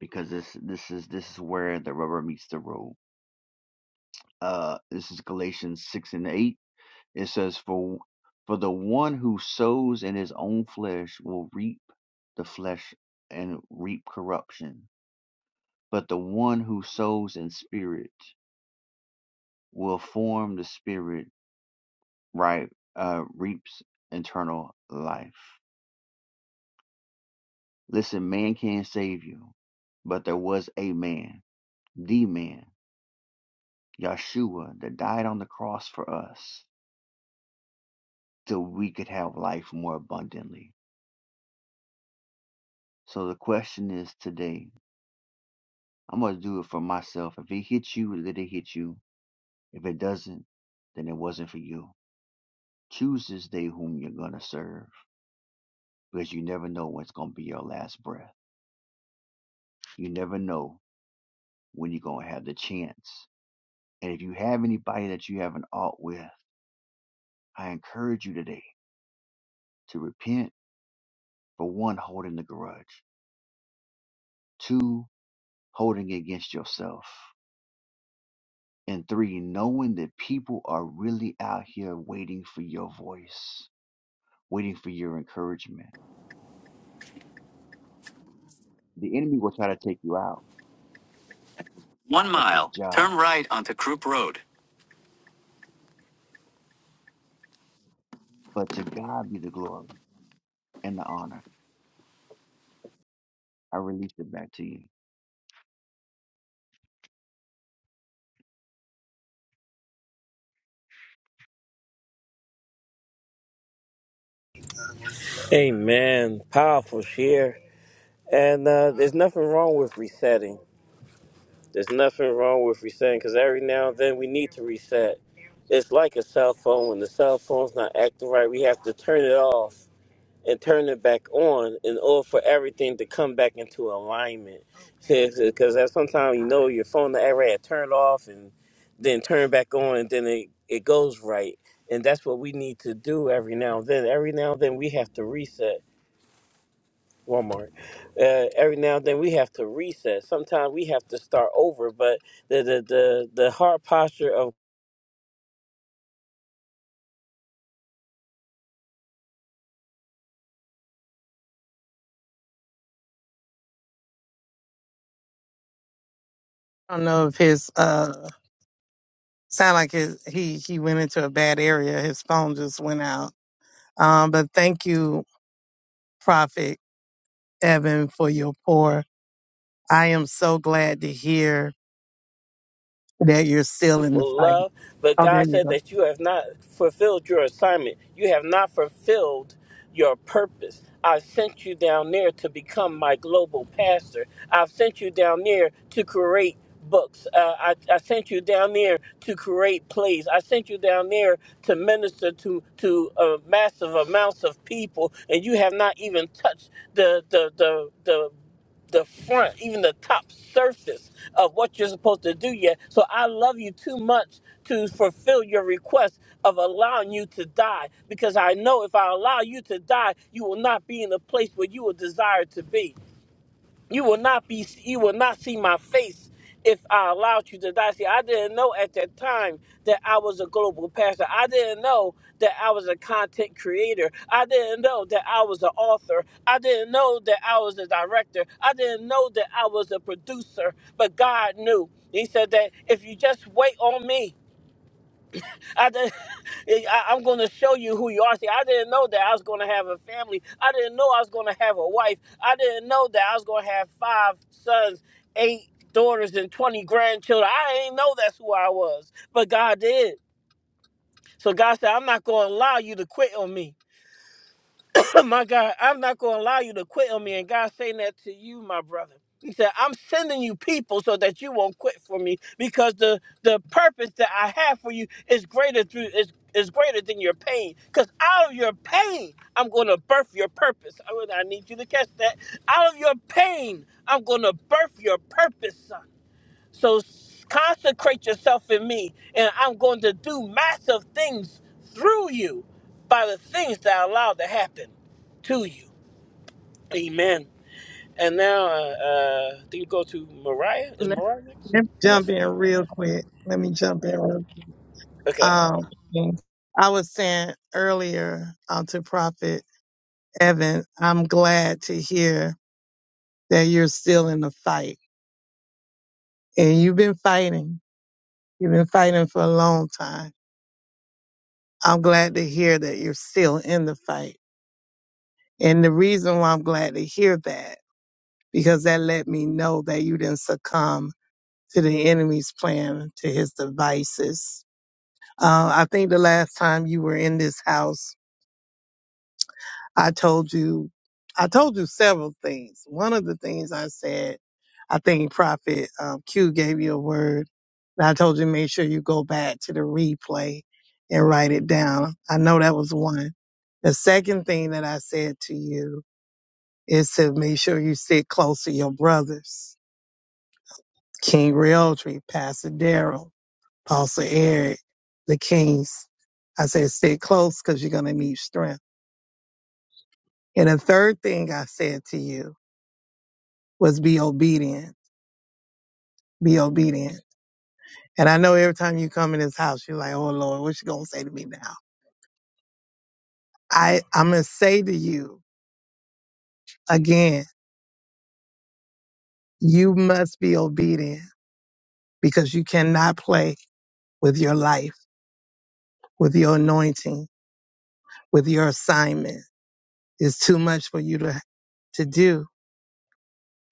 Speaker 10: because this this is this is where the rubber meets the road. Uh, this is Galatians six and eight. It says, "For for the one who sows in his own flesh will reap the flesh and reap corruption, but the one who sows in spirit will form the spirit right uh, reaps eternal life." Listen, man can't save you, but there was a man, the man, Yeshua, that died on the cross for us so we could have life more abundantly. So the question is today, I'm going to do it for myself. If it hits you, let it hit you. If it doesn't, then it wasn't for you. Choose this day whom you're going to serve because you never know what's going to be your last breath. You never know when you're going to have the chance. And if you have anybody that you have an ought with, I encourage you today to repent for one, holding the grudge, two, holding it against yourself. And three, knowing that people are really out here waiting for your voice, waiting for your encouragement. The enemy will try to take you out.
Speaker 5: One
Speaker 10: That's his
Speaker 5: mile,
Speaker 10: job.
Speaker 5: turn right onto Croup Road.
Speaker 10: But to God be the glory and the honor. I release it back to you.
Speaker 3: Amen. Powerful share. And uh, there's nothing wrong with resetting. There's nothing wrong with resetting because every now and then we need to reset. It's like a cell phone. When the cell phone's not acting right, we have to turn it off and turn it back on in order for everything to come back into alignment. Because that's sometimes you know your phone array had turned off and then turn back on and then it, it goes right. And that's what we need to do every now and then. Every now and then we have to reset. Walmart. Uh, every now and then we have to reset. Sometimes we have to start over, but the the the, the hard posture of.
Speaker 2: I don't know if his uh sound like his he he went into a bad area. His phone just went out. Um, but thank you, Prophet Evan, for your pour. I am so glad to hear that you're still in the
Speaker 3: people
Speaker 2: fight.
Speaker 3: love, but
Speaker 2: Oh, there
Speaker 3: God
Speaker 2: you
Speaker 3: said
Speaker 2: go.
Speaker 3: that you have not fulfilled your assignment. You have not fulfilled your purpose. I sent you down there to become my global pastor. I've sent you down there to create books. Uh, I, I sent you down there to create plays. I sent you down there to minister to to uh, massive amounts of people, and you have not even touched the the the the the front, even the top surface of what you're supposed to do yet. So I love you too much to fulfill your request of allowing you to die because I know if I allow you to die, you will not be in the place where you will desire to be. You will not be you will not see my face if I allowed you to die. See, I didn't know at that time that I was a global pastor. I didn't know that I was a content creator. I didn't know that I was an author. I didn't know that I was a director. I didn't know that I was a producer. But God knew. He said that if you just wait on me, I, I'm going to show you who you are. See, I didn't know that I was going to have a family. I didn't know I was going to have a wife. I didn't know that I was going to have five sons, eight daughters, and 20 grandchildren. I didn't know that's who I was, but God did. So God said, I'm not going to allow you to quit on me. my God, I'm not going to allow you to quit on me. And God's saying that to you, my brother. He said, I'm sending you people so that you won't quit for me because the, the purpose that I have for you is greater through is, is greater than your pain. Because out of your pain, I'm going to birth your purpose. I, really, I need you to catch that. Out of your pain, I'm going to birth your purpose, son. So consecrate yourself in me, and I'm going to do massive things through you by the things that I allow to happen to you. Amen. And now, uh, uh, I think we go to Mariah. Is
Speaker 2: Let,
Speaker 3: Mariah next?
Speaker 2: let me jump in real quick. Let me jump in. Real,
Speaker 3: Okay.
Speaker 2: um, I was saying earlier uh, to Prophet Evan, I'm glad to hear that you're still in the fight, and you've been fighting. You've been fighting for a long time I'm glad to hear that you're still in the fight. And the reason why I'm glad to hear that, because that let me know that you didn't succumb to the enemy's plan, to his devices. Uh, I think the last time you were in this house, I told you, I told you several things. One of the things I said, I think Prophet um, Q gave you a word. And I told you make sure you go back to the replay and write it down. I know that was one. The second thing that I said to you is to make sure you sit close to your brothers, King Realtree, Pastor Daryl, Pastor Eric, the Kings. I said sit close because you're gonna need strength. And the third thing I said to you was be obedient. Be obedient. And I know every time you come in this house, you're like, oh Lord, what you gonna say to me now? I, I'm gonna say to you again, you must be obedient because you cannot play with your life, with your anointing, with your assignment. It's too much for you to, to do.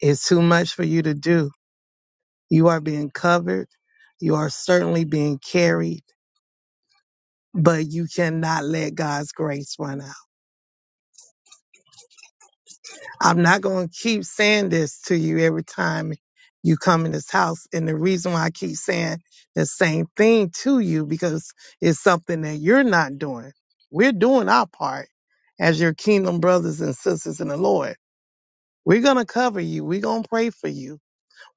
Speaker 2: It's too much for you to do. You are being covered. You are certainly being carried, but you cannot let God's grace run out I'm not going to keep saying this to you every time you come in this house. And the reason why I keep saying the same thing to you because it's something that you're not doing. We're doing our part as your kingdom brothers and sisters in the Lord. We're going to cover you. We're going to pray for you.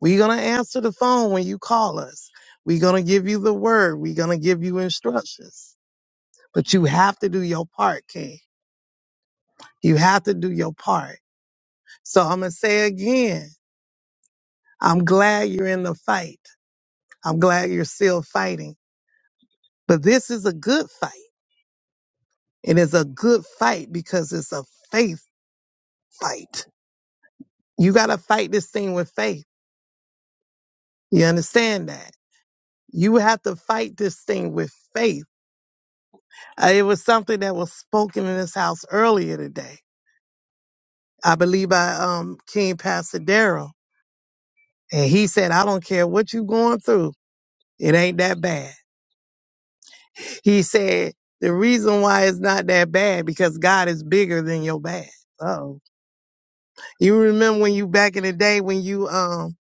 Speaker 2: We're going to answer the phone when you call us. We're going to give you the word. We're going to give you instructions. But you have to do your part, King. You have to do your part. So I'm going to say again, I'm glad you're in the fight. I'm glad you're still fighting. But this is a good fight. And it's a good fight because it's a faith fight. You got to fight this thing with faith. You understand that? You have to fight this thing with faith. Uh, It was something that was spoken in this house earlier today, I believe by um, King Pastor Darrell. And he said, I don't care what you're going through. It ain't that bad. He said, the reason why it's not that bad because God is bigger than your bad. Oh, you remember when you back in the day when you um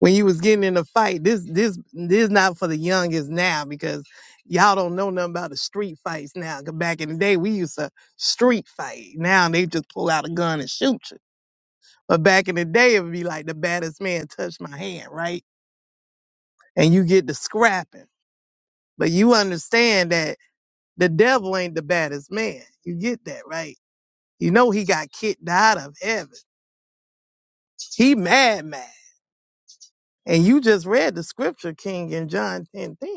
Speaker 2: when you was getting in a fight? This this this not for the youngest now because y'all don't know nothing about the street fights now. 'Cause back in the day we used to street fight. Now they just pull out a gun and shoot you. But back in the day it would be like the baddest man touched my hand, right? And you get the scrapping. But you understand that the devil ain't the baddest man. You get that, right? You know he got kicked out of heaven. He mad mad. And you just read the scripture, King, in John 10 10.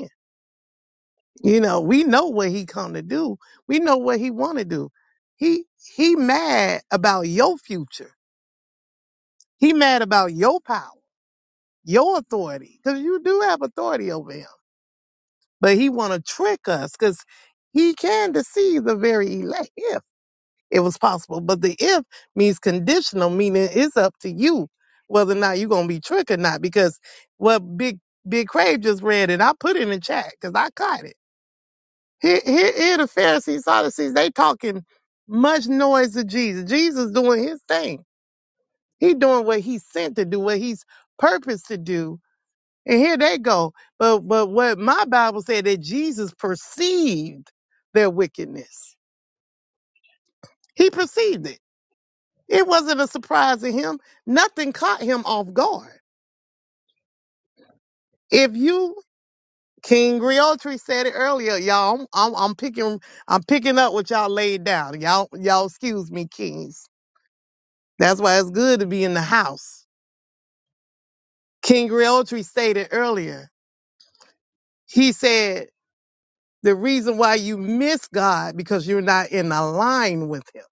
Speaker 2: You know, we know what he come to do. We know what he want to do. He he mad about your future. He mad about your power, your authority, because you do have authority over him. But he want to trick us because he can deceive the very elect. it was possible. But the if means conditional, meaning it's up to you whether or not you're gonna be tricked or not. Because what Big Big Crave just read, and I put it in the chat because I caught it. Here, here, here the Pharisees, Sadducees, they talking much noise to Jesus. Jesus doing his thing. He doing what he's sent to do, what he's purposed to do. And here they go. But but what my Bible said that Jesus perceived their wickedness. He perceived it. It wasn't a surprise to him. Nothing caught him off guard. If you, King Griotri said it earlier, y'all. I'm, I'm, I'm picking, I'm picking up what y'all laid down. Y'all, y'all, excuse me, kings. That's why it's good to be in the house. King Griotri stated earlier. He said the reason why you miss God because you're not in line with Him.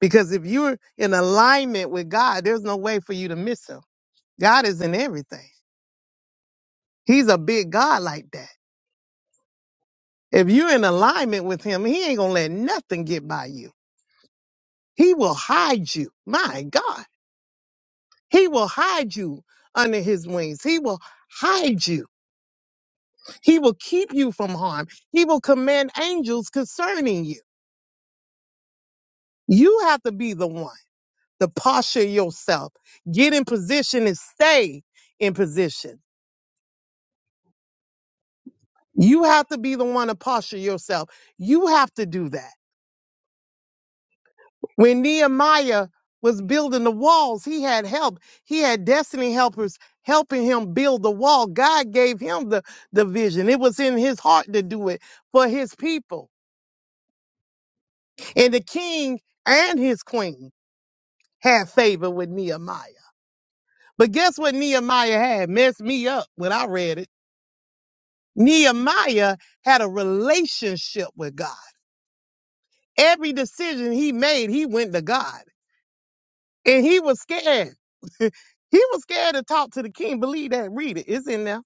Speaker 2: Because if you're in alignment with God, there's no way for you to miss Him. God is in everything. He's a big God like that. If you're in alignment with him, he ain't gonna let nothing get by you. He will hide you. My God. He will hide you under his wings. He will hide you. He will keep you from harm. He will command angels concerning you. You have to be the one to posture yourself, get in position and stay in position. You have to be the one to posture yourself. You have to do that. When Nehemiah was building the walls, he had help. He had destiny helpers helping him build the wall. God gave him the, the vision. It was in his heart to do it for his people. And the king and his queen had favor with Nehemiah. But guess what Nehemiah had? Messed me up when I read it. Nehemiah had a relationship with God. Every decision he made, he went to God. And he was scared. he was scared to talk to the king. Believe that. Read it. It's in there.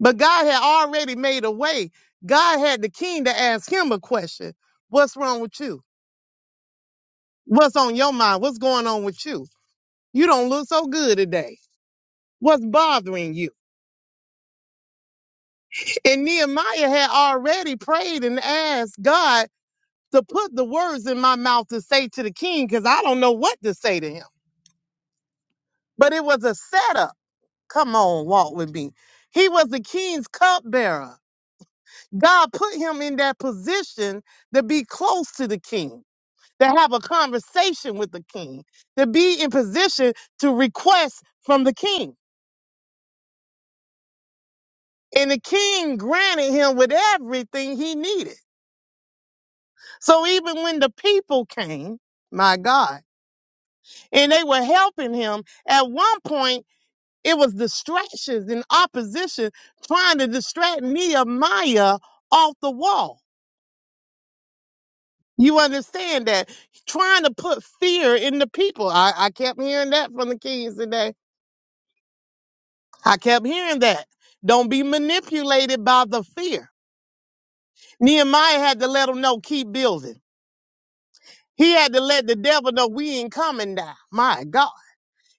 Speaker 2: But God had already made a way. God had the king to ask him a question. What's wrong with you? What's on your mind? What's going on with you? You don't look so good today. What's bothering you? And Nehemiah had already prayed and asked God to put the words in my mouth to say to the king because I don't know what to say to him. But it was a setup. Come on, walk with me. He was the king's cupbearer. God put him in that position to be close to the king, to have a conversation with the king, to be in position to request from the king. And the king granted him with everything he needed. So even when the people came, my God, and they were helping him, at one point it was distractions and opposition trying to distract Nehemiah off the wall. You understand that trying to put fear in the people. I, I kept hearing that from the kids today. I kept hearing that. Don't be manipulated by the fear. Nehemiah had to let them know, keep building. He had to let the devil know we ain't coming down. My God.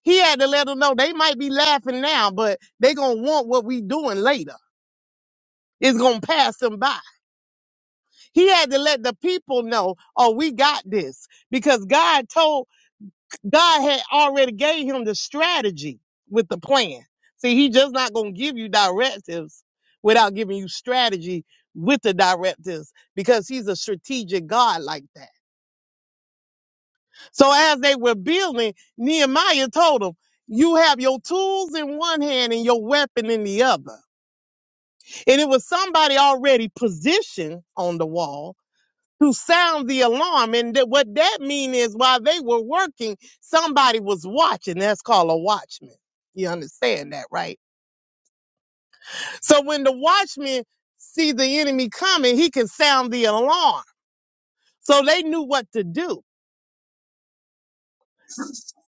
Speaker 2: He had to let them know they might be laughing now, but they gonna want what we doing later. It's gonna pass them by. He had to let the people know, oh, we got this. Because God told God had already gave him the strategy with the plan. See, he just not gonna give you directives without giving you strategy with the directives because he's a strategic God like that. So as they were building, Nehemiah told them, you have your tools in one hand and your weapon in the other. And it was somebody already positioned on the wall to sound the alarm. And that what that mean is while they were working, somebody was watching. That's called a watchman. You understand that, right? So when the watchman see the enemy coming, he can sound the alarm. So they knew what to do.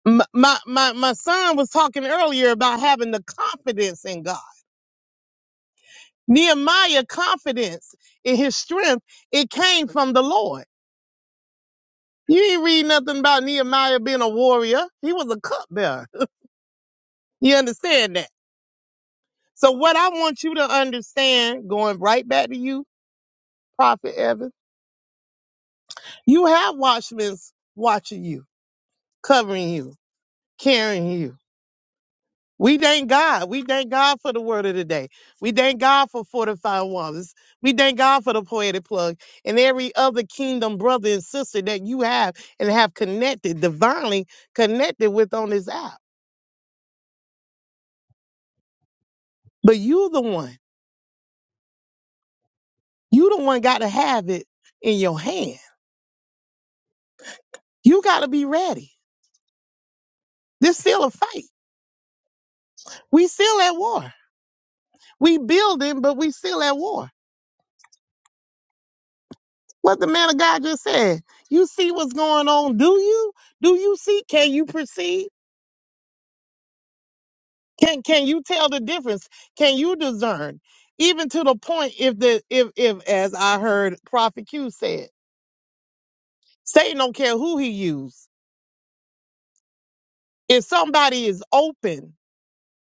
Speaker 2: M- My, my, my son was talking earlier about having the confidence in God. Nehemiah confidence in his strength, it came from the Lord. You ain't read nothing about Nehemiah being a warrior. He was a cupbearer. You understand that? So what I want you to understand, going right back to you, Prophet Evan, you have watchmen watching you, covering you, carrying you. We thank God. We thank God for the word of the day. We thank God for fortified walls. We thank God for the poetic plug and every other kingdom brother and sister that you have and have connected, divinely connected with on this app. But you the one. You the one got to have it in your hand. You got to be ready. This still a fight. We still at war. We building, but we still at war. What the man of God just said. You see what's going on, do you? Do you see? Can you perceive? Can can you tell the difference? Can you discern? Even to the point if the if if as I heard Prophet Q said, Satan don't care who he use. If somebody is open,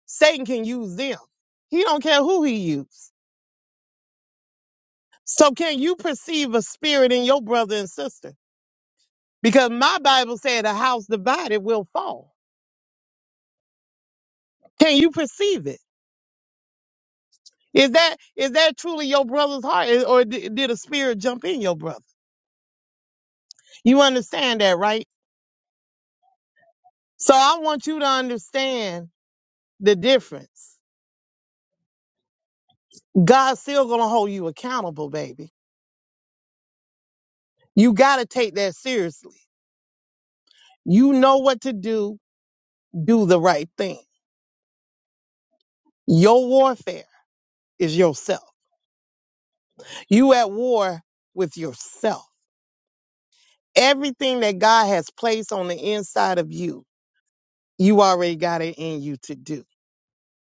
Speaker 2: Satan can use them. He don't care who he use. So can you perceive a spirit in your brother and sister? Because my Bible said a house divided will fall. Can you perceive it? Is that is that truly your brother's heart, eh, or di- did a spirit jump in your brother? You understand that, right? So I want you to understand the difference. God's still gonna hold you accountable, baby. You gotta take that seriously. You know what to do. Do the right thing. Your warfare is yourself. You at war with yourself. Everything that God has placed on the inside of you you already got it in you to do.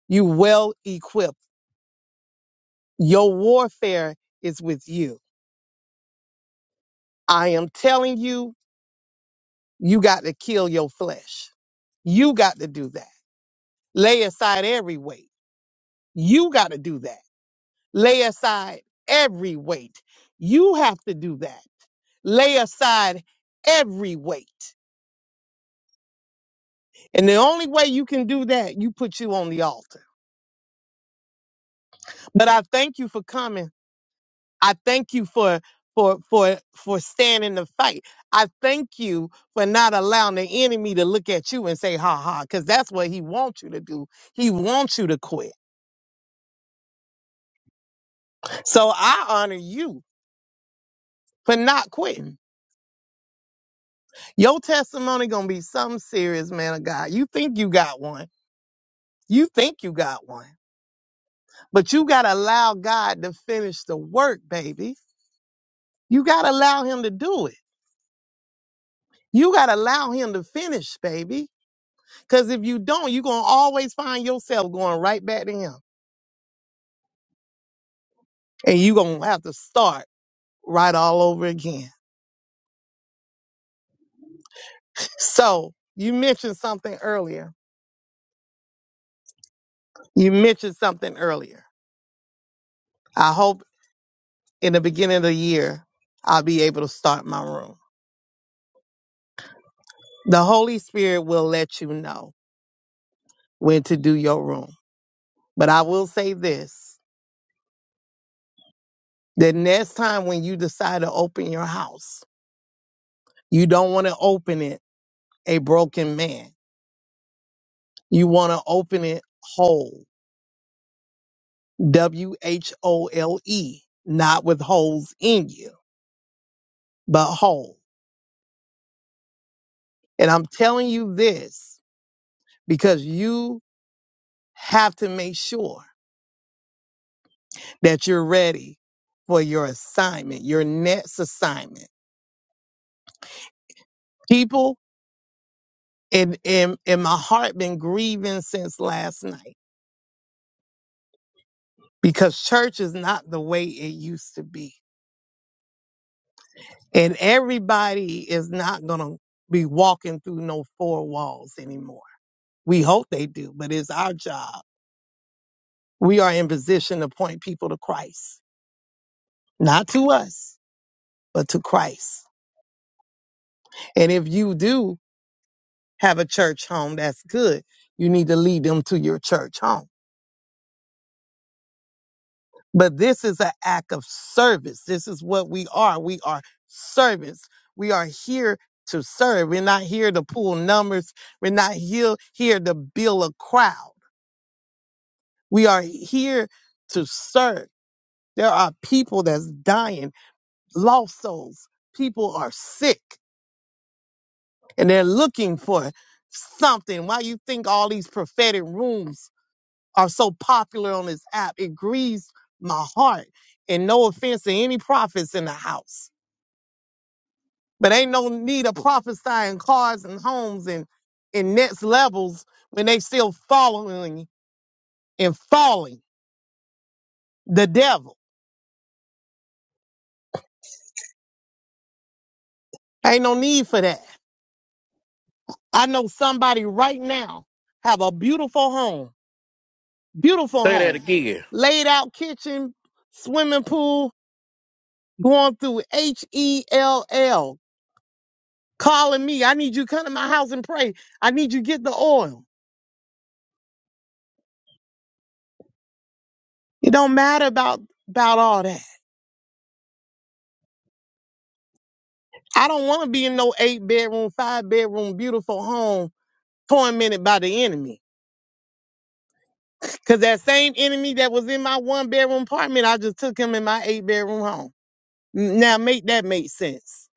Speaker 2: You well equipped. Your warfare is with you. I am telling you, you got to kill your flesh. You got to do that. Lay aside every weight. You got to do that. Lay aside every weight. You have to do that. Lay aside every weight. And the only way you can do that, you put you on the altar. But I thank you for coming I thank you for for for for standing the fight. I thank you for not allowing the enemy to look at you and say ha ha cuz that's what he wants you to do. He wants you to quit. So I honor you for not quitting. Your testimony going to be some serious man of God. You think you got one. You think you got one. But you got to allow God to finish the work, baby. You got to allow him to do it. You got to allow him to finish, baby. Because if you don't, you're going to always find yourself going right back to him. And you're going to have to start right all over again. So you mentioned something earlier. You mentioned something earlier. I hope in the beginning of the year, I'll be able to start my room. The Holy Spirit will let you know when to do your room. But I will say this the next time when you decide to open your house, you don't want to open it a broken man. You want to open it whole. W H O L E, not with holes in you, but whole. And I'm telling you this because you have to make sure that you're ready for your assignment, your next assignment. People in in in my heart been grieving since last night because church is not the way it used to be. And everybody is not gonna be walking through no four walls anymore. We hope they do, but it's our job we are in position to point people to Christ, not to us, but to Christ. And if you do have a church home, that's good. You need to lead them to your church home. But this is an act of service. This is what we are. We are servants. We are here to serve. We're not here to pull numbers. We're not here, here to build a crowd. We are here to serve. There are people that's dying, lost souls. People are sick and they're looking for something. Why you think all these prophetic rooms are so popular on this app? It grieves my heart. And no offense to any prophets in the house, but ain't no need of prophesying cars and homes and and next levels when they still following and falling the devil. Ain't no need for that. I know somebody right now have a beautiful home, beautiful
Speaker 5: that
Speaker 2: home,
Speaker 5: again.
Speaker 2: laid out kitchen, swimming pool, going through H E L L, calling me. I need you to come to my house and pray. I need you to get the oil. It don't matter about about all that. I don't want to be in no eight bedroom, five bedroom, beautiful home tormented by the enemy. Cause that same enemy that was in my one bedroom apartment, I just took him in my eight bedroom home. N- Now make that make sense.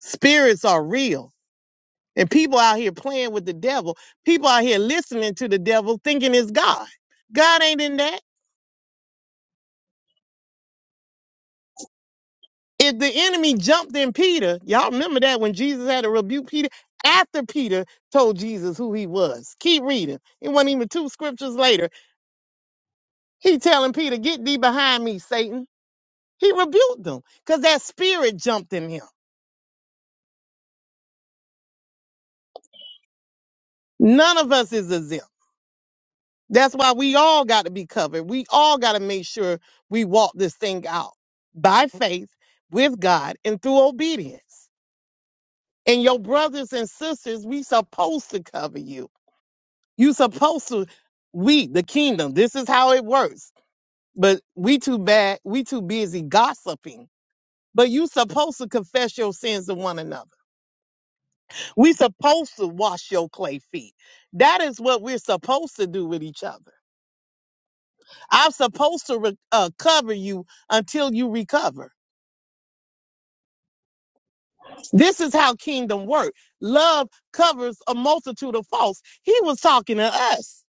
Speaker 2: Spirits are real. And people out here playing with the devil. People out here listening to the devil thinking it's God. God ain't in that. If the enemy jumped in Peter, y'all remember that when Jesus had to rebuke Peter after Peter told Jesus who he was. Keep reading. It wasn't even two scriptures later. He telling Peter, "Get thee behind me, Satan." He rebuked them because that spirit jumped in him. None of us is exempt. That's why we all got to be covered. We all got to make sure we walk this thing out by faith with God and through obedience. And your brothers and sisters, we supposed to cover you. You supposed to we the kingdom. This is how it works. But we too bad. We too busy gossiping. But you supposed to confess your sins to one another. We supposed to wash your clay feet. That is what we're supposed to do with each other. I'm supposed to re- uh, cover you until you recover. This is how kingdom work. Love covers a multitude of faults. He was talking to us,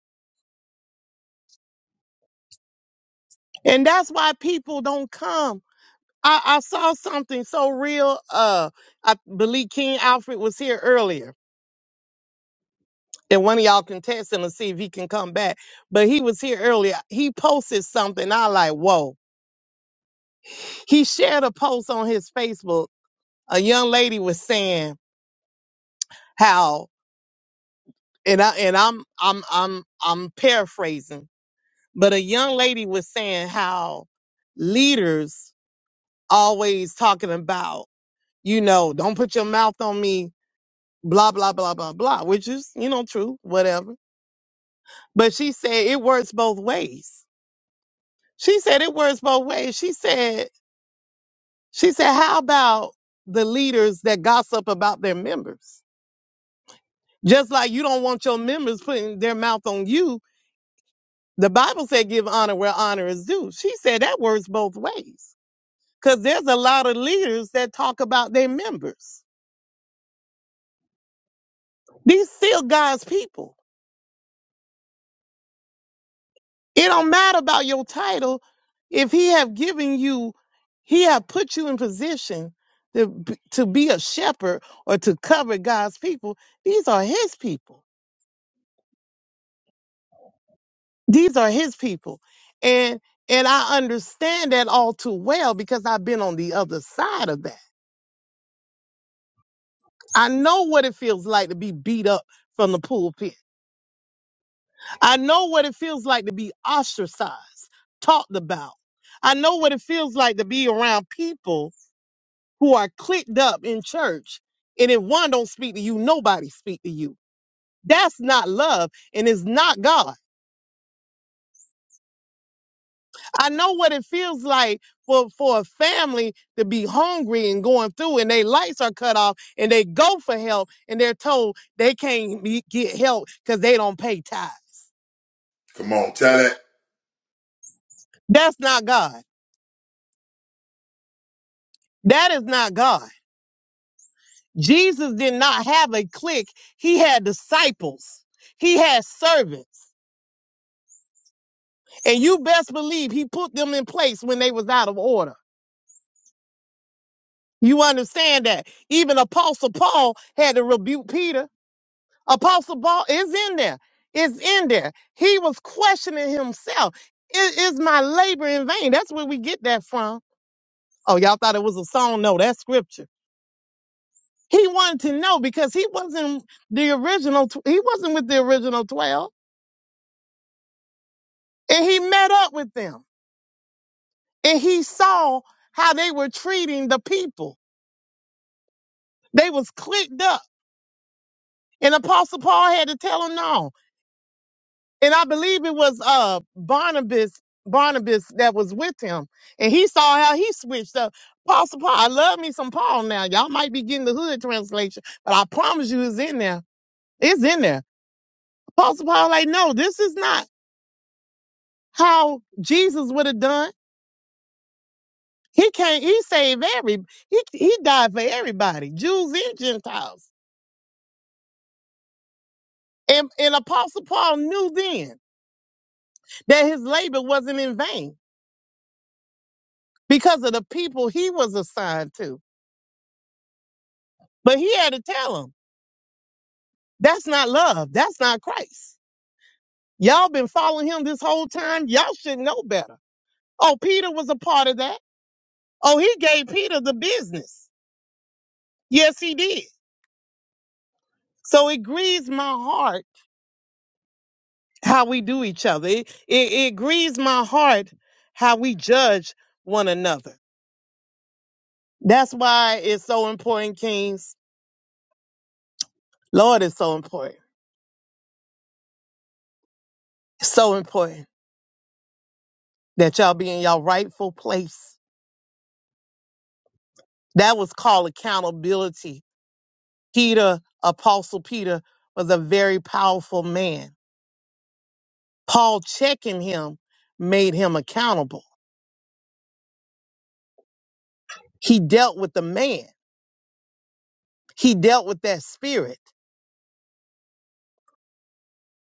Speaker 2: and that's why people don't come I, I saw something so real. Uh, I believe King Alfred was here earlier, and one of y'all can text him and see if he can come back. But he was here earlier. He posted something. I like, whoa. He shared a post on his Facebook. A young lady was saying how, and I and I'm I'm I'm I'm paraphrasing, but a young lady was saying how leaders always talking about, you know, don't put your mouth on me blah blah blah blah blah, which is you know true, whatever. But she said it works both ways. She said it works both ways. She said she said how about the leaders that gossip about their members? Just like you don't want your members putting their mouth on you. The Bible said give honor where honor is due. She said that works both ways. Cause there's a lot of leaders that talk about their members. These still God's people. It don't matter about your title if he have given you, he have put you in position to b- to be a shepherd or to cover God's people. These are his people. These are his people, and and I understand that all too well because I've been on the other side of that. I know what it feels like to be beat up from the pulpit. I know what it feels like to be ostracized, talked about. I know what it feels like to be around people who are clicked up in church. And if one don't speak to you, nobody speak to you. That's not love and it's not God. I know what it feels like for, for a family to be hungry and going through and their lights are cut off and they go for help and they're told they can't be, get help because they don't pay tithes.
Speaker 9: Come on, tell it.
Speaker 2: That's not God. That is not God. Jesus did not have a clique. He had disciples. He had servants. And you best believe he put them in place when they was out of order. You understand that? Even Apostle Paul had to rebuke Peter. Apostle Paul is in there. It's in there. He was questioning himself. "I- Is my labor in vain? That's where we get that from. Oh, y'all thought it was a song? No, that's scripture. He wanted to know because he wasn't the original. tw- He wasn't with the original twelve, and he met up with them, and he saw how they were treating the people. They was clicked up And Apostle Paul had to tell him no. And I believe it was uh Barnabas, Barnabas that was with him. And he saw how he switched up. Apostle Paul, I love me some Paul now. Y'all might be getting the hood translation, but I promise you it's in there. It's in there. Apostle Paul, like, no, this is not how Jesus would have done. He can't, he saved every, he, he died for everybody, Jews and Gentiles. And, and Apostle Paul knew then that his labor wasn't in vain. because of the people he was assigned to. But he had to tell them that's not love. That's not Christ. Y'all been following him this whole time. Y'all should know better. Oh, Peter was a part of that. Oh, he gave Peter the business. Yes, he did. So it grieves my heart how we do each other. It, it, it grieves my heart how we judge one another. That's why it's so important, Kings. Lord, it's so important. It's So important that y'all be in y'all rightful place That was called accountability. Peter, Apostle Peter, was a very powerful man. Paul checking him made him accountable. He dealt with the man, he dealt with that spirit,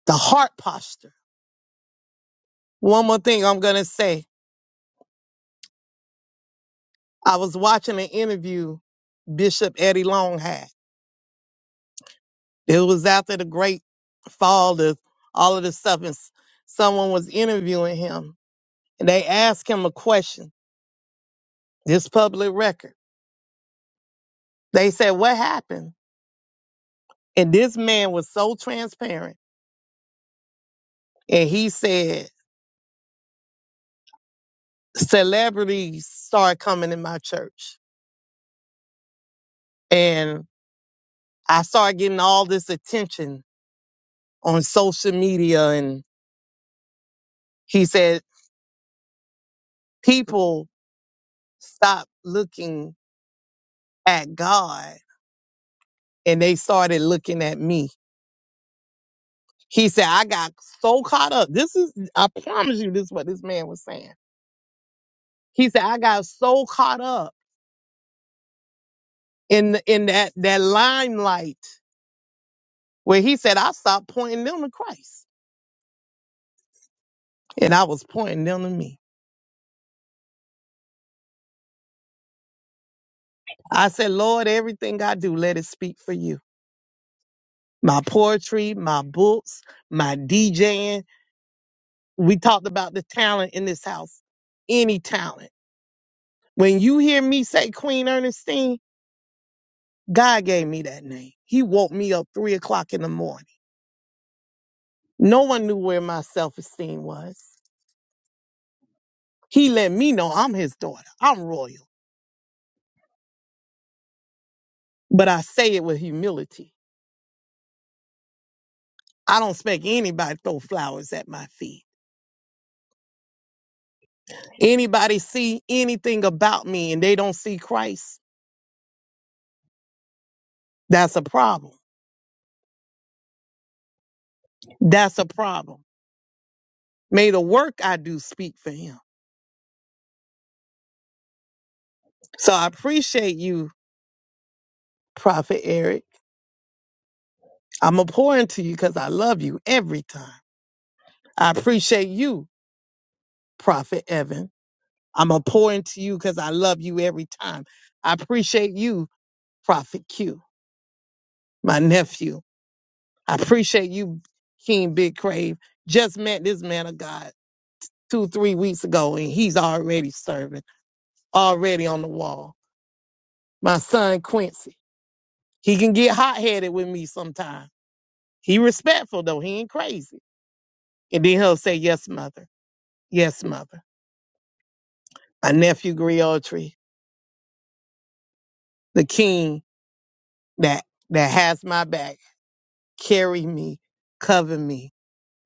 Speaker 2: the heart posture. One more thing I'm going to say I was watching an interview Bishop Eddie Long had. It was after the great fall, the, all of this stuff, and s- someone was interviewing him. And they asked him a question, this public record. They said, What happened? And this man was so transparent. And he said, celebrities started coming in my church. And I started getting all this attention on social media. And he said, people stopped looking at God and they started looking at me. He said, I got so caught up. This is, I promise you, this is what this man was saying. He said, I got so caught up in, in that, that limelight where he said, I stopped pointing them to Christ. And I was pointing them to me. I said, Lord, everything I do, let it speak for you. My poetry, my books, my DJing. We talked about the talent in this house, any talent. When you hear me say Queen Ernestine, God gave me that name. He woke me up three o'clock in the morning. No one knew where my self esteem was. He let me know I'm his daughter. I'm royal. But I say it with humility. I don't expect anybody to throw flowers at my feet. Anybody see anything about me and they don't see Christ, that's a problem. That's a problem. May the work I do speak for him. So I appreciate you, Prophet Eric. I'm going to pour into you because I love you every time. I appreciate you, Prophet Evan. I'm going to pour into you because I love you every time. I appreciate you, Prophet Q, my nephew. I appreciate you, King Big Crave. Just met this man of God two, three weeks ago, and he's already serving. already on the wall. My son Quincy. He can get hot headed with me sometimes. He respectful though. He ain't crazy. And then he'll say, Yes, mother. Yes, mother. My nephew Griotri, the king that that has my back, carry me, cover me.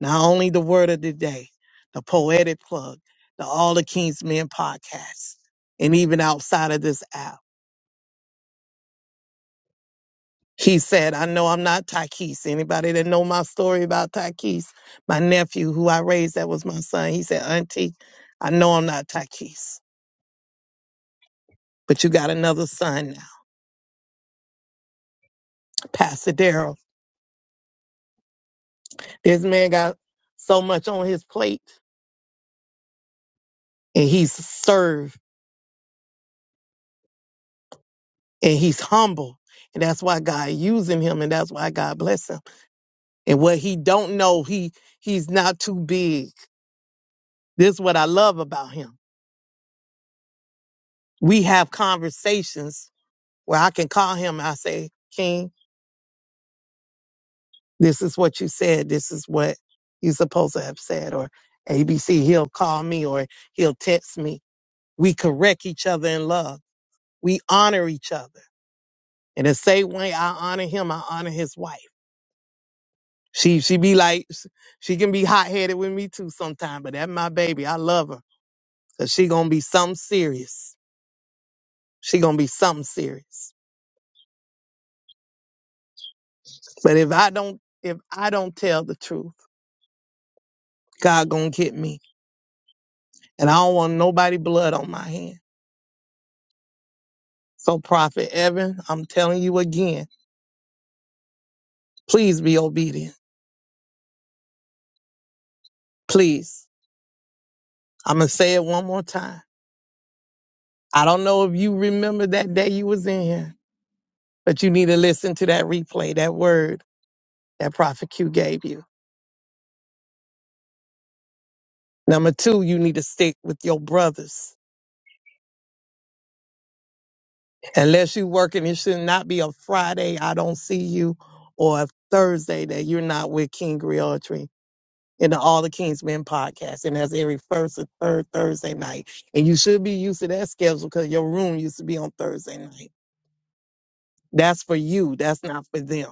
Speaker 2: Not only the word of the day, the poetic plug, the All the King's Men podcast, and even outside of this app. He said, I know I'm not Takis. Anybody that know my story about Takis, my nephew who I raised, that was my son. He said, Auntie, I know I'm not Takis, but you got another son now, Pastor Darrell. This man got so much on his plate and he's served and he's humble. And that's why God using him and that's why God bless him. And what he don't know, he he's not too big. This is what I love about him. We have conversations where I can call him. I say, King, This is what you said. This is what you supposed to have said. Or ABC, he'll call me or he'll text me. We correct each other in love. We honor each other. In the same way I honor him, I honor his wife. She she be like she can be hot headed with me too sometime, but that's my baby. I love her. Cause she gonna be something serious. She gonna be something serious. But if I don't if I don't tell the truth, God gonna get me. And I don't want nobody blood on my hands. So, Prophet Evan, I'm telling you again, please be obedient. Please. I'm going to say it one more time. I don't know if you remember that day you was in here, but you need to listen to that replay, that word that Prophet Q gave you. Number two, you need to stick with your brothers. Unless you working, it should not be a Friday, I don't see you, or a Thursday that you're not with King Griotry. in the All the Kings Men podcast, and that's every first and third Thursday night. And you should be used to that schedule because your room used to be on Thursday night. That's for you. That's not for them.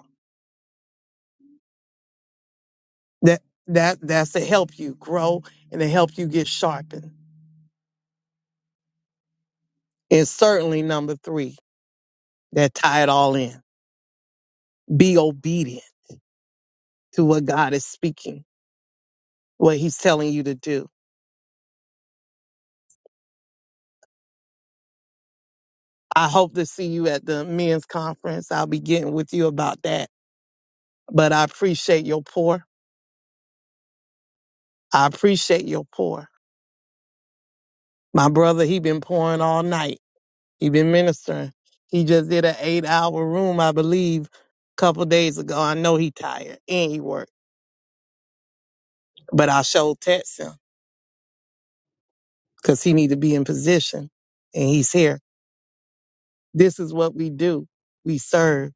Speaker 2: That that that's to help you grow and to help you get sharpened. And certainly number three, that tie it all in. Be obedient to what God is speaking, what He's telling you to do. I hope to see you at the men's conference. I'll be getting with you about that. But I appreciate your pour. I appreciate your pour. My brother, he been pouring all night. He been ministering. He just did an eight hour room, I believe, a couple days ago. I know he tired and he worked, but I showed text him because he need to be in position and he's here. This is what we do. We serve.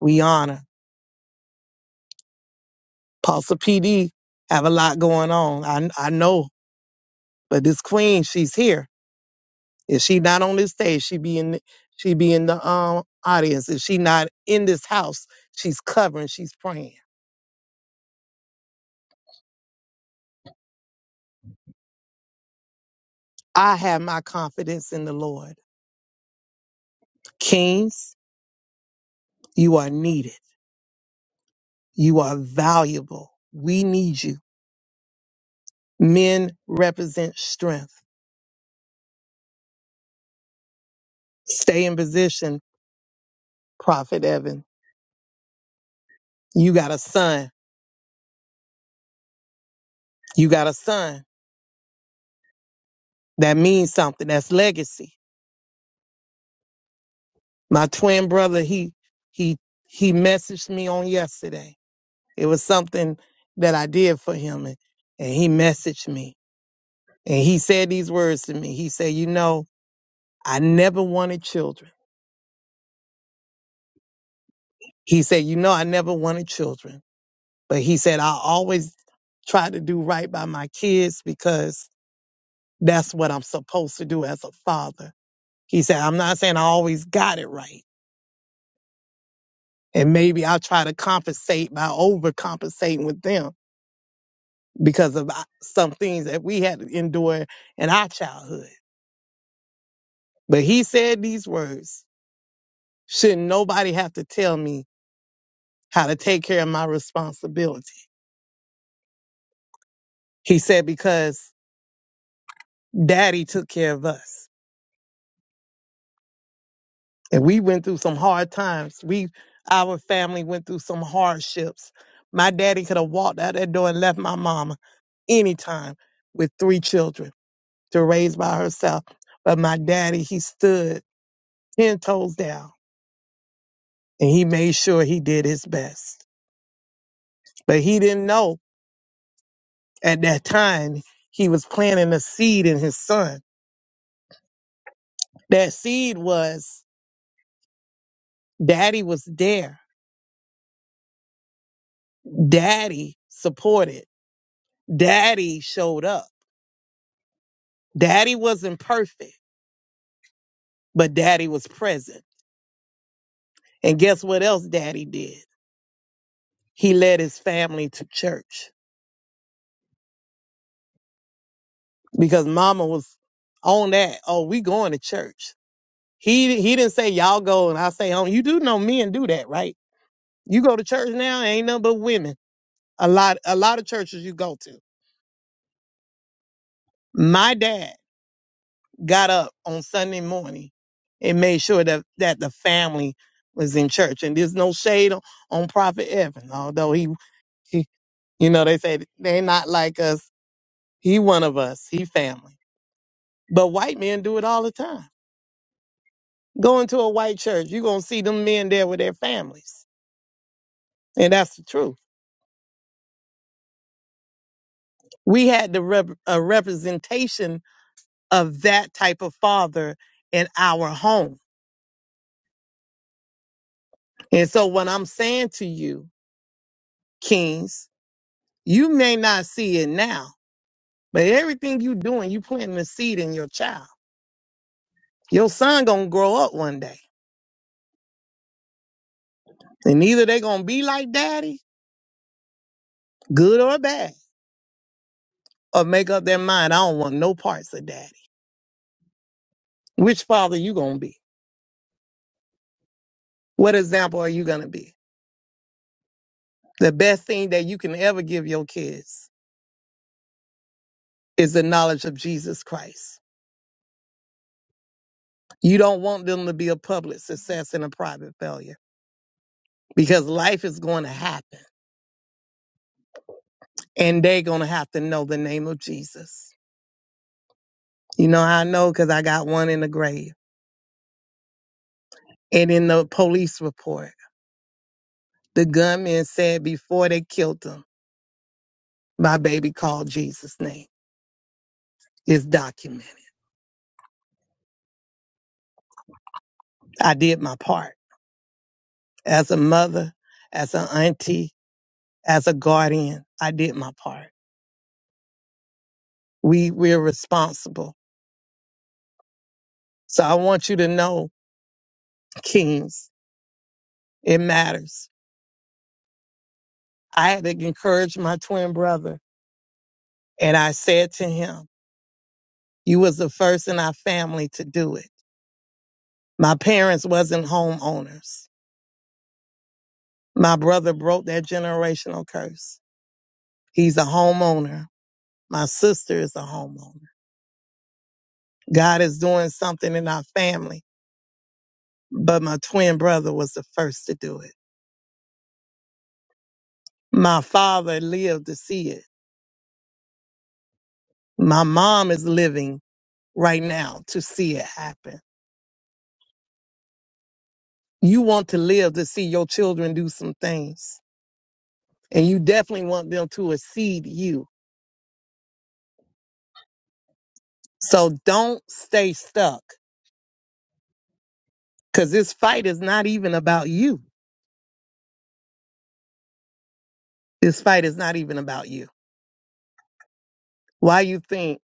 Speaker 2: We honor. Apostle PD have a lot going on. I I know, but this queen, she's here. If she not on this stage, she be in the, she be in the um audience. If she not in this house, she's covering. She's praying. I have my confidence in the Lord. Kings, you are needed. You are valuable. We need you. Men represent strength. Stay in position, Prophet Evan. You got a son. You got a son. That means something. That's legacy. My twin brother, he he he messaged me on yesterday. It was something that I did for him and, and he messaged me. And he said these words to me. He said, "You know, I never wanted children." He said, You know, I never wanted children, but he said, I always try to do right by my kids because that's what I'm supposed to do as a father. He said, I'm not saying I always got it right. And maybe I'll try to compensate by overcompensating with them because of uh, some things that we had to endure in our childhood. But he said these words Shouldn't nobody have to tell me how to take care of my responsibility? He said, Because daddy took care of us. and we went through some hard times. We, our family, went through some hardships. My daddy could have walked out that door and left my mama anytime with three children to raise by herself. But my daddy, he stood ten toes down and he made sure he did his best. But he didn't know at that time he was planting a seed in his son. That seed was daddy was there. Daddy supported. Daddy showed up Daddy wasn't perfect, but daddy was present. And guess what else daddy did? He led his family to church because mama was on that. Oh, we going to church. He he didn't say y'all go and I say home. You do know men do that, right? You go to church now, ain't nothing but women. A lot a lot of churches you go to. My dad got up on Sunday morning and made sure that that the family was in church. And there's no shade on, on Prophet Evan, although he he You know, they say they not like us. He one of us. He family. But white men do it all the time. Go into a white church, you're going to see them men there with their families. And that's the truth. We had the rep- a representation of that type of father in our home. And so what I'm saying to you, kings, you may not see it now, but everything you doing, you planting a seed in your child. Your son going to grow up one day. And either they going to be like daddy, good or bad or make up their mind, I don't want no parts of daddy. Which father you gonna be? What example are you gonna be? The best thing that you can ever give your kids is the knowledge of Jesus Christ. You don't want them to be a public success and a private failure because life is going to happen and they're going to have to know the name of Jesus. You know how I know? Because I got one in the grave. And in the police report, the gunman said before they killed him, my baby called Jesus' name. It's documented. I did my part. as a mother, as an auntie, as a guardian, I did my part. We we're responsible. So I want you to know, Kings, it matters. I had to encourage my twin brother and I said to him, you was the first in our family to do it. My parents wasn't homeowners. My brother broke that generational curse. He's a homeowner. My sister is a homeowner. God is doing something in our family, but my twin brother was the first to do it. My father lived to see it. My mom is living right now to see it happen. You want to live to see your children do some things, and you definitely want them to exceed you. So don't stay stuck because this fight is not even about you. This fight is not even about you. Why you think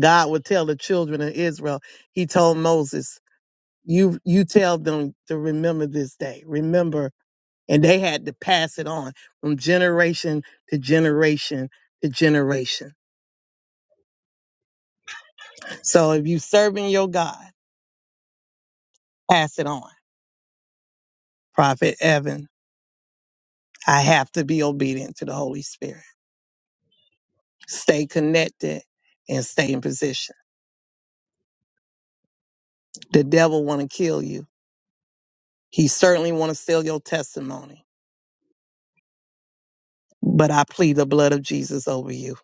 Speaker 2: God would tell the children of Israel? He told Moses, "You you tell them to remember this day. Remember and they had to pass it on from generation to generation to generation. So if you serving your God, pass it on. Prophet Evan, I have to be obedient to the Holy Spirit. Stay connected and stay in position. The devil want to kill you. He certainly want to steal your testimony. But I plead the blood of Jesus over you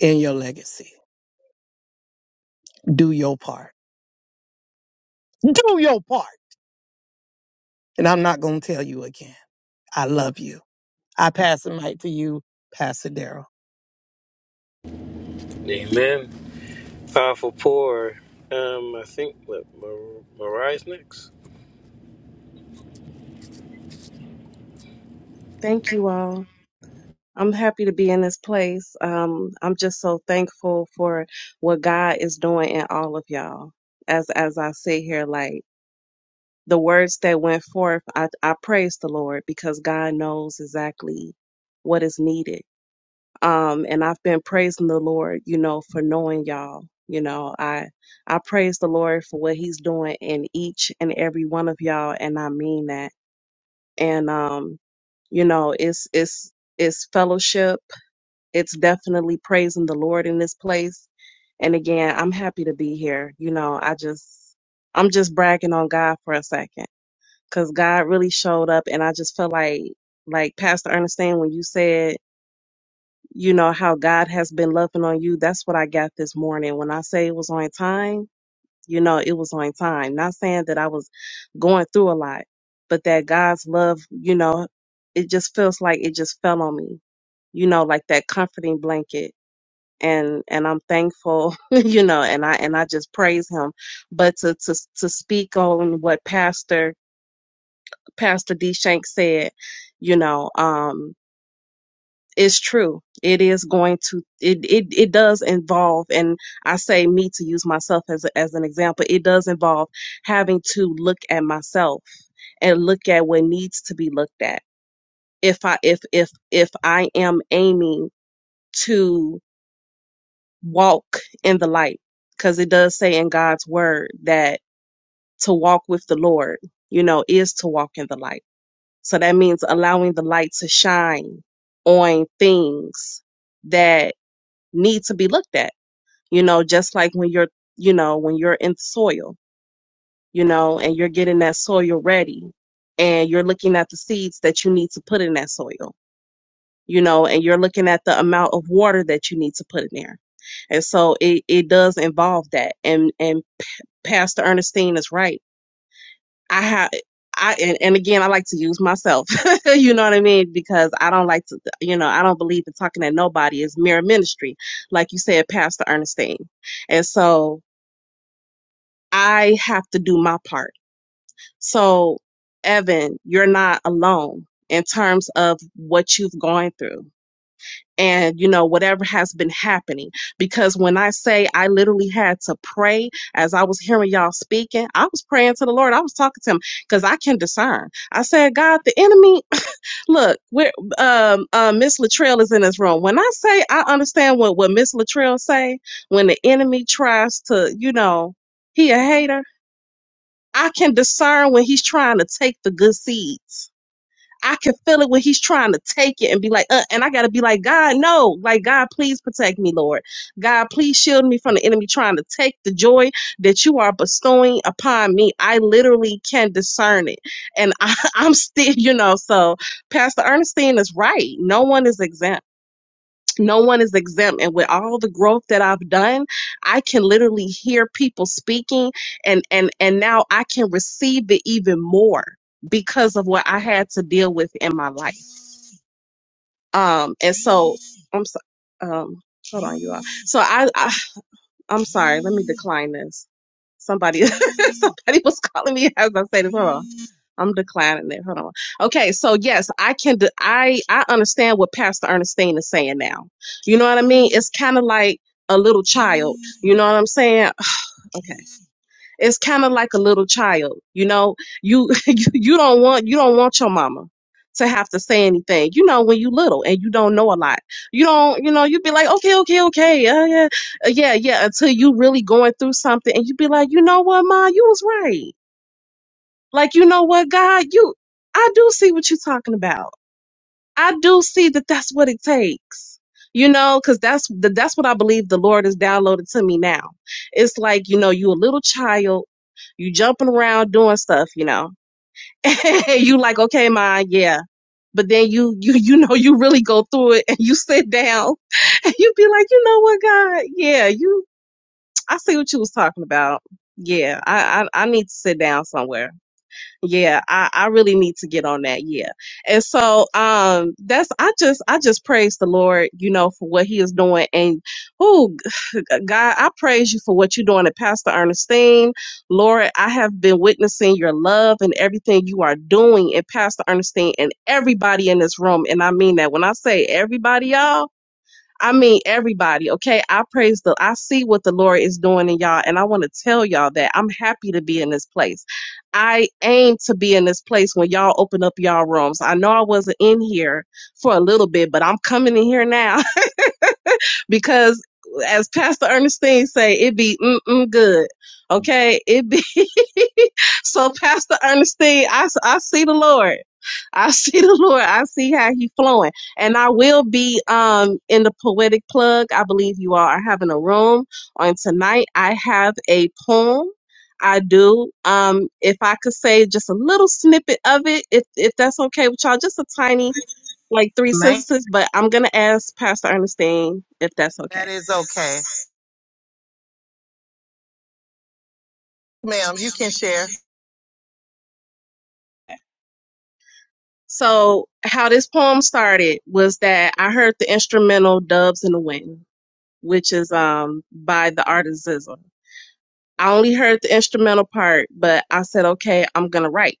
Speaker 2: and your legacy. Do your part. Do your part. And I'm not going to tell you again. I love you. I pass the mic to you, Pastor Daryl.
Speaker 3: Amen. Powerful pour. Um, I think what, Mar- Mariah's next.
Speaker 11: Thank you all. I'm happy to be in this place. Um, I'm just so thankful for what God is doing in all of y'all. As as I sit here, like the words that went forth, I, I praise the Lord because God knows exactly what is needed. Um, and I've been praising the Lord, you know, for knowing y'all. You know, I I praise the Lord for what He's doing in each and every one of y'all, and I mean that. And um, you know, it's it's it's fellowship it's definitely praising the Lord in this place. And again, I'm happy to be here. You know, I just, I'm just bragging on God for a second because God really showed up. And I just feel like, like Pastor Ernestine, when you said, you know, how God has been loving on you, that's what I got this morning. When I say it was on time, you know, it was on time. Not saying that I was going through a lot, but that God's love, you know, it just feels like it just fell on me, you know, like that comforting blanket and and I'm thankful, you know, and I and I just praise him. But to to to speak on what Pastor Pastor D Shank said, you know, um, is true. It is going to it it it does involve, and I say me to use myself as a, as an example. It does involve having to look at myself and look at what needs to be looked at. If I if if if I am aiming to walk in the light because it does say in God's word that to walk with the Lord, you know, is to walk in the light. So that means allowing the light to shine on things that need to be looked at. You know, just like when you're, you know, when you're in soil, you know, and you're getting that soil ready and you're looking at the seeds that you need to put in that soil, you know, and you're looking at the amount of water that you need to put in there And so it, it does involve that. And and P- Pastor Ernestine is right. I have I and, and again I like to use myself. you know what I mean? Because I don't like to you know, I don't believe in talking at nobody. It's mere ministry, like you said, Pastor Ernestine. And so I have to do my part. So Evan, you're not alone in terms of what you've gone through and you know whatever has been happening because when i say i literally had to pray as i was hearing y'all speaking i was praying to the lord i was talking to him because i can discern i said god the enemy look where um uh, miss latrell is in this room when i say i understand what what miss latrell say when the enemy tries to you know he a hater i can discern when he's trying to take the good seeds I can feel it when he's trying to take it and be like, uh, and I gotta be like, God, no, like God, please protect me, Lord. God, please shield me from the enemy trying to take the joy that you are bestowing upon me. I literally can discern it, and I, I'm still, you know. So Pastor Ernestine is right. No one is exempt no one is exempt and with all the growth that i've done i can literally hear people speaking and and and now i can receive it even more because of what i had to deal with in my life um and so i'm so, um hold on you all so I, I i'm sorry let me decline this Somebody, somebody was calling me as I say this. Hold on. I'm declining it. Hold on. Okay, so yes, I can. d- I I understand what Pastor Ernestine is saying now. You know what I mean? It's kind of like a little child. You know what I'm saying? Okay it's kind of like a little child you know you you you don't want you don't want your mama to have to say anything you know when you little and you don't know a lot you don't you know you be like okay okay okay uh, yeah uh, yeah yeah until you really going through something and you be like you know what ma you was right like you know what god you i do see what you're talking about I do see that that's what it takes. You know, because that's the, that's what I believe the Lord has downloaded to me now. It's like you know, you a little child, you jumping around doing stuff, you know, and you like, okay, ma, yeah. But then you you you know you really go through it and you sit down and you be like, you know what, God, yeah, you, I see what you was talking about. Yeah, I I, I need to sit down somewhere yeah, I, I really need to get on that. Yeah. And so um that's I just I just praise the Lord, you know, for what he is doing. And oh g- g- God, I praise you for what you're doing at Pastor Ernestine. Lord, I have been witnessing your love and everything you are doing in Pastor Ernestine and everybody in this room. And I mean that when I say everybody, y'all. I mean, everybody, okay? I praise the, I see what the Lord is doing in y'all, and I want to tell y'all that I'm happy to be in this place. I aim to be in this place when y'all open up y'all rooms. I know I wasn't in here for a little bit, but I'm coming in here now because, as Pastor Ernestine say, it be mm-mm good, okay? It be. So, Pastor Ernestine, I I see the Lord. I see the Lord. I see how He's flowing. And I will be um in the poetic plug. I believe you all are having a room on tonight. I have a poem. I do. Um, if I could say just a little snippet of it, if if that's okay with y'all, just a tiny like three
Speaker 12: Ma'am,
Speaker 11: sentences, but I'm gonna ask Pastor Ernestine if that's okay.
Speaker 12: that is okay. Ma'am, you can share.
Speaker 11: So how this poem started was that I heard the instrumental Doves in the Wind which is um by the artisism. I only heard the instrumental part, but I said, okay, I'm gonna write.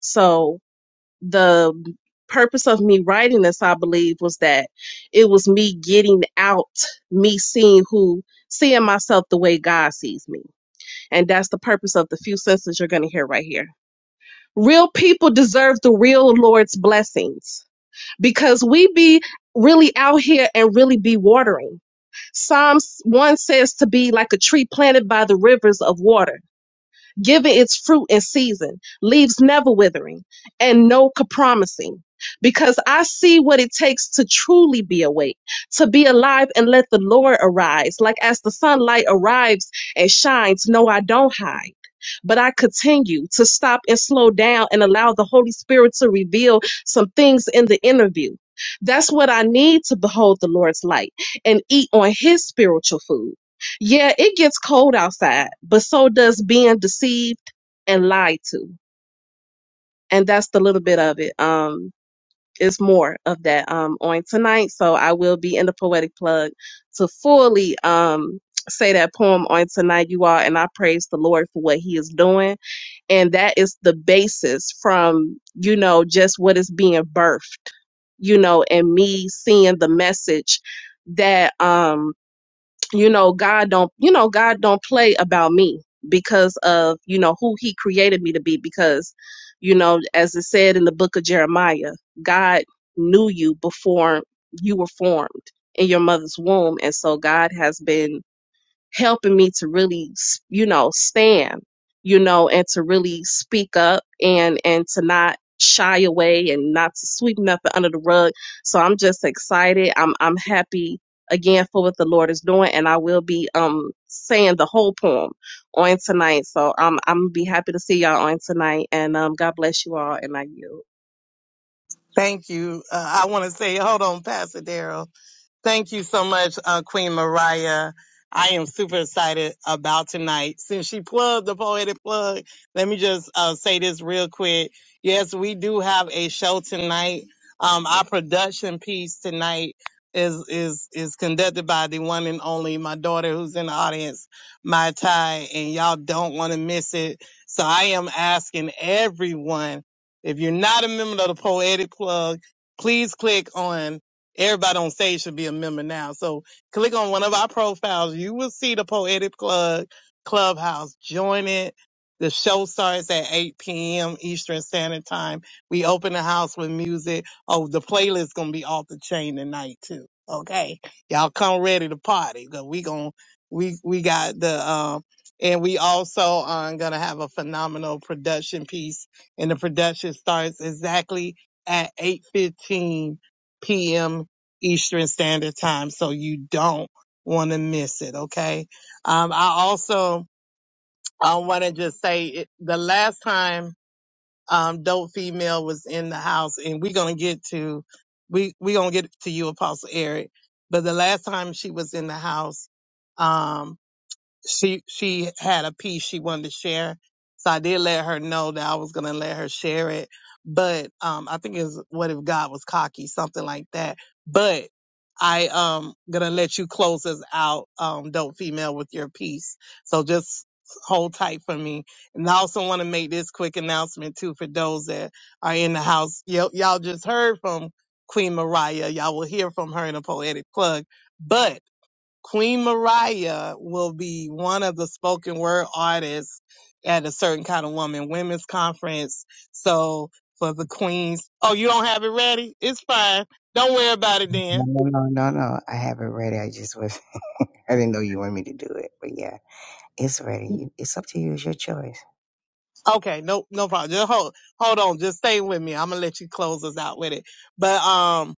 Speaker 11: So the purpose of me writing this, I believe, was that it was me getting out, me seeing who, seeing myself the way God sees me, and that's the purpose of the few sentences you're gonna hear right here. Real people deserve the real Lord's blessings because we be really out here and really be watering. Psalms 1 says to be like a tree planted by the rivers of water. Give it its fruit and season, leaves never withering, and no compromising. Because I see what it takes to truly be awake, to be alive and let the Lord arise. Like as the sunlight arrives and shines, no, I don't hide. But I continue to stop and slow down and allow the Holy Spirit to reveal some things in the interview. That's what I need to behold the Lord's light and eat on His spiritual food. Yeah, it gets cold outside, but so does being deceived and lied to. And that's the little bit of it. Um, it's more of that um on tonight. So I will be in the poetic plug to fully um say that poem on tonight, you all, and I praise the Lord for what he is doing. And that is the basis from, you know, just what is being birthed, you know, and me seeing the message that um you know god don't you know god don't play about me because of you know who he created me to be because you know as it said in the book of jeremiah god knew you before you were formed in your mother's womb and so god has been helping me to really, you know, stand, you know, and to really speak up and and to not shy away and not to sweep nothing under the rug. So I'm just excited. I'm I'm happy again for what the Lord is doing, and I will be um saying the whole poem on tonight. So um, I'm gonna be happy to see y'all on tonight, and um, God bless you all, and I yield.
Speaker 12: Thank you. Uh, I want to say, hold on, Pastor Daryl. Thank you so much, uh, Queen Mariah. I am super excited about tonight. Since she plugged the poetic plug, let me just uh, say this real quick. Yes, we do have a show tonight. Um, our production piece tonight is is is conducted by the one and only my daughter who's in the audience, my Ty, and y'all don't want to miss it. So I am asking everyone, if you're not a member of the poetic plug, please click on Everybody on stage should be a member now. So click on one of our profiles. You will see the Poetic Plug Clubhouse. Join it. The show starts at 8 p.m. Eastern Standard Time. We open the house with music. Oh, the playlist gonna be off the chain tonight too. Okay, y'all come ready to party because we gon' we we got the um and we also are gonna have a phenomenal production piece. And the production starts exactly at 8:15 p.m. Eastern Standard Time, so you don't want to miss it. Okay. Um, I also I want to just say it, the last time um, dope female was in the house, and we're gonna get to we we gonna get to you, Apostle Eric. But the last time she was in the house, um, she she had a piece she wanted to share. So I did let her know that I was gonna let her share it. But um I think it's what if God was cocky, something like that. But I um gonna let you close us out, um, dope female with your piece. So just hold tight for me. And I also wanna make this quick announcement too for those that are in the house. Y'all y'all just heard from Queen Mariah. Y'all will hear from her in a poetic plug. But Queen Mariah will be one of the spoken word artists at a certain kind of woman women's conference. So for the queens, oh, you don't have it ready? It's fine. Don't worry about it
Speaker 13: No,
Speaker 12: then.
Speaker 13: no, no, no, no. I have it ready. I just was. I didn't know you wanted me to do it, but yeah, it's ready. You- It's up to you. It's your choice.
Speaker 12: Okay, no, no problem. Just hold, hold on. Just stay with me. I'm gonna let you close us out with it. But um,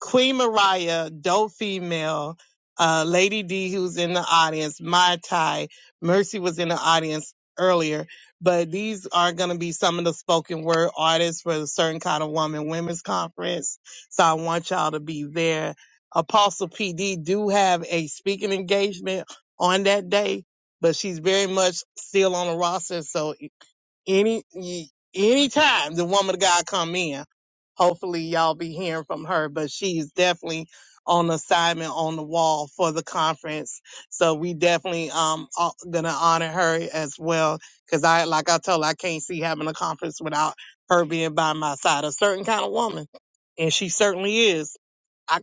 Speaker 12: Queen Mariah, Dope Female, uh, Lady D, who's in the audience, Mai Tai, Mercy was in the audience earlier. But these are going to be some of the spoken word artists for the Certain Kind of Woman Women's Conference. So I want y'all to be there. Apostle PD do have a speaking engagement on that day, but she's very much still on the roster. So any, any time the woman of God come in, hopefully y'all be hearing from her, but she's definitely on assignment on the wall for the conference. So we definitely um are gonna honor her as well. Cause I like I told her, I can't see having a conference without her being by my side, a certain kind of woman. And she certainly is. I,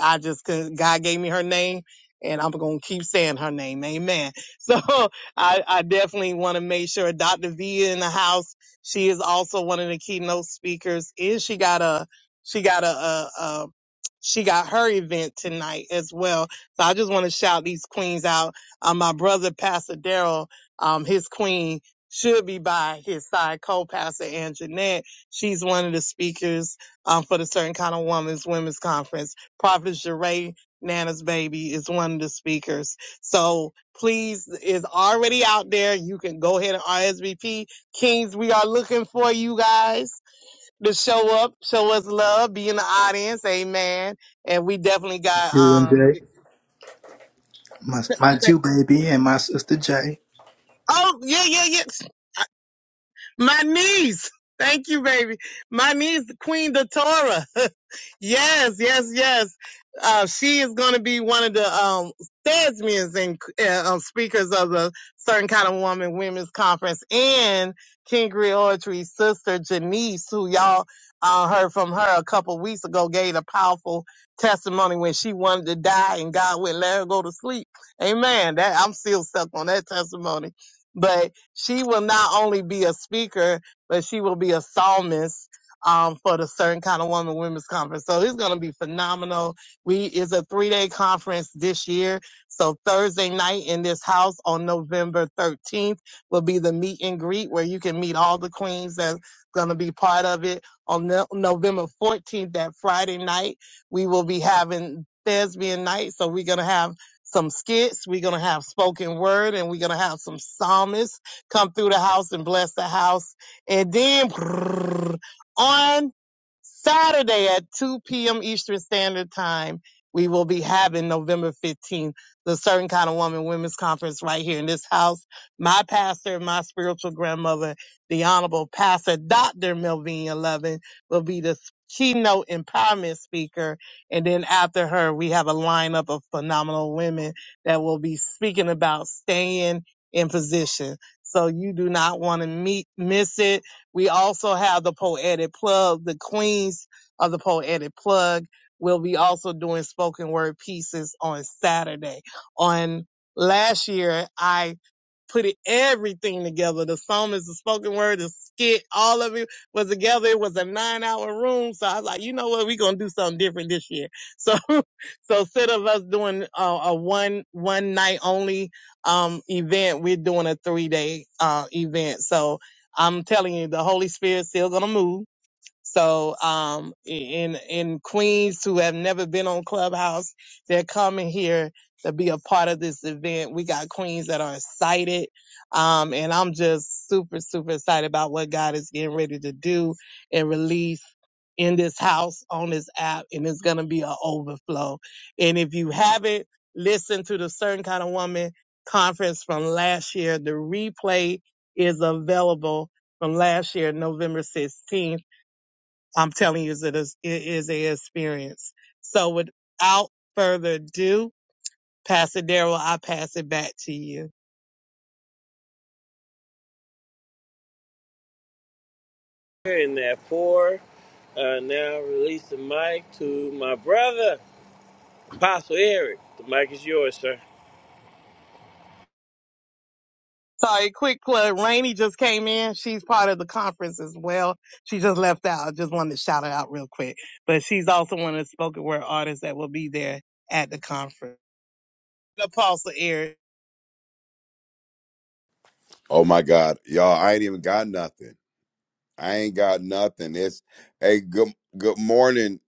Speaker 12: I just could, God gave me her name and I'm going to keep saying her name. Amen. So I, I definitely want to make sure Dr. V in the house. She is also one of the keynote speakers and she got a, she got a she got her event tonight as well. So I just want to shout these queens out. Um, my brother, Pastor Daryl, um, his queen should be by his side, co-pastor Ann Jeanette. She's one of the speakers, um, for the Certain Kind of Woman's Women's Conference. Prophet Jeray, Nana's baby is one of the speakers. So please is already out there. You can go ahead and RSVP. Kings, we are looking for you guys to show up, show us love, be in the audience, amen. And we definitely got
Speaker 4: You and
Speaker 12: um
Speaker 4: Jay, my, my Jew baby and my sister Jay.
Speaker 12: oh yeah, yeah, yeah. My niece. Thank you, baby. My niece, Queen Datora. yes, yes, yes. Uh, she is going to be one of the um, stadsmans and uh, um, speakers of the Certain Kind of Woman Women's Conference and King Oratory's sister, Janice, who y'all uh, heard from her a couple weeks ago, gave a powerful testimony when she wanted to die and God would let her go to sleep. Amen. That I'm still stuck on that testimony. But she will not only be a speaker, but she will be a psalmist um, for the certain kind of woman women's conference. So it's going to be phenomenal. We is a three day conference this year. So Thursday night in this house on November 13th will be the meet and greet where you can meet all the queens that's going to be part of it. On no- November 14th, that Friday night, we will be having thespian night. So we're going to have some skits. We're going to have spoken word and we're going to have some psalmists come through the house and bless the house. And then on Saturday at 2 p.m. Eastern Standard Time, we will be having November 15th, the Certain Kind of Woman Women's Conference right here in this house. My pastor, my spiritual grandmother, the Honorable Pastor Dr. Melvina Lovin will be the keynote empowerment speaker. And then after her, we have a lineup of phenomenal women that will be speaking about staying in position. So you do not want to meet, miss it. We also have the poetic plug, the queens of the poetic plug. will be also doing spoken word pieces on Saturday. On last year, I put it, everything together. The song is the spoken word, the skit, all of it was together. It was a nine hour room. So I was like, you know what? We're going to do something different this year. So, so instead of us doing a, a one, one night only, um, event, we're doing a three day, uh, event. So, I'm telling you, the Holy Spirit's still gonna move. So, um, in, in Queens who have never been on Clubhouse, they're coming here to be a part of this event. We got Queens that are excited. Um, and I'm just super, super excited about what God is getting ready to do and release in this house on this app. And it's going to be an overflow. And if you haven't listened to the certain kind of woman conference from last year, the replay is available from last year, November 16th I'm telling you, it is, it is a experience. So without further ado, Pastor Daryl, I pass it back to you.
Speaker 3: In that pour. Uh, now release the mic to my brother, Apostle Eric. The mic is yours, sir.
Speaker 12: Sorry, quick plug. Rainey just came in. She's part of the conference as well. She just left out. I just wanted to shout her out real quick. But she's also one of the spoken word artists that will be there at the conference. Apostle Eric.
Speaker 14: Oh my God, y'all! I ain't even got nothing. I ain't got nothing. It's hey, good good morning,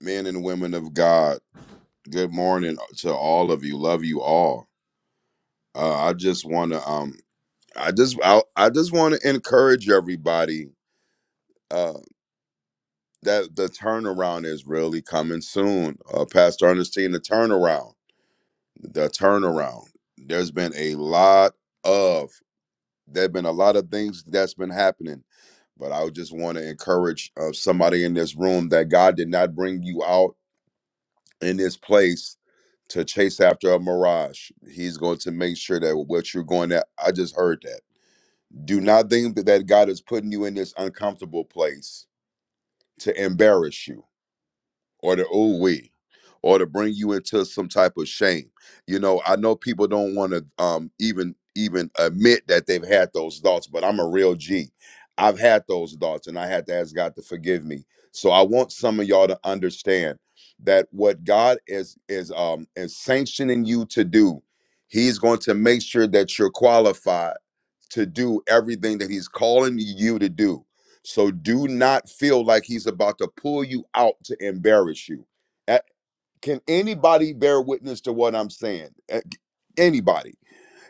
Speaker 14: men and women of God. Good morning to all of you. Love you all. Uh, I just want to um, I just I, I just want to encourage everybody uh, that the turnaround is really coming soon. Uh, Pastor Ernestine, the turnaround, the turnaround. There's been a lot of There've been a lot of things that's been happening, but I would just want to encourage uh, somebody in this room that God did not bring you out in this place to chase after a mirage. He's going to make sure that what you're going at. I just heard that. Do not think that God is putting you in this uncomfortable place to embarrass you or the old way or to bring you into some type of shame you know i know people don't want to um even even admit that they've had those thoughts but i'm a real g i've had those thoughts and i had to ask god to forgive me so i want some of y'all to understand that what god is is um is sanctioning you to do he's going to make sure that you're qualified to do everything that he's calling you to do so do not feel like he's about to pull you out to embarrass you. Uh, Can anybody bear witness to what I'm saying? Uh, Anybody.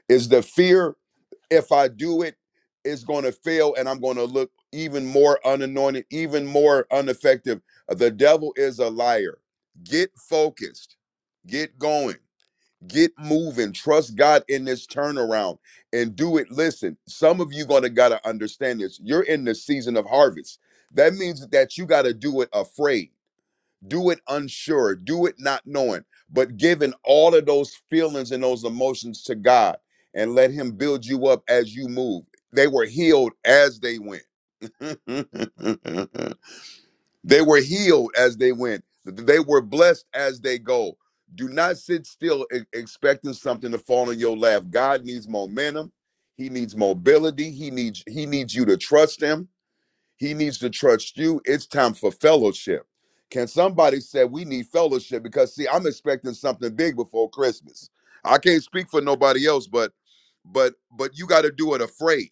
Speaker 14: Is the fear if I do it, it's going to fail and I'm going to look even more unanointed, even more ineffective? The devil is a liar. Get focused, get going. Get moving. Trust God in this turnaround and do it. Listen, some of you gonna gotta understand this. You're in the season of harvest. That means that you gotta do it afraid, do it unsure, do it not knowing, but giving all of those feelings and those emotions to God and let Him build you up as you move. They were healed as they went. They were healed as they went. They were blessed as they go. Do not sit still e- expecting something to fall in your lap. God needs momentum. He needs mobility. He needs he needs you to trust him. He needs to trust you. It's time for fellowship. Can somebody say we need fellowship? Because see, I'm expecting something big before Christmas. I can't speak for nobody else, but but but you got to do it afraid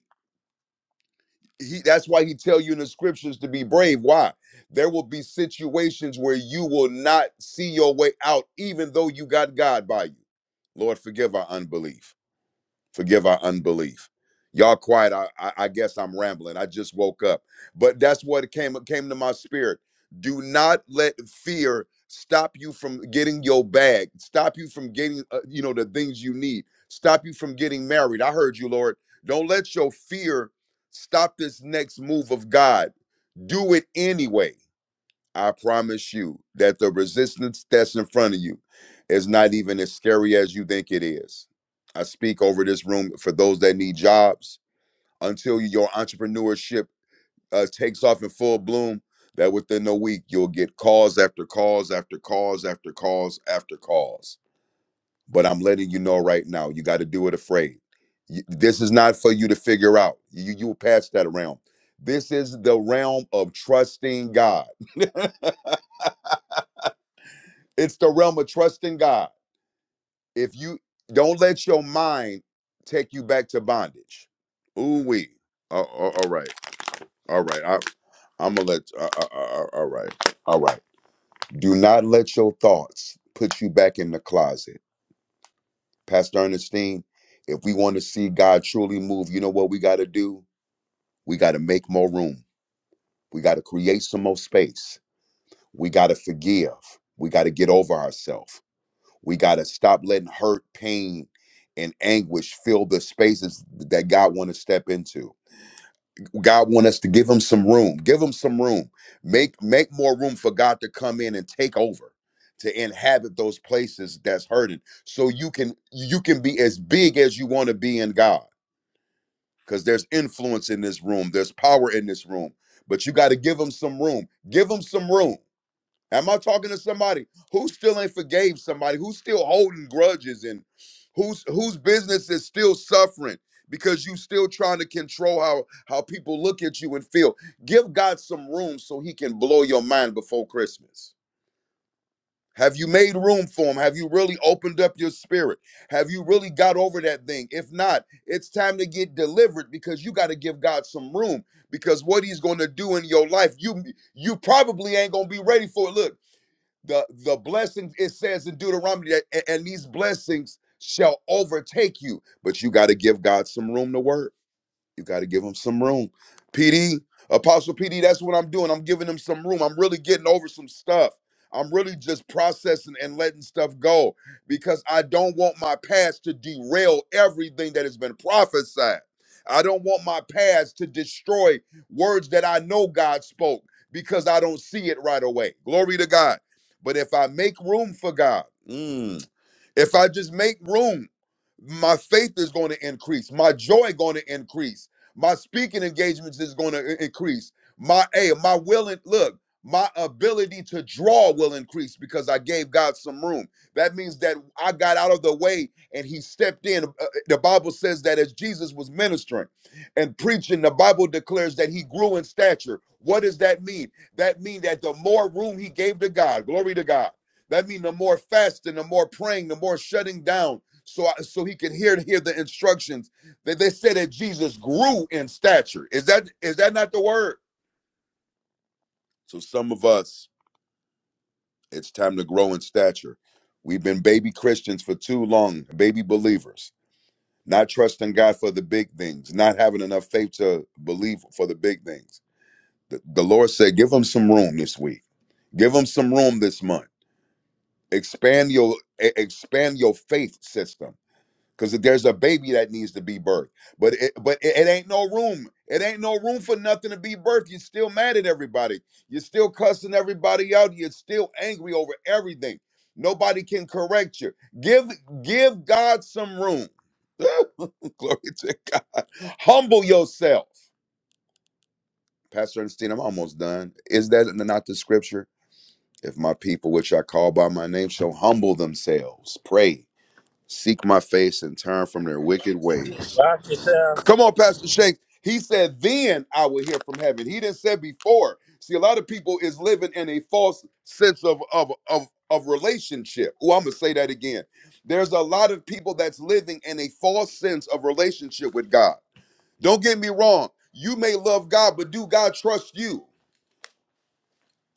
Speaker 14: he that's why he tell you in the scriptures to be brave why there will be situations where you will not see your way out even though you got god by you lord forgive our unbelief Forgive our unbelief. Y'all quiet. I, I, I guess I'm rambling. I just woke up. But that's what came came to my spirit. Do not let fear stop you from getting your bag. Stop you from getting uh, you know the things you need. Stop you from getting married. I heard you, Lord. Don't let your fear stop this next move of God. Do it anyway I promise you that the resistance that's in front of you is not even as scary as you think it is. I speak over this room for those that need jobs until your entrepreneurship uh, takes off in full bloom. That within a week, you'll get calls after calls after calls after calls after calls. But I'm letting you know right now, you got to do it afraid. You- This is not for you to figure out. You, you will pass that around. This is the realm of trusting God. It's the realm of trusting God. if you don't let your mind take you back to bondage. Ooh wee. Uh, uh, all right, all right. I, I'm gonna let. Uh, uh, uh, all right, all right. Do not let your thoughts put you back in the closet, Pastor Ernestine. If we want to see God truly move, you know what we got to do? We got to make more room. We got to create some more space. We got to forgive. We got to get over ourselves. We got to stop letting hurt, pain, and anguish fill the spaces that God want to step into. God want us to give him some room. Give him some room. Make make more room for God to come in and take over, to inhabit those places that's hurting. So you can you can be as big as you want to be in God cuz there's influence in this room. There's power in this room. But you got to give him some room. Give him some room. Am I talking to somebody who still ain't forgave somebody who's still holding grudges and whose whose business is still suffering because you still trying to control how how people look at you and feel? Give God some room so He can blow your mind before Christmas. Have you made room for him? Have you really opened up your spirit? Have you really got over that thing? If not, it's time to get delivered because you got to give God some room because what he's going to do in your life, you you probably ain't going to be ready for it. Look, the the blessings it says in deuteronomy that, "A- and these blessings shall overtake you but you got to give god some room to work you got to give them some room. PD, Apostle PD, that's what I'm doing. I'm giving them some room. I'm really getting over some stuff. I'm really just processing and letting stuff go because I don't want my past to derail everything that has been prophesied. I don't want my past to destroy words that I know God spoke because I don't see it right away. Glory to God. But if I make room for God, mm, if I just make room, my faith is going to increase. My joy going to increase. My speaking engagements is going to increase. My a my will and look, my ability to draw will increase because I gave God some room. That means that I got out of the way and He stepped in. Uh, The Bible says that as Jesus was ministering and preaching, the Bible declares that He grew in stature. What does that mean? That means that the more room He gave to God, glory to God that means the more fasting, the more praying, the more shutting down, so I, so he can hear hear the instructions. That they they said that Jesus grew in stature. Is that is that not the word? So some of us, it's time to grow in stature. We've been baby Christians for too long, baby believers, not trusting God for the big things, not having enough faith to believe for the big things. The, the Lord said, "Give them some room this week. Give them some room this month. Expand your e- expand your faith system." because there's a baby that needs to be birthed. But it, but it, it ain't no room. It ain't no room for nothing to be birthed. You're still mad at everybody. You're still cussing everybody out. You're still angry over everything. Nobody can correct you. Give give God some room. Glory to God. Humble yourself. Pastor Ernestine, I'm almost done. Is that not the scripture? If my people, which I call by my name, shall humble themselves, pray, seek my face, and turn from their wicked ways.
Speaker 3: Rock yourself.
Speaker 14: Come on, Pastor Shanks. He said, then I will hear from heaven. He didn't say before. See, a lot of people is living in a false sense of of of, of relationship. Oh, I'm gonna say that again. There's a lot of people that's living in a false sense of relationship with God. Don't get me wrong. You may love God, but do God trust you?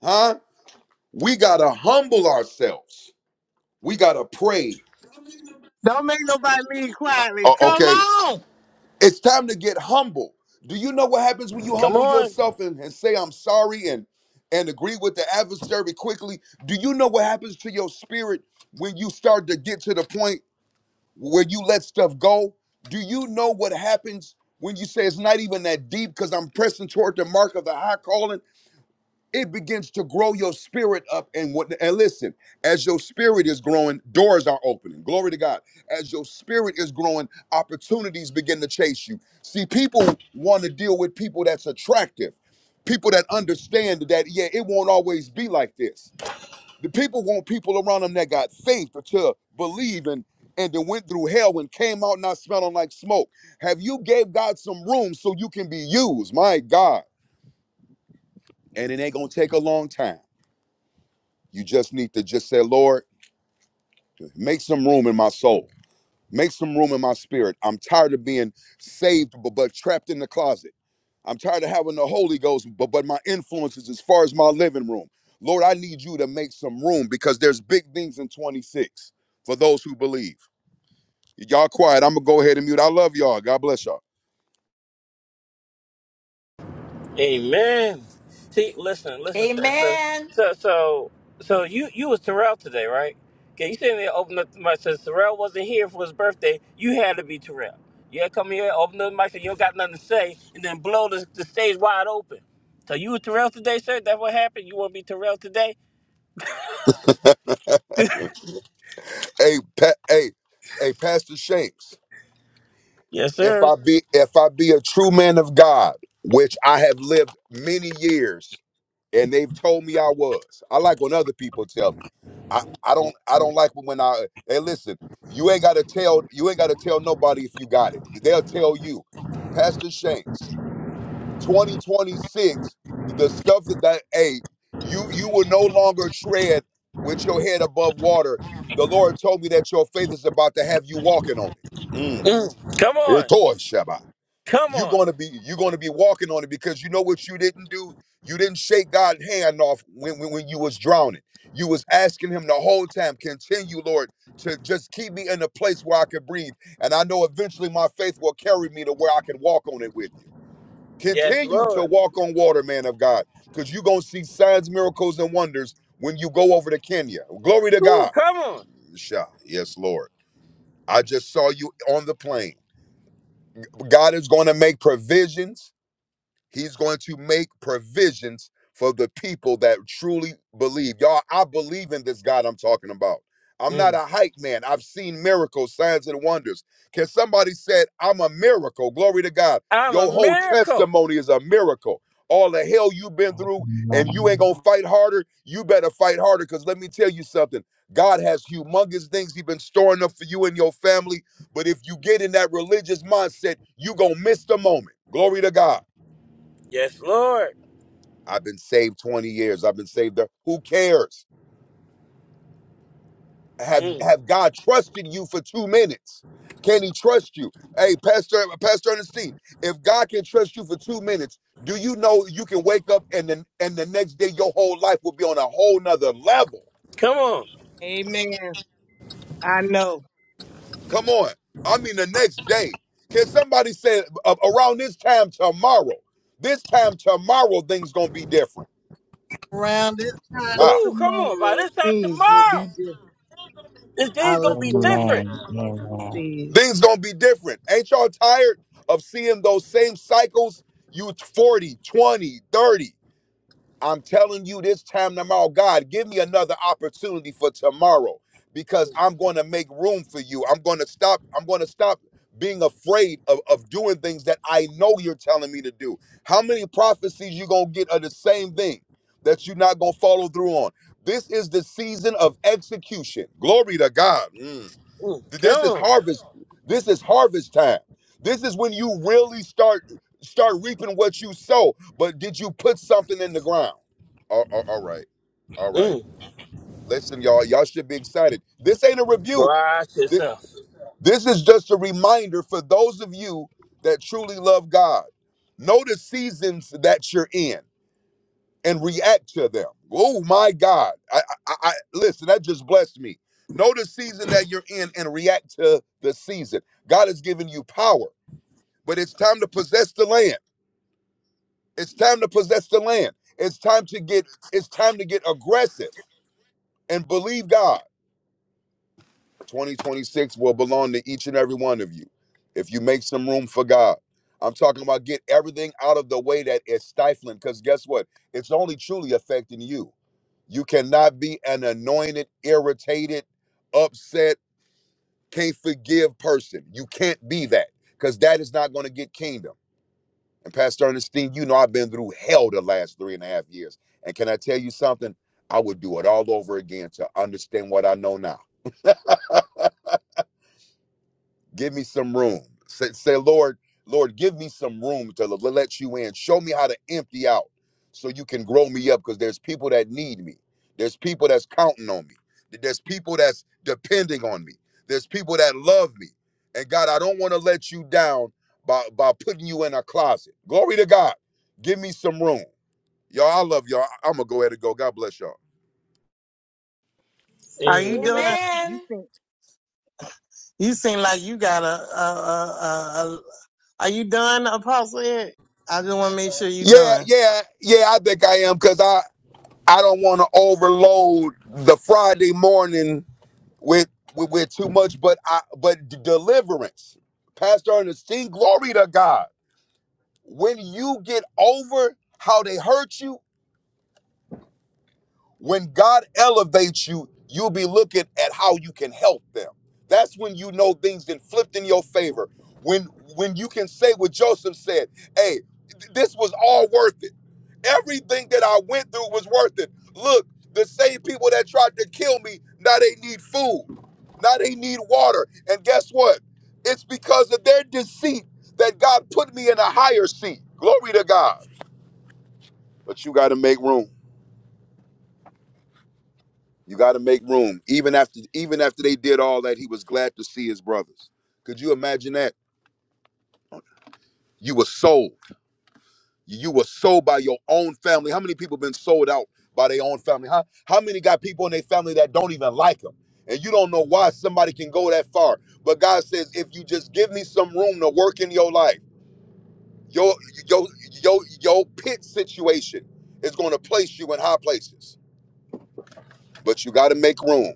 Speaker 14: Huh? We gotta humble ourselves. We gotta pray.
Speaker 12: Don't make nobody leave quietly.
Speaker 14: O-
Speaker 12: Come
Speaker 14: Okay.
Speaker 12: on.
Speaker 14: It's time to get humble. Do you know what happens when you
Speaker 3: Come
Speaker 14: humble
Speaker 3: on.
Speaker 14: yourself and, and say I'm sorry and and agree with the adversary quickly? Do you know what happens to your spirit when you start to get to the point where you let stuff go? Do you know what happens when you say it's not even that deep because I'm pressing toward the mark of the high calling? it begins to grow your spirit up and what and listen as your spirit is growing doors are opening glory to god as your spirit is growing opportunities begin to chase you see people want to deal with people that's attractive people that understand that yeah it won't always be like this the people want people around them that got faith to believe and and then went through hell and came out not smelling like smoke have you gave god some room so you can be used my god and it ain't gonna take a long time You just need to just say, Lord, make some room in my soul. Make some room in my spirit. I'm tired of being saved, but, but trapped in the closet. I'm tired of having the Holy Ghost, but, but my influence is as far as my living room. Lord, I need you to make some room because there's big things in 26 for those who believe. Y'all quiet. I'm going to go ahead and mute. I love y'all. God bless y'all.
Speaker 3: Amen. See, listen, listen, sir. So,
Speaker 15: Amen.
Speaker 3: so, so, so you you was Terrell today, right? Okay, you sitting there opening up the mic. says Terrell wasn't here for his birthday, you had to be Terrell. You had to come here, open up the mic, and you don't got nothing to say, and then blow the, the stage wide open. So you were Terrell today, sir. That's what happened. You want to be Terrell today?
Speaker 14: hey, pa- hey, hey, Pastor Shanks.
Speaker 3: Yes,
Speaker 14: If
Speaker 3: sir.
Speaker 14: I be if I be a true man of God, which I have lived many years, and they've told me I was. I like when other people tell me. I, I don't I don't like when I hey listen, you ain't gotta tell you ain't gotta tell nobody if you got it. They'll tell you. Pastor Shanks, 2026, the stuff that that hey, you you will no longer tread with your head above water. The Lord told me that your faith is about to have you walking on it. Mm.
Speaker 3: Mm. Come
Speaker 14: It
Speaker 3: on,
Speaker 14: tore Shabbat
Speaker 3: come
Speaker 14: you're
Speaker 3: on.
Speaker 14: going to be you're going to be walking on it because you know what you didn't do you didn't shake god's hand off when, when, when you was drowning you was asking him the whole time continue lord to just keep me in a place where i can breathe and i know eventually my faith will carry me to where i can walk on it with you
Speaker 3: Yes,
Speaker 14: continue to
Speaker 3: Lord.
Speaker 14: walk on water man of god because you're going to see signs miracles and wonders when you go over to kenya glory to god
Speaker 3: Ooh, come on.
Speaker 14: Sha, yes lord i just saw you on the plane god is going to make provisions He's going to make provisions for the people that truly believe. Y'all, I believe in this God I'm talking about. I'm not
Speaker 3: Mm.
Speaker 14: a hype man. I've seen miracles, signs, and wonders. Can somebody say I'm a miracle? Glory to God.
Speaker 3: I'm a
Speaker 14: Your whole
Speaker 3: miracle.
Speaker 14: testimony is a miracle. All the hell you've been through, and you ain't
Speaker 13: Amen.
Speaker 14: gonna fight harder. You better fight harder, because let me tell you something. God has humongous things He's been storing up for you and your family. But if you get in that religious mindset, you gonna miss the moment. Glory to God.
Speaker 3: Yes, Lord.
Speaker 14: I've been saved 20 years. I've been saved. There. Who cares? Have
Speaker 3: Mm.
Speaker 14: Have God trusted you for two minutes? Can He trust you? Hey, Pastor Pastor Ernestine, if God can trust you for two minutes, do you know you can wake up and then and the next day your whole life will be on a whole nother level?
Speaker 3: Come on.
Speaker 12: Amen. I know.
Speaker 14: Come on, I mean the next day. Can somebody say a- around this time tomorrow? This time tomorrow, things gonna be different.
Speaker 12: Around this time
Speaker 14: Ah.
Speaker 3: Ooh, come on, by
Speaker 12: tomorrow,
Speaker 3: this time
Speaker 12: things will
Speaker 3: tomorrow,
Speaker 12: be different.
Speaker 3: this
Speaker 12: I
Speaker 3: day's gonna be
Speaker 12: receive.
Speaker 3: different.
Speaker 13: Amen.
Speaker 12: I
Speaker 13: Amen.
Speaker 12: receive.
Speaker 14: Things gonna be different. Ain't y'all tired of seeing those same cycles? You forty, twenty, thirty. I'm telling you this time tomorrow, God, give me another opportunity for tomorrow because I'm gonna make room for you. I'm gonna stop, I'm gonna stop being afraid of, of doing things that I know you're telling me to do. How many prophecies you gonna get are the same thing that you're not gonna follow through on? This is the season of execution. Glory to God. Mm.
Speaker 3: Mm,
Speaker 14: This
Speaker 3: come
Speaker 14: is
Speaker 3: on.
Speaker 14: harvest. This is harvest time. This is when you really start start reaping what you sow. But did you put something in the ground? All, all, all right, all right.
Speaker 3: Mm,
Speaker 14: Listen, y'all. Y'all should be excited. This ain't a rebuke.
Speaker 3: watch
Speaker 14: Th-
Speaker 3: yourself.
Speaker 14: This is just a reminder for those of you that truly love God. Know the seasons that you're in and react to them. Oh my God! I, I, I listen. That just blessed me. Know the season that you're in and react to the season. God has given you power, but it's time to possess the land. It's time to possess the land. It's time to get. It's time to get aggressive and believe God. 2026 will belong to each and every one of you if you make some room for God. I'm talking about get everything out of the way that is stifling because guess what? It's only truly affecting you. You cannot be an anointed, irritated, upset, can't forgive person. You can't be that because that is not going to get kingdom. And Pastor Ernestine, you know I've been through hell the last three and a half years. And can I tell you something? I would do it all over again to understand what I know now. Give me some room. Say, say, Lord, Lord, give me some room to l- let you in. Show me how to empty out so you can grow me up because there's people that need me. There's people that's counting on me. Th- There's people that's depending on me. There's people that love me. And God, I don't want to let you down by, by putting you in a closet. Glory to God. Give me some room. Y'all, I love y'all. I'm going to go ahead and go. God bless y'all.
Speaker 12: Are you done?
Speaker 3: Amen.
Speaker 12: You
Speaker 15: Amen.
Speaker 12: seem you seem like you got a a a. a, a are you done, Apostle Ed? I just want to make sure you are
Speaker 14: Yeah,
Speaker 12: done.
Speaker 14: yeah, yeah, I think I am because I, I don't want to overload the Friday morning with, with with too much, but I but d- deliverance, Pastor Ernest, sing glory to God. When you get over how they hurt you, When God elevates you, you'll be looking at how you can help them. That's when you know things then flipped in your favor. When when you can say what Joseph said, hey, th- this was all worth it. Everything that I went through was worth it. Look, the same people that tried to kill me, now they need food. Now they need water. And guess what? It's because of their deceit that God put me in a higher seat. Glory to God. But you got to make room. You got to make room. Even after even after they did all that, he was glad to see his brothers. Could you imagine that? You were sold. You were sold by your own family. How many people been sold out by their own family? huh? how many got people in their family that don't even like them? And you don't know why somebody can go that far. But God says, if you just give me some room to work in your life, your your your your pit situation is going to place you in high places. But you got to make room.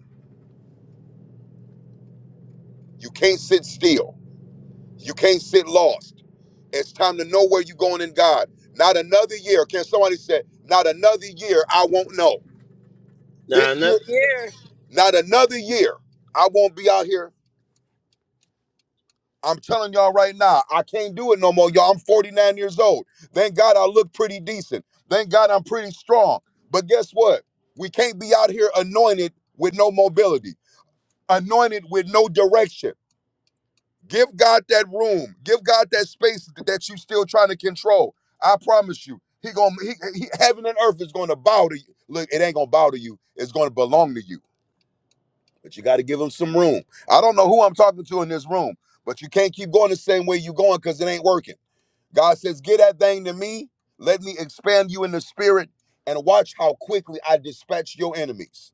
Speaker 14: You can't sit still. You can't sit lost. It's time to know where you're going in God. Not another year. Can somebody say, not another year, I won't know.
Speaker 3: Now
Speaker 14: This year,
Speaker 3: another year.
Speaker 14: not another year, I won't be out here. I'm telling y'all right now, I can't do it no more, y'all. I'm 49 years old. Thank God I look pretty decent. Thank God I'm pretty strong. But guess what? We can't be out here anointed with no mobility, anointed with no direction Give God that room. Give God that space that you still trying to control. I promise you, he gonna he, he heaven and earth is gonna bow to you. Look, it ain't gonna bow to you. It's gonna belong to you. But you got to give him some room. I don't know who I'm talking to in this room, but you can't keep going the same way you going because it ain't working. God says, "Get that thing to me. Let me expand you in the spirit, and watch how quickly I dispatch your enemies,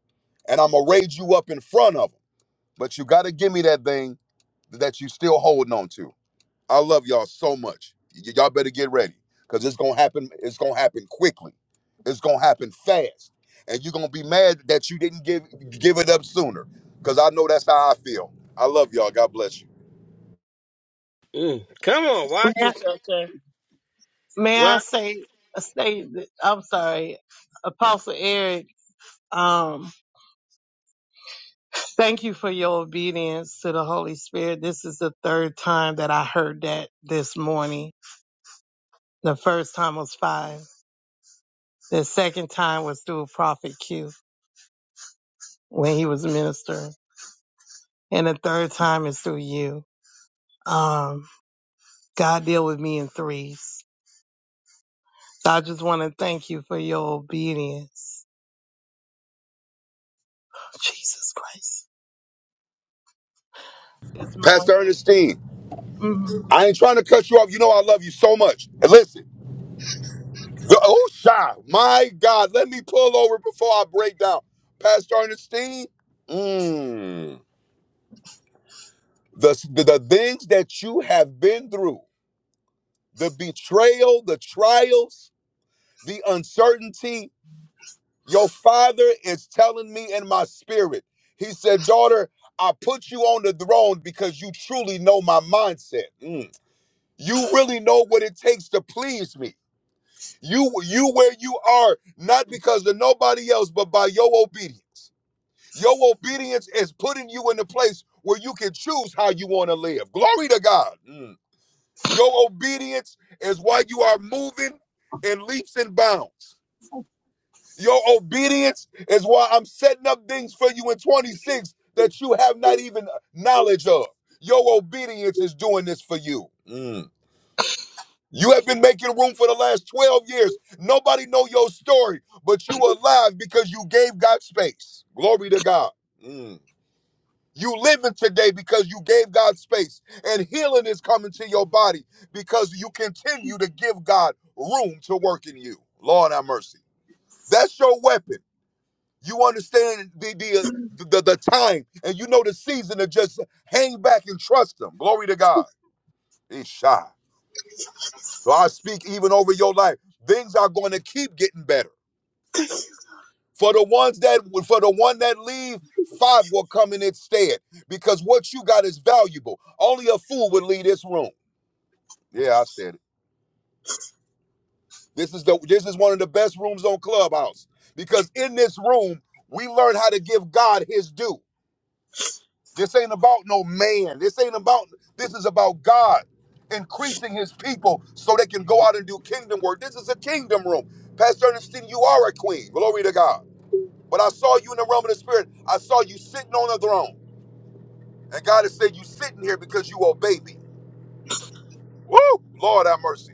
Speaker 14: and I'm gonna raise you up in front of them. But you got to give me that thing that you still holding on to." I love y'all so much. Y- y'all better get ready because it's gonna happen. It's gonna happen quickly. It's gonna happen fast, and you're gonna be mad that you didn't give give it up sooner. Because I know that's how I feel. I love y'all. God bless you,
Speaker 3: Mm, come on, watch
Speaker 12: May I,
Speaker 3: yourself, sir.
Speaker 12: may I
Speaker 3: What?
Speaker 12: say say that- I'm sorry, Apostle Eric. Um, thank you for your obedience to the Holy Spirit. This is the third time that I heard that this morning. The first time was five. The second time was through Prophet Q when he was ministering. and the third time is through you. Um, God deal with me in threes. So I just want to thank you for your obedience. Jesus Christ. This
Speaker 14: Pastor
Speaker 12: morning.
Speaker 14: Ernestine.
Speaker 12: mhm,
Speaker 14: I ain't trying to cut you off. You know I love you so much. And listen, the- oh shy, my God, let me pull over before I break down, Pastor Ernestine. Mmm. The, the the things that you have been through, the betrayal, the trials the uncertainty. Your father is telling me in my spirit. He said, Daughter, I put you on the throne because you truly know my mindset. Mm. You really know what it takes to please me. You you where you are, not because of nobody else, but by your obedience. Your obedience is putting you in a place where you can choose how you want to live. Glory to God. Mm. Your obedience is why you are moving in leaps and bounds. Your obedience is why I'm setting up things for you in 26 that you have not even knowledge of. Your obedience is doing this for you. Mm. You have been making room for the last 12 years. Nobody know your story, but you are alive because you gave God space. Glory to God. Mm. You living today because you gave God space, and healing is coming to your body because you continue to give God room to work in you. Lord have mercy. That's your weapon. You understand the the, uh, the the time, and you know the season to just hang back and trust Him. Glory to God. Isha. So I speak even over your life. Things are going to keep getting better for the ones that for the one that leave. Five will come in its stead because what you got is valuable. Only a fool would leave this room. Yeah, I said it. This is the this is one of the best rooms on Clubhouse because in this room we learn how to give God His due. This ain't about no man. This ain't about, this is about God increasing his people so they can go out and do kingdom work. This is a kingdom room. Pastor Ernestine, you are a queen. Glory to God. But I saw you in the realm of the spirit. I saw you sitting on a throne. And God has said, You sitting here because you obey me. Woo! Lord have mercy.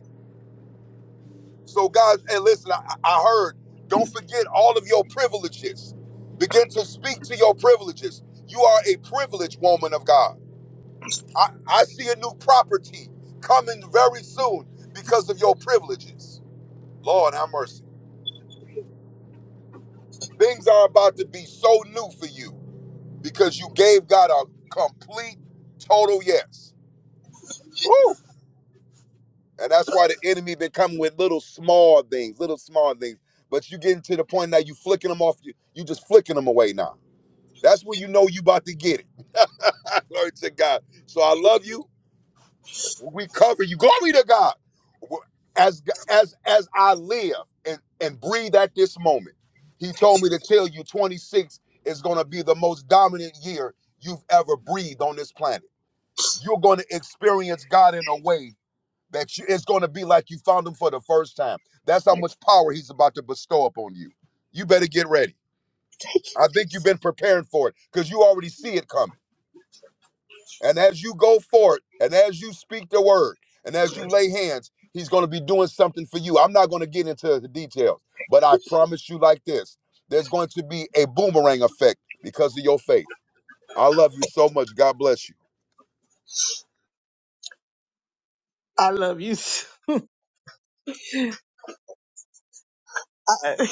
Speaker 14: So, guys, and listen, I, I heard, don't forget all of your privileges. Begin to speak to your privileges. You are a privileged woman of God. I, I see a new property coming very soon because of your privileges. Lord, have mercy. Things are about to be so new for you because you gave God a complete, total yes. Woo! And that's why the enemy been coming with little small things, little small things. But you getting to the point now you flicking them off. You, you just flicking them away now. That's when you know you about to get it. Glory to God. So I love you. We cover you. Glory to God. As as as I live and and breathe at this moment, He told me to tell you, 26 is going to be the most dominant year you've ever breathed on this planet. You're going to experience God in a way that you, it's going to be like you found Him for the first time. That's how much power He's about to bestow upon you. You better get ready. I think you've been preparing for it because you already see it coming. And as you go forward, and as you speak the word, and as you lay hands, he's going to be doing something for you. I'm not going to get into the details, but I promise you like this there's going to be a boomerang effect because of your faith. I love you so much. God bless you.
Speaker 12: I love you. I,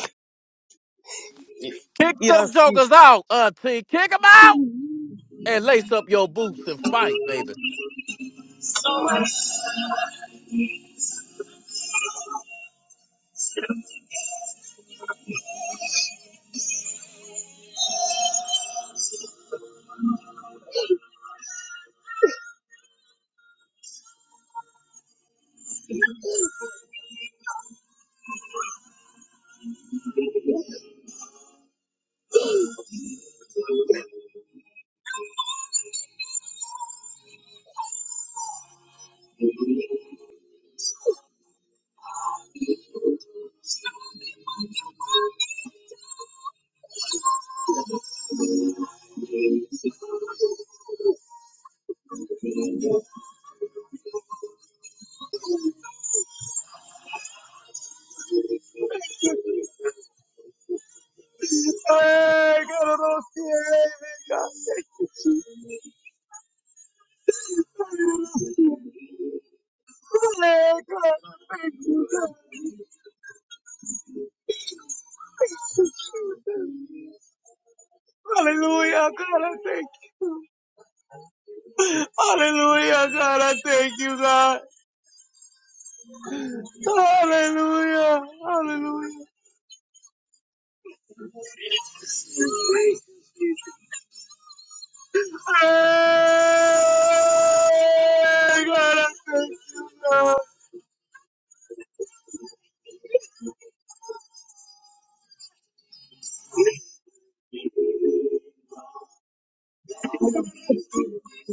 Speaker 5: Kick them
Speaker 12: yes, you.
Speaker 5: jokers out, auntie. Kick them out and lace up your boots and fight, baby.
Speaker 12: Hey, God, I don't see it. Hey, God, thank you. Hey, God, thank you. Hallelujah, God, I thank you. Hallelujah, God, I thank you, God. Hallelujah, hallelujah. Oh, God, I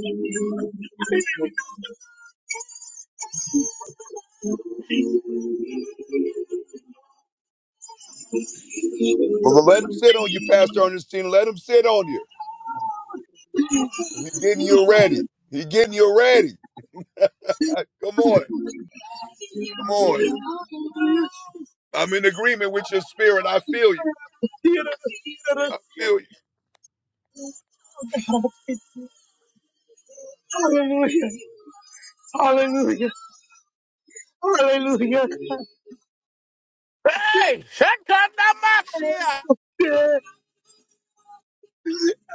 Speaker 12: you,
Speaker 14: But let him sit on you, Pastor Ernestine. Let him sit on you. He getting you ready. He getting you ready. Come on. Come on. I'm in agreement with your spirit. I feel you. I feel you.
Speaker 12: Hallelujah. Hallelujah.
Speaker 5: Hey, shut up, that my shit.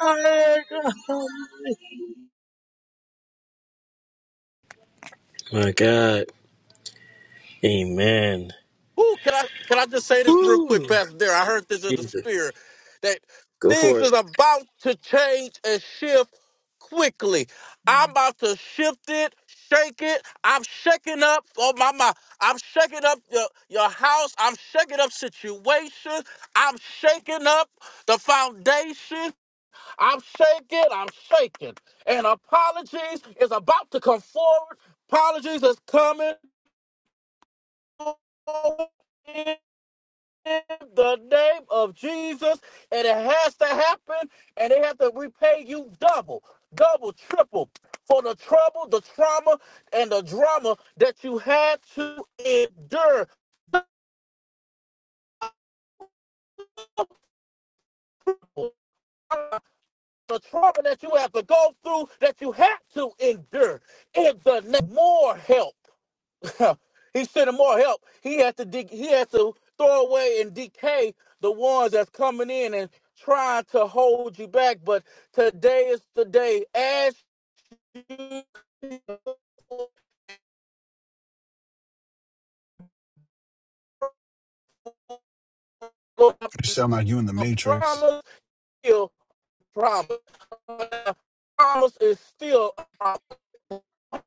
Speaker 12: Hallelujah.
Speaker 3: My God. Amen.
Speaker 5: Ooh, can I can I just say this real quick,
Speaker 3: Ooh,
Speaker 5: Pastor Dare? I heard this in the
Speaker 3: Jesus.
Speaker 5: spirit that
Speaker 3: Go
Speaker 5: things
Speaker 3: for it.
Speaker 5: is about to change and shift quickly. I'm about to shift it, shake it. I'm shaking up. Oh my my! I'm shaking up your your house. I'm shaking up situations. I'm shaking up the foundation. I'm shaking. I'm shaking. And apologies is about to come forward. Apologies is coming forward the name of Jesus, and it has to happen, and they have to repay you double, double, triple for the trouble, the trauma, and the drama that you had to endure. The trauma that you have to go through, that you had to endure. In the name, more help. Huh. he sent him more help. He has to de- he has to throw away and decay the ones that's coming in and trying to hold you back. But today is the day. As you go up,
Speaker 16: You sound like you in the
Speaker 5: a
Speaker 16: Matrix.
Speaker 5: promise still promise. A promise is still a promise.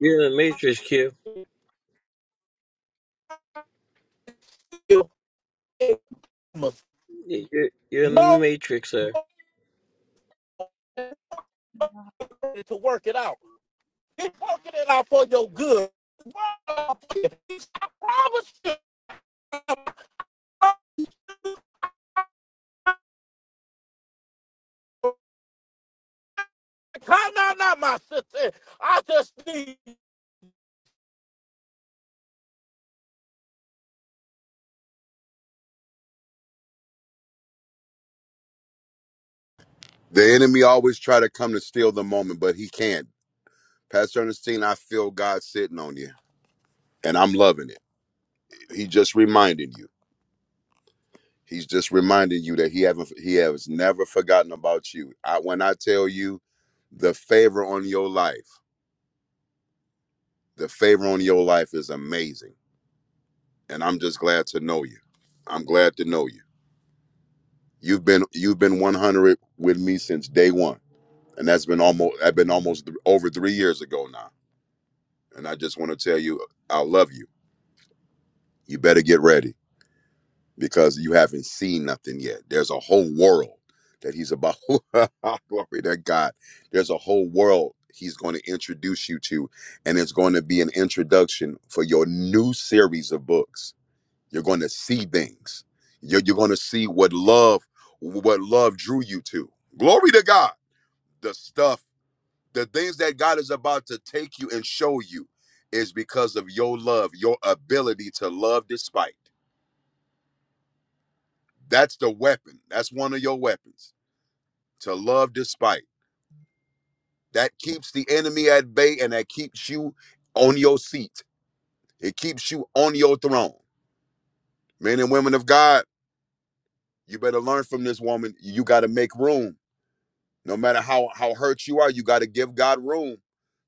Speaker 3: You're in the matrix, Q.
Speaker 5: Still a promise.
Speaker 3: You're, you're in the
Speaker 5: No
Speaker 3: matrix, sir.
Speaker 5: to work it out. He's working it out for your good. I promise you. Come not now, my sister. I just need.
Speaker 14: The enemy always try to come to steal the moment, but he can't. Pastor Ernestine, I feel God sitting on you, and I'm loving it. He just reminding you. He's just reminding you that he haven't he has never forgotten about you. I when I tell you the favor on your life, the favor on your life is amazing. And I'm just glad to know you. I'm glad to know you. You've been you've been 100 with me since day 1. And that's been almost I've been almost th- over 3 years ago now. And I just want to tell you I love you. You better get ready. because you haven't seen nothing yet. There's a whole world that he's about. Glory to God. There's a whole world he's going to introduce you to, and it's going to be an introduction for your new series of books. You're going to see things. You're, you're going to see what love, what love drew you to. Glory to God. The stuff, the things that God is about to take you and show you is because of your love, your ability to love despite. That's the weapon. That's one of your weapons. To love despite. That keeps the enemy at bay and that keeps you on your seat. It keeps you on your throne. Men and women of God, you better learn from this woman. You got to make room No matter how how hurt you are, you got to give God room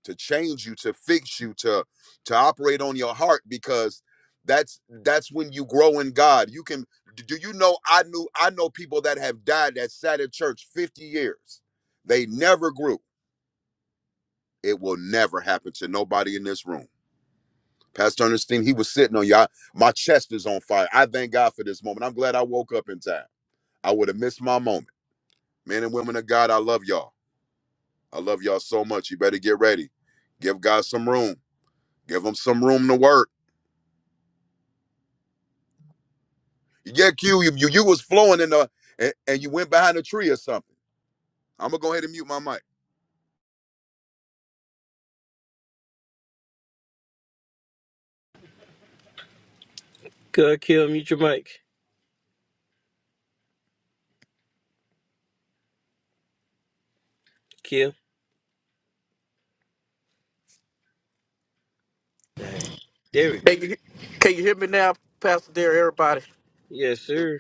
Speaker 14: to change you, to fix you, to to operate on your heart because that's that's when you grow in God. You can do you know I knew I know people that have died that sat in church 50 years. They never grew. It will never happen to nobody in this room. Pastor Ernestine, he was sitting on y'all. My chest is on fire. I thank God for this moment. I'm glad I woke up in time. I would have missed my moment. Men and women of God, I love y'all. I love y'all so much. You better get ready. Give God some room. Give him some room to work. Yeah, Q, you you, you was flowing in the and, and you went behind a tree or something. I'm gonna go ahead and mute my mic.
Speaker 3: Go, Q, mute your mic. Q. All right. There we go.
Speaker 5: Can you, can you hear me now, Pastor Dear? Everybody,
Speaker 3: Yes, sir.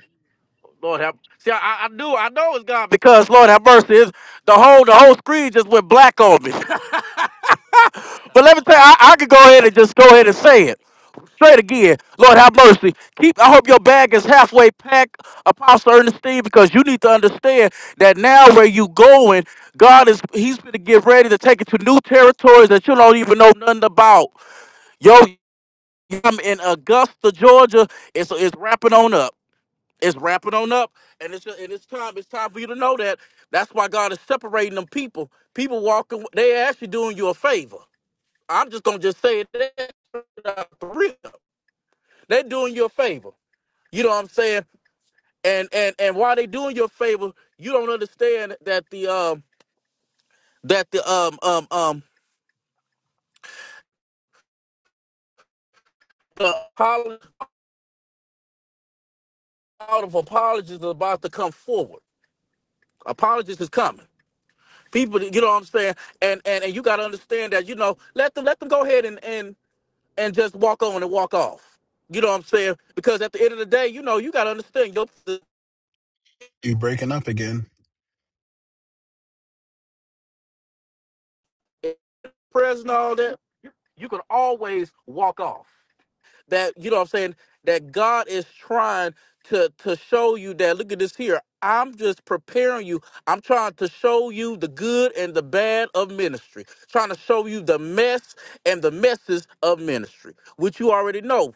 Speaker 5: Lord have. See, I, I knew, I know it's God because Lord have mercy. Is the whole the whole screen just went black on me. but let me tell you, I, I could go ahead and just go ahead and say it straight again. Lord have mercy. Keep. I hope your bag is halfway packed, Apostle Ernestine, because you need to understand that now where you going, God is He's going to get ready to take you to new territories that you don't even know nothing about. Yo, I'm in Augusta, Georgia. It's it's wrapping on up. It's wrapping on up, and it's and it's time. It's time for you to know that. That's why God is separating them people. People walking, they actually doing you a favor. I'm just gonna just say it. They're They doing you a favor. You know what I'm saying? And and and while they doing you a favor, you don't understand that the um that the um um um the apolo- out of apologies is about to come forward. Apologies is coming. people you know what i'm saying and and, and you got to understand that you know let them let them go ahead and and and just walk on and walk off you know what i'm saying because at the end of the day you know you got to understand your
Speaker 16: You breaking up again.
Speaker 5: prayers and all that you, you can always walk off that you know what i'm saying that god is trying to to show you that look at this here i'm just preparing you i'm trying to show you the good and the bad of ministry trying to show you the mess and the messes of ministry which you already know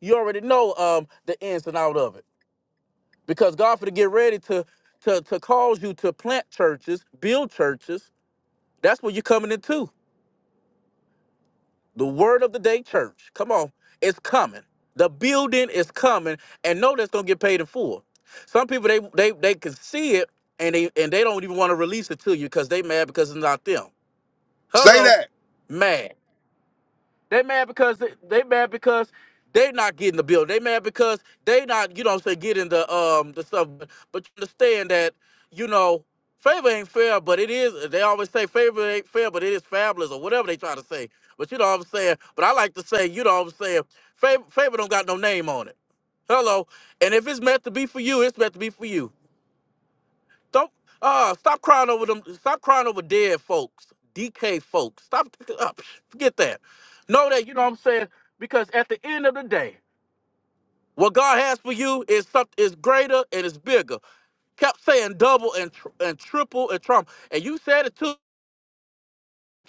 Speaker 5: you already know um the ins and out of it because God for to get ready to to to cause you to plant churches, build churches. That's what you're coming into. The word of the day church. Come on, it's coming. The building is coming, and know that's gonna get paid in full. Some people they they they can see it and they and they don't even want to release it to you because they mad because it's not them.
Speaker 14: Say
Speaker 5: Hello,
Speaker 14: that.
Speaker 5: mad. They mad because they, they mad because they not getting the bill. They mad because they not, you know what I'm saying, getting the um the stuff. But, but you understand that, you know, favor ain't fair, but it is they always say favor ain't fair, but it is fabulous or whatever they try to say. But you know what I'm saying? But I like to say, you know what I'm saying, favor favor don't got no name on it. Hello. And if it's meant to be for you, it's meant to be for you. Don't uh stop crying over them. Stop crying over dead folks, DK folks. Stop up, forget that. Know that you know what I'm saying because at the end of the day, what God has for you is something is greater and it's bigger. Kept saying double and tr- and triple and trump, and you said it too.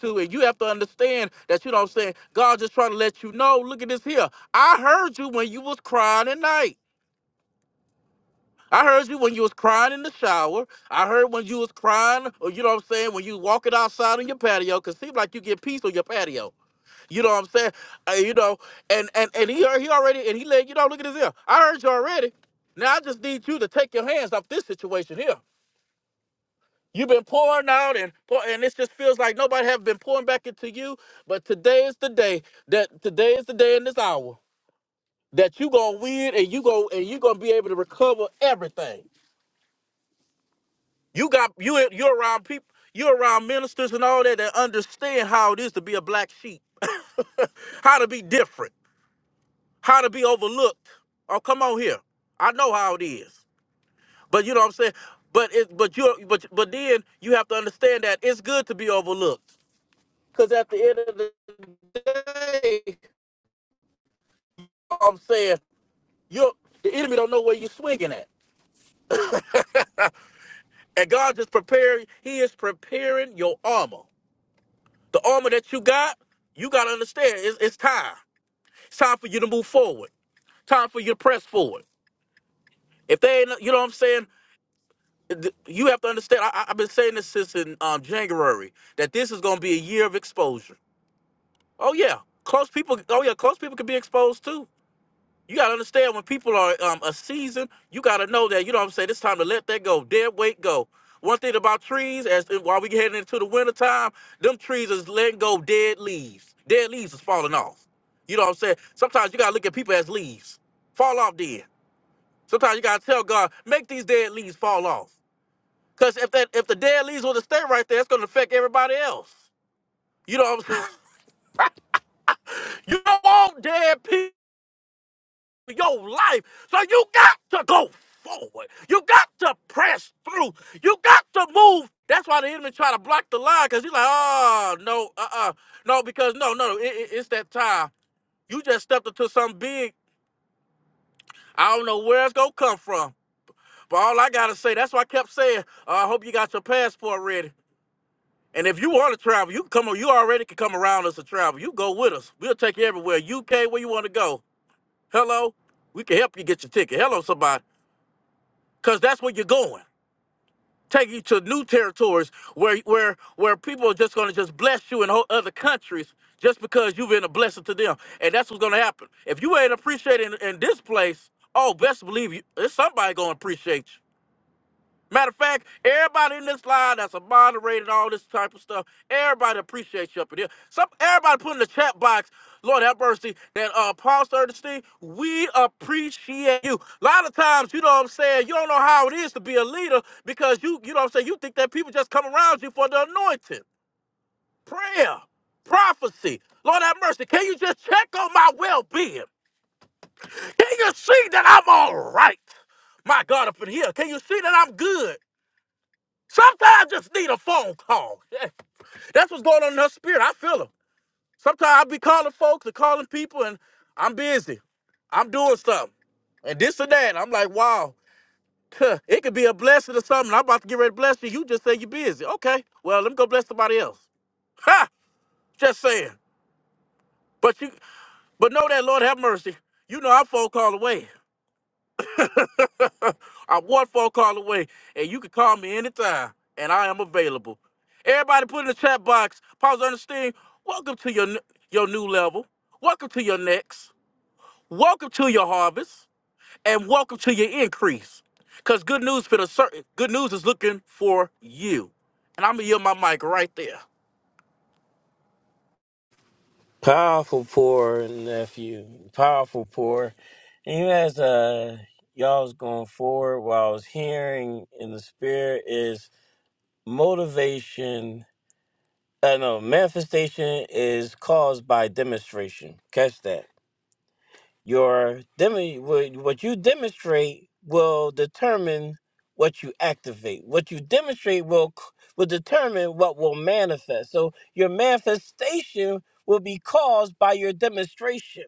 Speaker 5: too, and you have to understand that you know what I'm saying. God just trying to let you know. Look at this here. I heard you when you was crying at night. I heard you when you was crying in the shower. I heard when you was crying, or you know what I'm saying, when you walking outside on your patio, cause seems like you get peace on your patio. You know what I'm saying? Uh, you know, and and and he he already and he let you know. Look at this here. I heard you already. Now I just need you to take your hands off this situation here. You've been pouring out and pour, and it just feels like nobody have been pouring back into you. But today is the day that today is the day in this hour that you gonna win and you go and you gonna be able to recover everything. You got you you're around people, you're around ministers and all that that understand how it is to be a black sheep, how to be different, how to be overlooked. Oh, come on here. I know how it is. But you know what I'm saying? But it but you but but then you have to understand that it's good to be overlooked. Cause at the end of the day, I'm saying you the enemy don't know where you're swinging at. And God is preparing, He is preparing your armor. The armor that you got, you got to understand, it's, it's time. It's time for you to move forward. Time for you to press forward. If they ain't, you know what I'm saying? th- You have to understand, I, I- I've been saying this since in um, January, that this is going to be a year of exposure. Oh, yeah. Close people, oh, yeah, close people can be exposed too. You gotta understand when people are um a season, you gotta know that, you know what I'm saying, it's time to let that go. Dead weight go. One thing about trees, as while we heading into the winter time, them trees is letting go dead leaves. Dead leaves is falling off. You know what I'm saying? Sometimes you gotta look at people as leaves. Fall off dead. Sometimes you gotta tell God, make these dead leaves fall off. Cause if that if the dead leaves were to stay right there, it's gonna affect everybody else. You know what I'm saying? You don't want dead people your life. So you got to go forward. You got to press through. You got to move. That's why the enemy try to block the line because he's like, oh, no, uh-uh. No, because no, no, it, it- it's that time. You just stepped into something big. I don't know where it's going to come from. But all I got to say, that's why I kept saying, uh, I hope you got your passport ready. And if you want to travel, you can come. You already can come around us to travel. You go with us. We'll take you everywhere. UK, where you want to go. Hello, we can help you get your ticket. Hello, somebody. because that's where you're going. Take you to new territories where where where people are just going to just bless you in whole other countries just because you've been a blessing to them, and that's what's going to happen. If you ain't appreciated in, in this place, oh, best believe you, there's somebody going to appreciate you. Matter of fact, everybody in this line that's a moderator and all this type of stuff, everybody appreciates you up in here. Some everybody put in the chat box, Lord have mercy, that uh Paul Steve, we appreciate you. A lot of times, you know what I'm saying, you don't know how it is to be a leader because you, you know what I'm saying, you think that people just come around you for the anointing, prayer, prophecy. Lord have mercy. Can you just check on my well-being? Can you see that I'm all right? My God up in here. Can you see that I'm good? Sometimes I just need a phone call. Yeah. That's what's going on in her spirit. I feel her. Sometimes I be calling folks and calling people, and I'm busy. I'm doing something. And this or that. I'm like, wow, huh, it could be a blessing or something. I'm about to get ready to bless you. You just say you're busy. Okay. Well, let me go bless somebody else. Ha! Just saying. But you but know that Lord have mercy. You know I'm phone call away. I'm one phone call away, and you can call me anytime, and I am available. Everybody put in the chat box, Pause Ernestine, welcome to your, n- your new level. Welcome to your next. Welcome to your harvest, and welcome to your increase. Because good news for the certain, good news is looking for you. And I'm going to yield my mic right there.
Speaker 3: Powerful poor nephew. Powerful poor. And you as uh y'all was going forward what I was hearing in the spirit is motivation uh no manifestation is caused by demonstration. Catch that. Your demo. what what you demonstrate will determine what you activate. What you demonstrate will c- will determine what will manifest. So your manifestation will be caused by your demonstration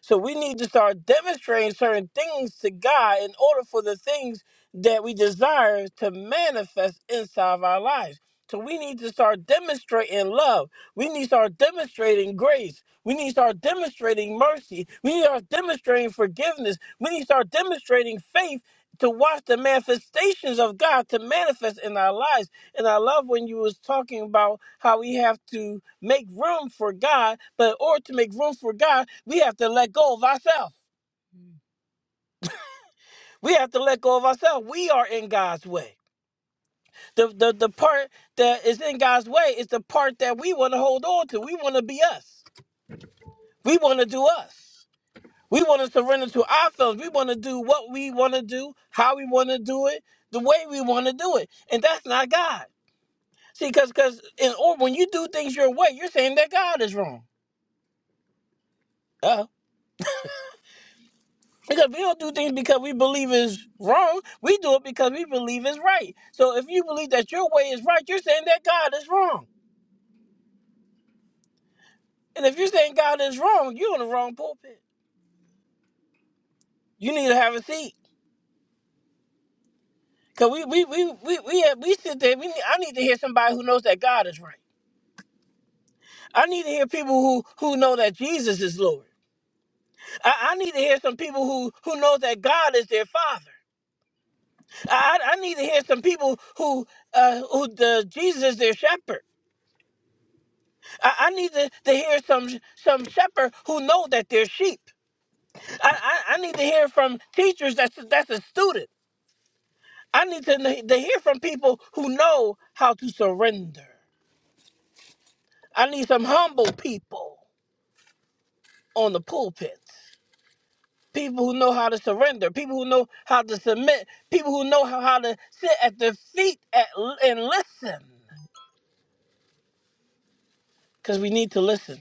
Speaker 3: so we need to start demonstrating certain things to God in order for the things that we desire to manifest inside of our lives. So we need to start demonstrating love. We need to start demonstrating grace. We need to start demonstrating mercy. We need to start demonstrating forgiveness. We need to start demonstrating faith to watch the manifestations of God to manifest in our lives. And I love when you was talking about how we have to make room for God, but in order to make room for God, we have to let go of ourselves. We have to let go of ourselves. We are in God's way. The, the the part that is in God's way is the part that we want to hold on to. We want to be us. We want to do us. We want to surrender to our feelings. We want to do what we want to do, how we want to do it, the way we want to do it. And that's not God. See, because because in or when you do things your way, you're saying that God is wrong. Uh, because we don't do things because we believe is wrong. We do it because we believe is right. So if you believe that your way is right, you're saying that God is wrong. And if you're saying God is wrong, you're in the wrong pulpit. You need to have a seat. Cause we we we we we, have, we sit there. We need, I need to hear somebody who knows that God is right. I need to hear people who who know that Jesus is Lord. I, I need to hear some people who who know that God is their Father. I I I need to hear some people who uh who the Jesus is their Shepherd. I, I need to, to hear some some shepherd who know that they're sheep. I, I, I need to hear from teachers that's a, that's a student. I need to, kn- to hear from people who know how to surrender. I need some humble people on the pulpit. People who know how to surrender, people who know how to submit, people who know how, how to sit at their feet at, and listen. Because we need to listen.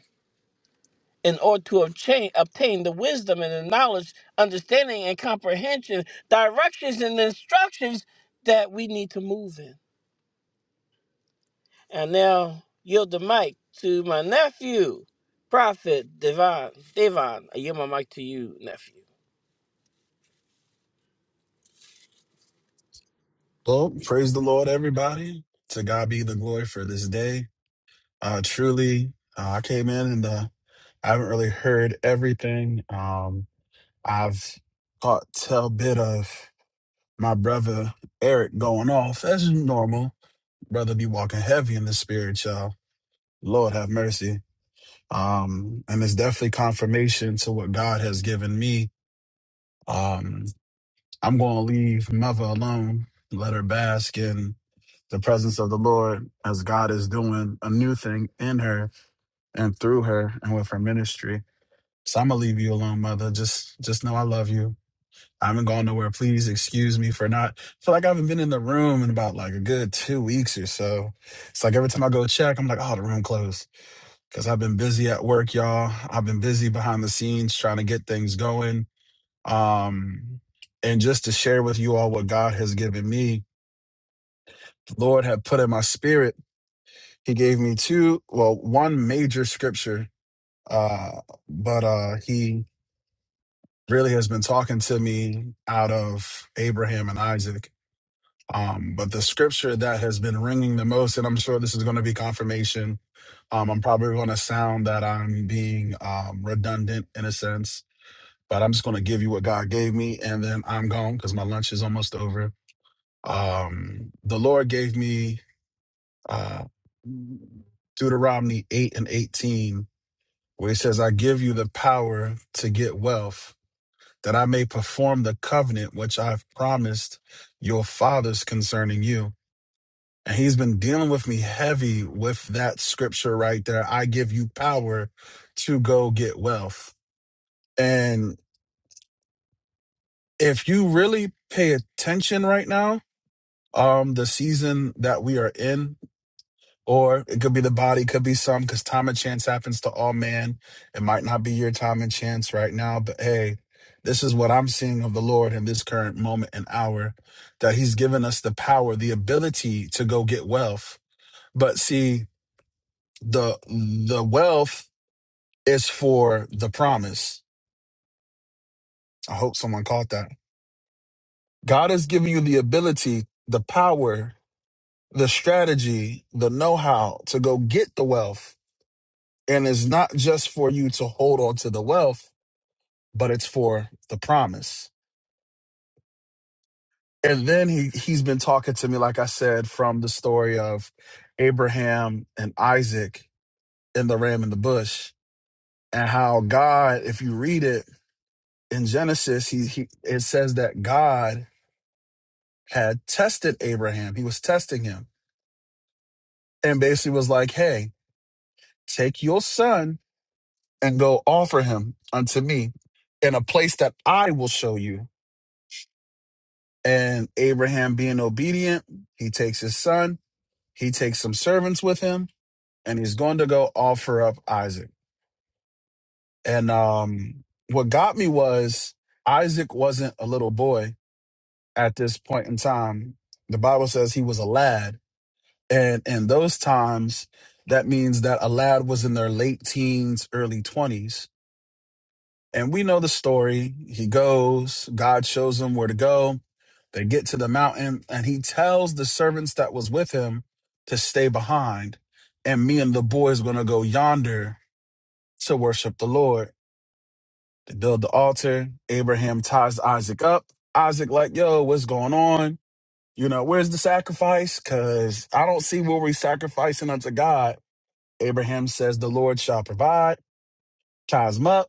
Speaker 3: in order to obtain, obtain the wisdom and the knowledge, understanding and comprehension, directions and instructions that we need to move in. And now yield the mic to my nephew, Prophet Devon. Devon, I yield my mic to you, nephew.
Speaker 16: Well, praise the Lord, everybody. To God be the glory for this day. Uh, truly, uh, I came in and uh, I haven't really heard everything. Um, I've caught tell bit of my brother Eric going off as normal. Brother be walking heavy in the spirit, y'all. Lord have mercy. Um, and it's definitely confirmation to what God has given me. Um, I'm going to leave mother alone, let her bask in the presence of the Lord as God is doing a new thing in her and through her and with her ministry. So I'm going to leave you alone, mother. Just just know I love you. I haven't gone nowhere. Please excuse me for not I feel like I haven't been in the room in about like a good two weeks or so. It's like every time I go check, I'm like, oh, the room closed. Because I've been busy at work, y'all. I've been busy behind the scenes trying to get things going um, and just to share with you all what God has given me, the Lord had put in my spirit. He gave me two, well, one major scripture, uh, but uh, he really has been talking to me out of Abraham and Isaac. Um, but the scripture that has been ringing the most, and I'm sure this is going to be confirmation. Um, I'm probably going to sound that I'm being um, redundant in a sense, but I'm just going to give you what God gave me, and then I'm gone because my lunch is almost over Um, the Lord gave me uh, Deuteronomy 8 and 18, where he says, I give you the power to get wealth, that I may perform the covenant which I've promised your fathers concerning you. And he's been dealing with me heavy with that scripture right there. I give you power to go get wealth. And if you really pay attention right now, um, the season that we are in Or it could be the body, could be some, because time and chance happens to all man. It might not be your time and chance right now, but hey, this is what I'm seeing of the Lord in this current moment and hour that He's given us the power, the ability to go get wealth. But see, the the wealth is for the promise. I hope someone caught that. God has given you the ability, the power, the strategy, the know-how to go get the wealth And it's not just for you to hold on to the wealth, but it's for the promise. And then he he's been talking to me, like I said, from the story of Abraham and Isaac and the ram in the bush, and how God, if you read it in Genesis, he, he it says that God had tested Abraham. He was testing him and basically was like, Hey, take your son and go offer him unto me in a place that I will show you and Abraham being obedient, he takes his son, he takes some servants with him, and he's going to go offer up Isaac. And um, what got me was Isaac wasn't a little boy at this point in time. The Bible says he was a lad. And in those times, that means that a lad was in their late teens, early 20s And we know the story. He goes, God shows him where to go. They get to the mountain, and he tells the servants that was with him to stay behind. And me and the boys going to go yonder to worship the Lord. They build the altar. Abraham ties Isaac up. Isaac, like, yo, what's going on? You know, where's the sacrifice? Because I don't see where we sacrificing unto God. Abraham says, The Lord shall provide. Ties him up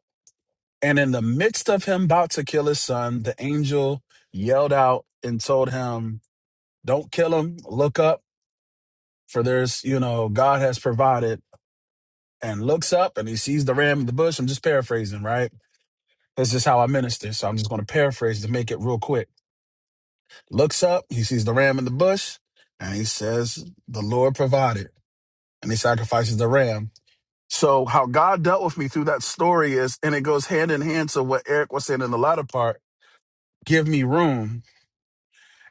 Speaker 16: And in the midst of him about to kill his son, the angel yelled out and told him, Don't kill him. Look up, for there's, you know, God has provided. And looks up and he sees the ram in the bush. I'm just paraphrasing, right? This is how I minister. So I'm just going to paraphrase to make it real quick. Looks up, he sees the ram in the bush, and he says, The Lord provided. And he sacrifices the ram. So, how God dealt with me through that story is, and it goes hand in hand to what Eric was saying in the latter part give me room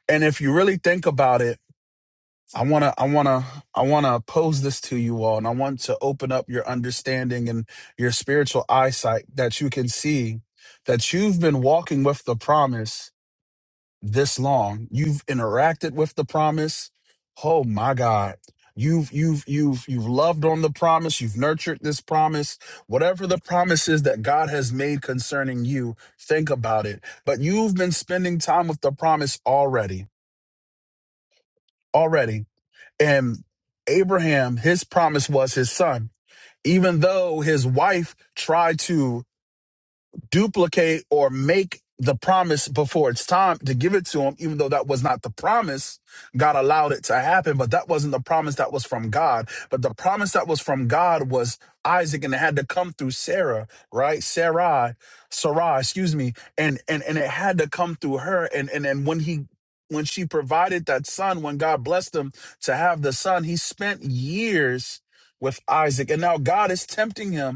Speaker 16: And if you really think about it, I want to I want to I want to pose this to you all and I want to open up your understanding and your spiritual eyesight that you can see that you've been walking with the promise this long. You've interacted with the promise. Oh my God. You've you've you've you've loved on the promise, you've nurtured this promise. Whatever the promise is that God has made concerning you, think about it. But you've been spending time with the promise already. Already And Abraham, his promise was his son. Even though his wife tried to duplicate or make the promise before it's time to give it to him, even though that was not the promise. God allowed it to happen, but that wasn't the promise that was from God. But the promise that was from God was Isaac, and it had to come through Sarah, right? Sarai, Sarai, excuse me, and and and it had to come through her. And and and when he when she provided that son, when God blessed him to have the son, he spent years with Isaac, and now God is tempting him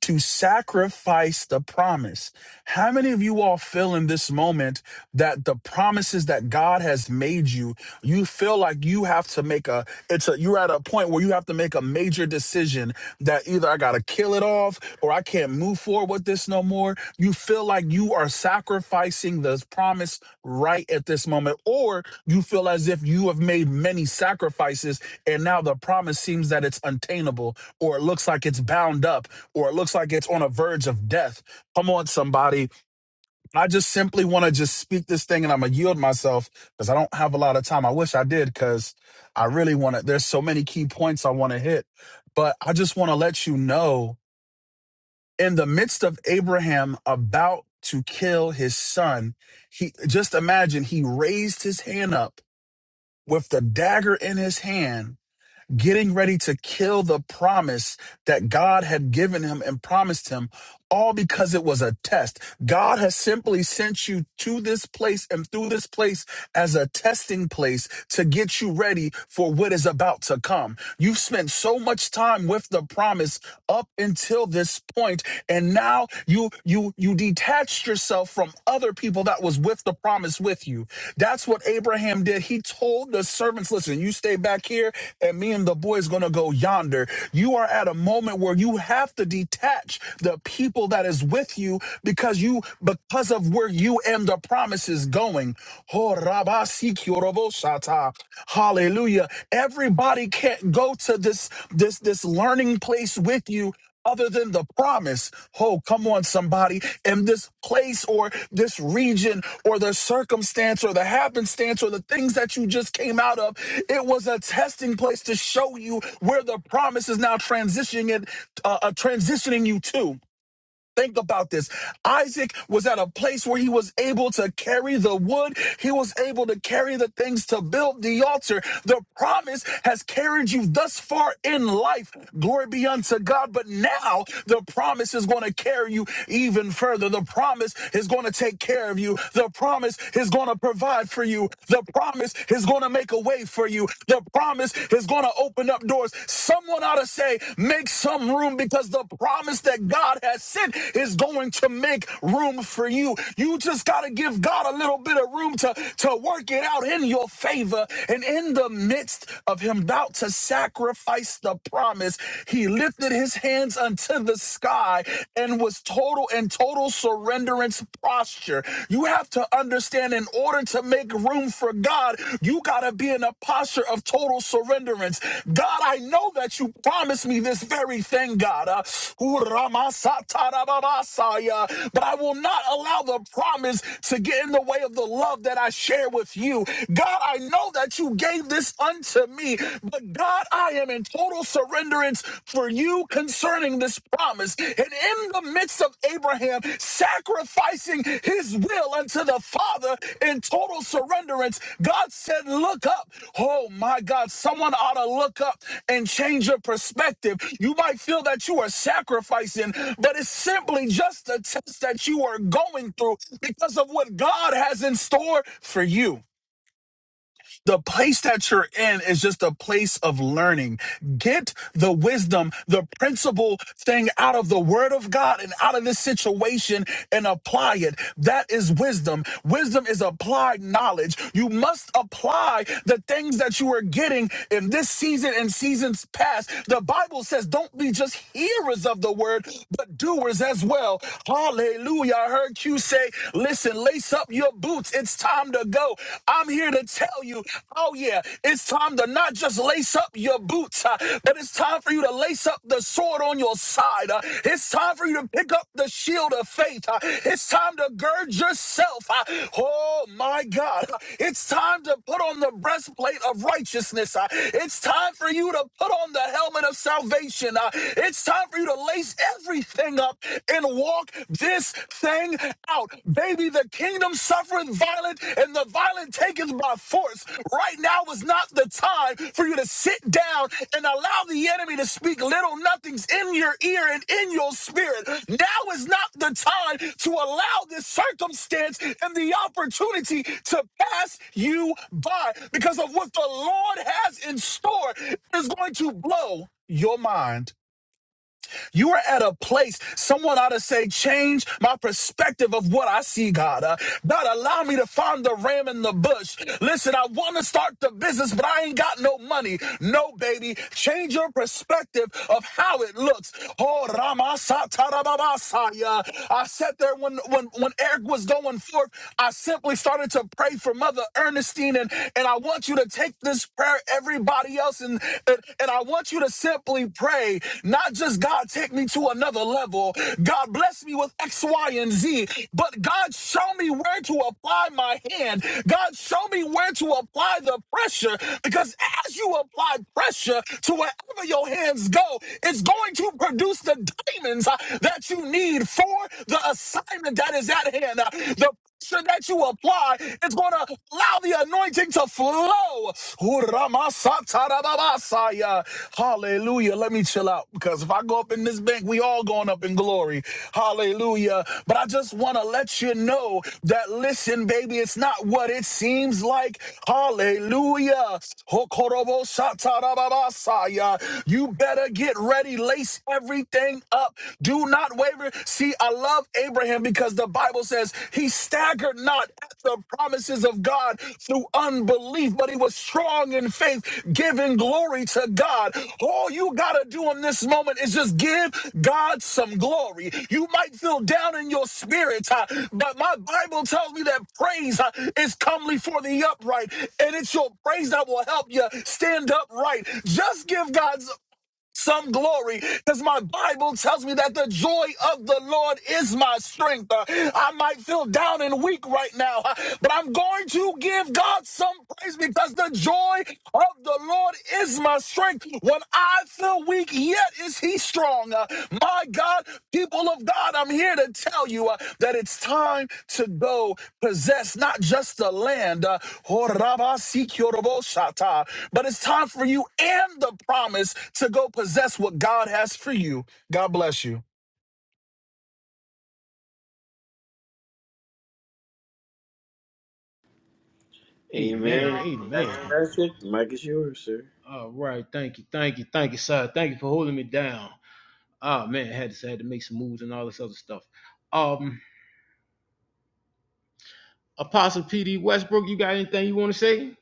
Speaker 16: to sacrifice the promise. How many of you all feel in this moment that the promises that God has made you, you feel like you have to make a it's a you're at a point where you have to make a major decision that either I got to kill it off or I can't move forward with this no more. You feel like you are sacrificing this promise right at this moment or you feel as if you have made many sacrifices and now the promise seems that it's untainable or it looks like it's bound up or it looks like it's on a verge of death. Come on, somebody. I just simply want to just speak this thing and I'm going to yield myself because I don't have a lot of time. I wish I did because I really want to. There's so many key points I want to hit, but I just want to let you know in the midst of Abraham about to kill his son, he just imagine he raised his hand up with the dagger in his hand. Getting ready to kill the promise that God had given him and promised him all because it was a test. God has simply sent you to this place and through this place as a testing place to get you ready for what is about to come. You've spent so much time with the promise up until this point and now you you you detached yourself from other people that was with the promise with you. That's what Abraham did. He told the servants, "Listen, you stay back here and me and the boys going to go yonder." You are at a moment where you have to detach the people people that is with you because you because of where you and the promise is going. Oh, Rabba Hallelujah. Everybody can't go to this this this learning place with you other than the promise. Oh, come on, somebody. And this place or this region or the circumstance or the happenstance or the things that you just came out of, it was a testing place to show you where the promise is now transitioning it, uh, uh, transitioning you to. Think about this. Isaac was at a place where he was able to carry the wood. He was able to carry the things to build the altar. The promise has carried you thus far in life. Glory be unto God. But now the promise is going to carry you even further. The promise is going to take care of you. The promise is going to provide for you. The promise is going to make a way for you. The promise promise is going to open up doors. Someone ought to say, make some room because the promise that God has sent is going to make room for you. You just got to give God a little bit of room to, to work it out in your favor. And in the midst of him about to sacrifice the promise, he lifted his hands unto the sky and was total in total surrenderance posture posture. You have to understand in order to make room for God, you got to be in a posture of total surrenderance. God, I know that you promised me this very thing, God. Uh, but I will not allow the promise to get in the way of the love that I share with you. God, I know that you gave this unto me, but God, I am in total surrenderance for you concerning this promise. And in the midst of Abraham sacrificing his will unto the Father in total surrenderance, God said, Look up. Oh my God, someone ought to look up and change your perspective. You might feel that you are sacrificing, but it's simply just a test that you are going through because of what God has in store for you. The place that you're in is just a place of learning. Get the wisdom, the principle thing out of the word of God and out of this situation and apply it. That is wisdom. Wisdom is applied knowledge. You must apply the things that you are getting in this season and seasons past. The Bible says, don't be just hearers of the word, but doers as well. Hallelujah. I heard you say, listen, lace up up your boots. It's time to go. I'm here to tell you, oh yeah, it's time to not just lace up your boots, uh, but it's time for you to lace up the sword on your side. uh, it's time for you to pick up the shield of faith. uh, it's time to gird yourself. uh, oh my God. uh, It's time to put on the breastplate of righteousness. uh, it's time for you to put on the helmet of salvation. uh, it's time for you to lace everything up in one walk this thing out. Baby, the kingdom suffereth violent, and the violent taketh by force. Right now is not the time for you to sit down and allow the enemy to speak little nothings in your ear and in your spirit. Now is not the time to allow this circumstance and the opportunity to pass you by because of what the Lord has in store is going to blow your mind. You are at a place, someone ought to say, change my perspective of what I see, God. Uh, God, allow me to find the ram in the bush. Listen, I want to start the business, but I ain't got no money. No, baby. Change your perspective of how it looks. Oh, Ramasatarababasaya. I sat there when, when, when Eric was going forth. I simply started to pray for Mother Ernestine, and, and I want you to take this prayer, everybody somebody else. And, and, and I want you to simply pray, not just God, take me to another level. God, bless me with X, Y, and Z. But God, show me where to apply my hand. God, show me where to apply the pressure. Because as you apply pressure to wherever your hands go, it's going to produce the diamonds uh, that you need for the assignment that is at hand. Uh, The pressure that you apply God is going to allow the anointing to flow. Uramasatarababasaya. Hallelujah. Let me chill out because if I go up in this bank, we all going up in glory. Hallelujah. But I just want to let you know that listen, baby, it's not what it seems like. Hallelujah. Hokorobosatarababasaya. You better get ready. Lace everything up. Do not waver. See, I love Abraham because the Bible says he staggered not at the promises of God through unbelief, but he was strong in faith, giving glory to God. All you got to do in this moment is just give God some glory. You might feel down in your spirit, uh, but my Bible tells me that praise uh, is comely for the upright, and it's your praise that will help you stand upright. Just give God some glory because my Bible tells me that the joy of the Lord is my strength. Uh, I might feel down and weak right now, uh, but I'm going to give God some praise because the joy of the Lord is my strength. When I feel weak, yet is He strong strong. Uh, my God, people of God, I'm here to tell you uh, that it's time to go possess not just the land, uh, but it's time for you and the promise to go possess what God has for you. God bless you.
Speaker 1: Amen.
Speaker 3: Amen. Pastor
Speaker 1: Amen.
Speaker 3: Patrick, the mic is yours, sir.
Speaker 1: All right, thank you, thank you, thank you, sir. Thank you for holding me down. Ah man, I had to I had to make some moves and all this other stuff. Um Apostle PD Westbrook, you got anything you wanna say?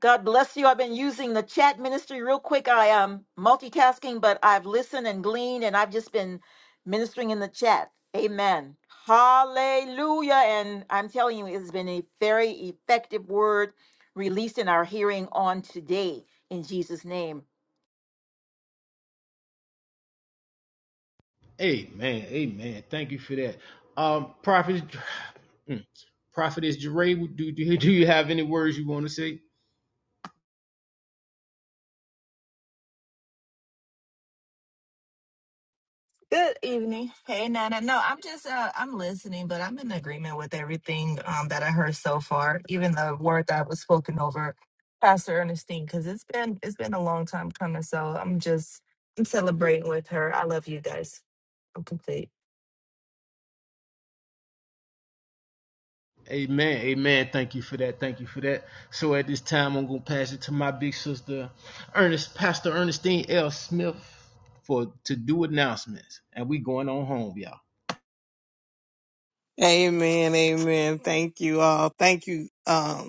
Speaker 15: God bless you. I've been using the chat ministry real quick. I am multitasking, but I've listened and gleaned and I've just been ministering in the chat. Amen. Hallelujah. And I'm telling you, it's been a very effective word released in our hearing on today in Jesus' name.
Speaker 1: Amen. Amen. Thank you for that. Um, Prophet, mm, Prophetess Jeray, do, do, do you have any words you want to say?
Speaker 17: Good evening. Hey, Nana. No, I'm just uh, I'm listening, but I'm in agreement with everything um, that I heard so far, even the word that was spoken over Pastor Ernestine, because it's been it's been a long time coming. So I'm just I'm celebrating with her. I love you guys. I'm complete.
Speaker 1: Amen. Amen. Thank you for that. Thank you for that. So at this time, I'm going to pass it to my big sister, Ernest, Pastor Ernestine L. Smith, for to do announcements. And we going on home, y'all.
Speaker 12: Amen. Amen. Thank you all. Thank you. um,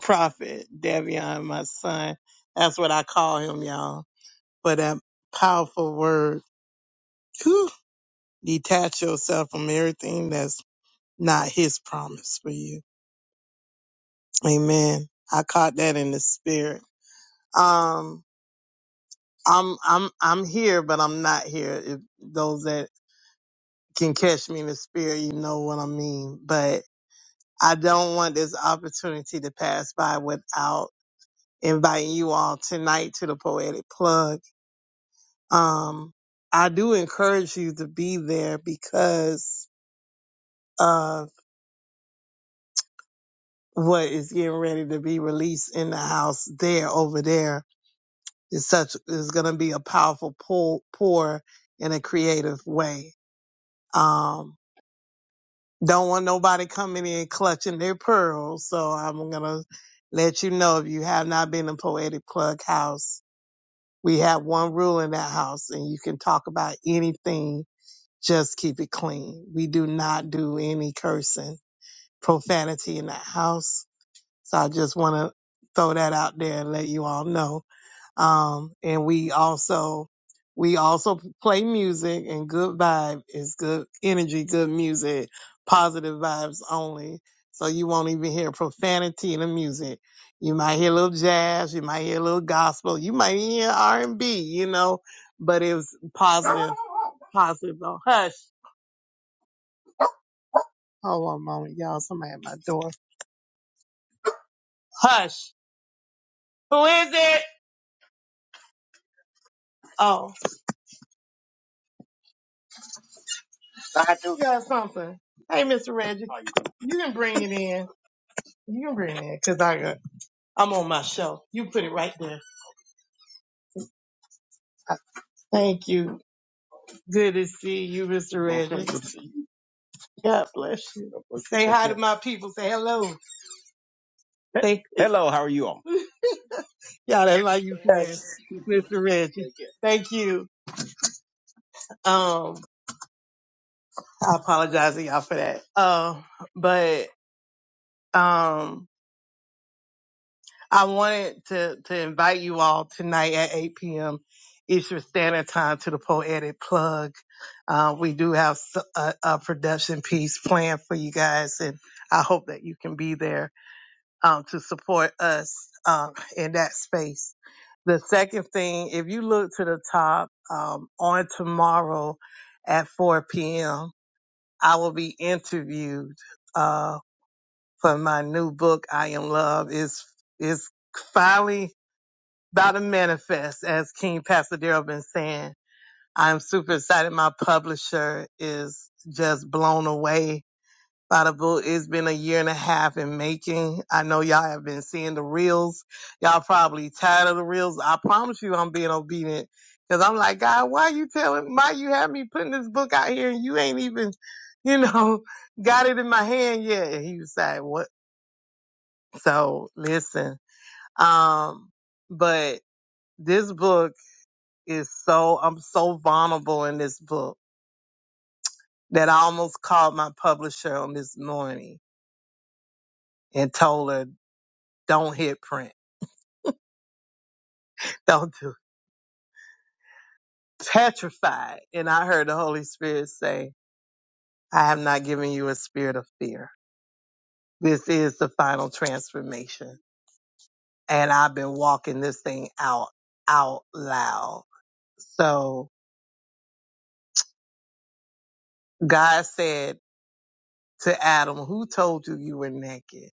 Speaker 12: Prophet Davion, my son. That's what I call him, y'all. For that powerful word. Whew. Detach yourself from everything that's not his promise for you. Amen. I caught that in the spirit. Um, I'm I'm I'm here, but I'm not here. If those that can catch me in the spirit, you know what I mean. But I don't want this opportunity to pass by without inviting you all tonight to the poetic plug Um, I do encourage you to be there because of what is getting ready to be released in the house there over there is such is going to be a powerful pull pour in a creative way. Um, don't want nobody coming in clutching their pearls, so I'm gonna let you know if you have not been in Poetic Plug House, we have one rule in that house, and you can talk about anything Just keep it clean. We do not do any cursing, profanity in the house. So I just want to throw that out there and let you all know. Um, and we also, we also play music and good vibe is good energy, good music, positive vibes only. So you won't even hear profanity in the music. You might hear a little jazz, you might hear a little gospel, you might even hear R and B, you know, but it was positive, positive. Oh, hush. Hold one moment, y'all. Somebody at my door. Hush. Who is it? Oh, I do got something. Hey, Mr. Reggie, you can bring it in. You can bring it in because I got, I'm on my show. You put it right there. Thank you. Good to see you, Mr. Reggie. God bless you. Say hi to my people. Say hello. Say, Hello, how are you all? y'all, that's my UPS, Mr. Reggie. Thank you. Um, I apologize to y'all for that. Um, but, um, I wanted to, to invite you all tonight at 8 p.m. Eastern Standard Time to the Poetic Plug. Uh, we do have s- a, a production piece planned for you guys, and I hope that you can be there um, to support us um, in that space. The second thing, if you look to the top um, on tomorrow at 4 p.m., I will be interviewed uh, for my new book, I Am Love. Is is finally about to manifest, as King Pasadero been saying. I'm super excited. My publisher is just blown away by the book. It's been a year and a half in making. I know y'all have been seeing the reels. Y'all probably tired of the reels. I promise you I'm being obedient. Cause I'm like, God, why you telling, why you have me putting this book out here and you ain't even, you know, got it in my hand yet? And he was like, what? So listen, um, but this book is so I'm so vulnerable in this book that I almost called my publisher on this morning and told her, Don't hit print. Don't do it." petrified. And I heard the Holy Spirit say, I have not given you a spirit of fear. This is the final transformation. And I've been walking this thing out out loud. So God said to Adam, Who told you you were naked?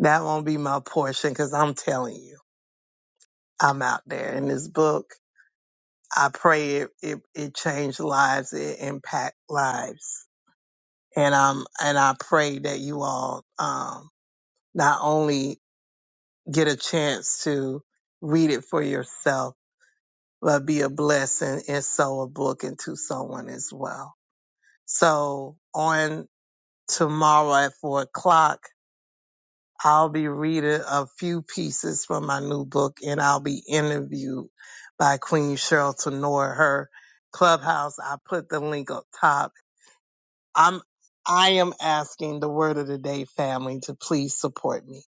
Speaker 12: That won't be my portion because I'm telling you. I'm out there in this book. I pray it, it, it changed lives, it impact lives. And um and I pray that you all um not only get a chance to read it for yourself, but be a blessing and sow a book into someone as well. So on tomorrow at four o'clock, I'll be reading a few pieces from my new book and I'll be interviewed by Queen Cheryl Tenor. Her clubhouse, I put the link up top I'm I am asking the word of the day family to please support me.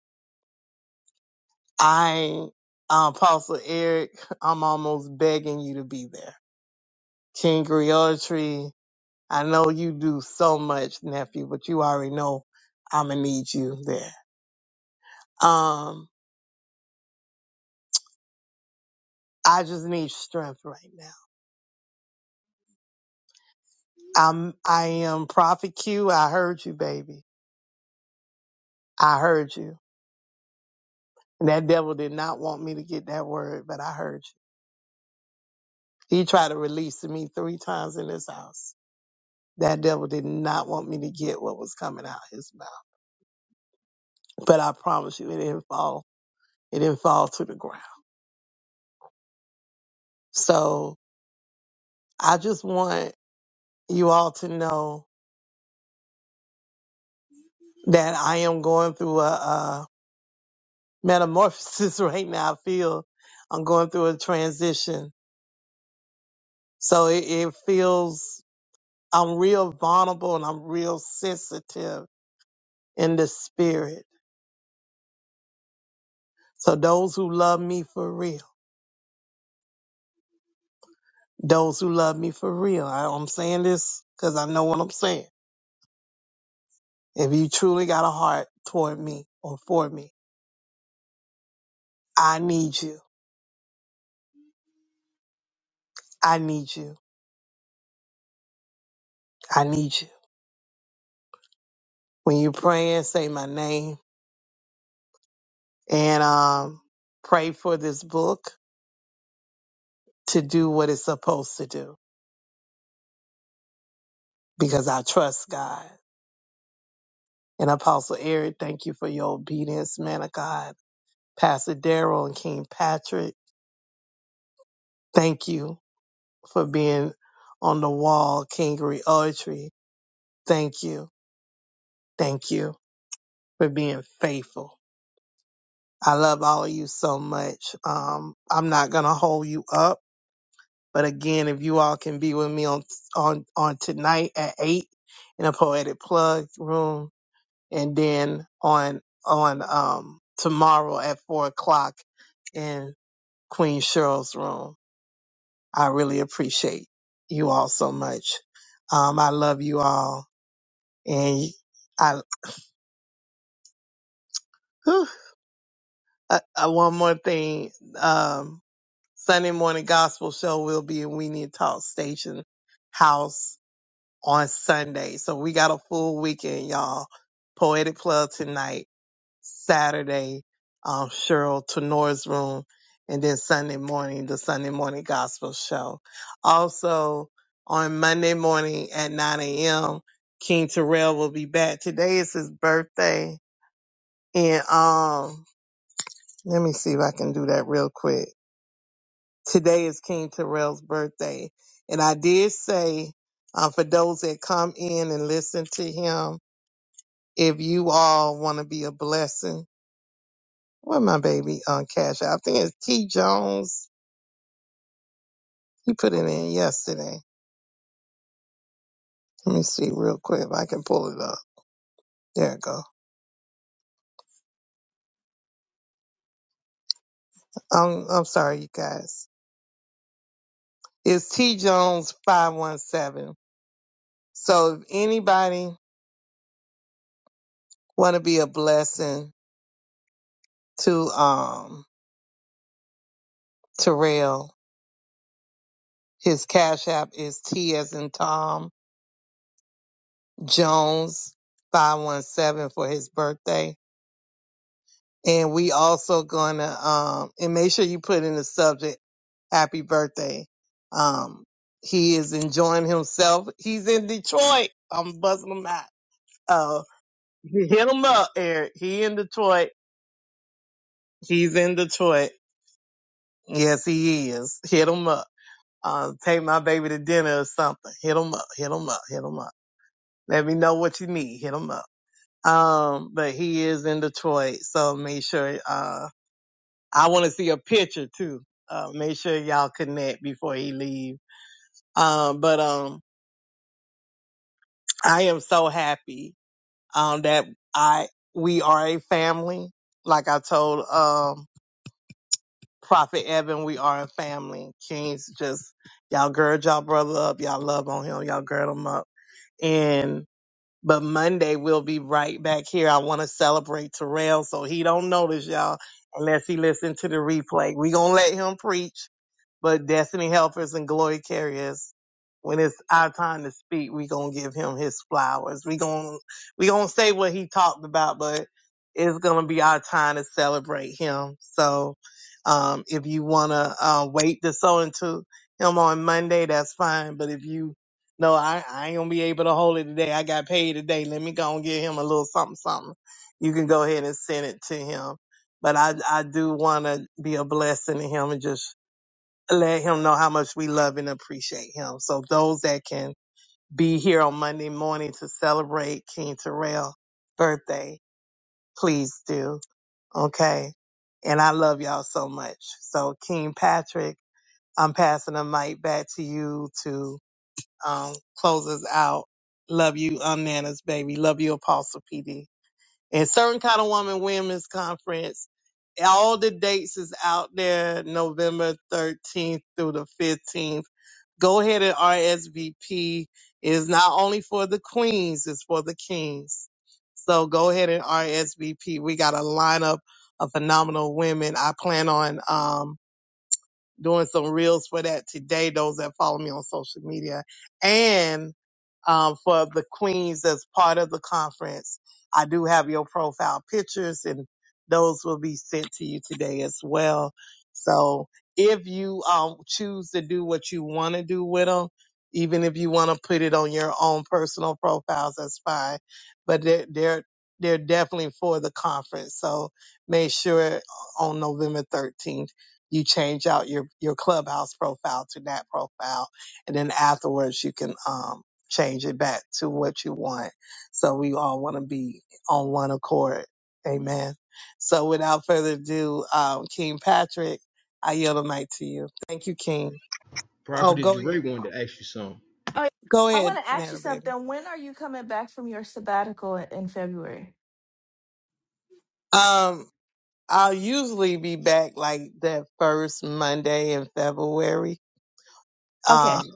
Speaker 12: I uh, Apostle Eric, I'm almost begging you to be there. King Griotry, I know you do so much, nephew, but you already know I'ma need you there. Um, I just need strength right now. I'm I am Prophet Q, I heard you, baby. I heard you. And that devil did not want me to get that word, but I heard you. He tried to release me three times in this house. That devil did not want me to get what was coming out his mouth. But I promise you, it didn't fall. It didn't fall to the ground. So I just want you all to know that I am going through a, a metamorphosis right now. I feel I'm going through a transition. So it, it feels I'm real vulnerable and I'm real sensitive in the spirit. So those who love me for real, those who love me for real. I, I'm saying this because I know what I'm saying If you truly got a heart toward me or for me, I need you. I need you. I need you. When you're praying, say my name and um, pray for this book to do what it's supposed to do because I trust God. And Apostle Eric, thank you for your obedience, man of God. Pastor Daryl and King Patrick, thank you for being on the wall, Kingery Poetry. Thank you. Thank you for being faithful I love all of you so much. Um, I'm not gonna hold you up, but again, if you all can be with me on on on tonight at eight in a poetic plug room, and then on on um tomorrow at four o'clock in Queen Cheryl's room. I really appreciate you all so much. Um, I love you all, and I uh, uh, one more thing. Um, Sunday morning gospel show will be in We Need Talk Station House on Sunday. So we got a full weekend, y'all. Poetic Plug tonight, Saturday, um, Cheryl Tenor's room, and then Sunday morning, the Sunday morning gospel show. Also on Monday morning at 9 a.m., King Terrell will be back. Today is his birthday. And um, let me see if I can do that real quick. today is King Terrell's birthday. And I did say, uh, for those that come in and listen to him, if you all want to be a blessing, what my baby on cash App? I think it's T Jones. He put it in yesterday. Let me see real quick if I can pull it up. There it go. I'm, I'm sorry, you guys. It's T Jones 517. So if anybody want to be a blessing to, um, Terrell, His cash app is T as in Tom Jones 517 for his birthday. And we also gonna um and make sure you put in the subject happy birthday. Um he is enjoying himself. He's in Detroit. I'm buzzing him out. Uh hit him up, Eric. He in Detroit. He's in Detroit. Yes, he is. Hit him up. Uh, take my baby to dinner or something. Hit him up. Hit him up. Hit him up. Let me know what you need. Hit him up. Um, but he is in Detroit, so make sure, uh, I want to see a picture too. Uh, make sure y'all connect before he leave. Um, but, um, I am so happy, um, that I, we are a family. Like I told, um, Prophet Evan, we are a family. Kings just, y'all gird y'all brother up. Y'all love on him. Y'all gird him up. and. But Monday we'll be right back here. I want to celebrate Terrell so he don't notice y'all unless he listen to the replay. We gonna let him preach. But Destiny Helpers and Glory Carriers, when it's our time to speak, we gonna give him his flowers. We gonna we gonna say what he talked about, but it's gonna be our time to celebrate him. So um if you wanna uh wait to sow into him on Monday, that's fine. But if you no, I, I ain't gonna be able to hold it today. I got paid today. Let me go and give him a little something something. You can go ahead and send it to him. But I I do wanna be a blessing to him and just let him know how much we love and appreciate him. So those that can be here on Monday morning to celebrate King Terrell's birthday, please do. Okay. And I love y'all so much. So King Patrick, I'm passing the mic back to you to um, close us out. Love you, um, Nana's baby. Love you, Apostle PD. And certain kind of woman women's conference all the dates is out there November 13th through the 15th. Go ahead and RSVP. It is not only for the queens, it's for the kings. So go ahead and RSVP. We got a lineup of phenomenal women. I plan on, um doing some reels for that today, those that follow me on social media. And um, for the queens that's part of the conference, I do have your profile pictures and those will be sent to you today as well. So if you um, choose to do what you want to do with them, even if you want to put it on your own personal profiles, that's fine. But they're, they're, they're definitely for the conference. So make sure on November 13th you change out your your clubhouse profile to that profile and then afterwards you can um change it back to what you want so we all want to be on one accord amen so without further ado um king patrick i yield the mic to you thank you king oh
Speaker 1: Prophetess
Speaker 12: go ahead
Speaker 1: Jeray wanted to ask you something.
Speaker 17: Oh, yeah.
Speaker 12: go
Speaker 17: I
Speaker 12: ahead
Speaker 17: want to ask you
Speaker 12: nana baby
Speaker 17: something. When are you coming back from your sabbatical in in February?
Speaker 12: um i'll usually be back like that first monday in february
Speaker 17: Okay.
Speaker 12: Um.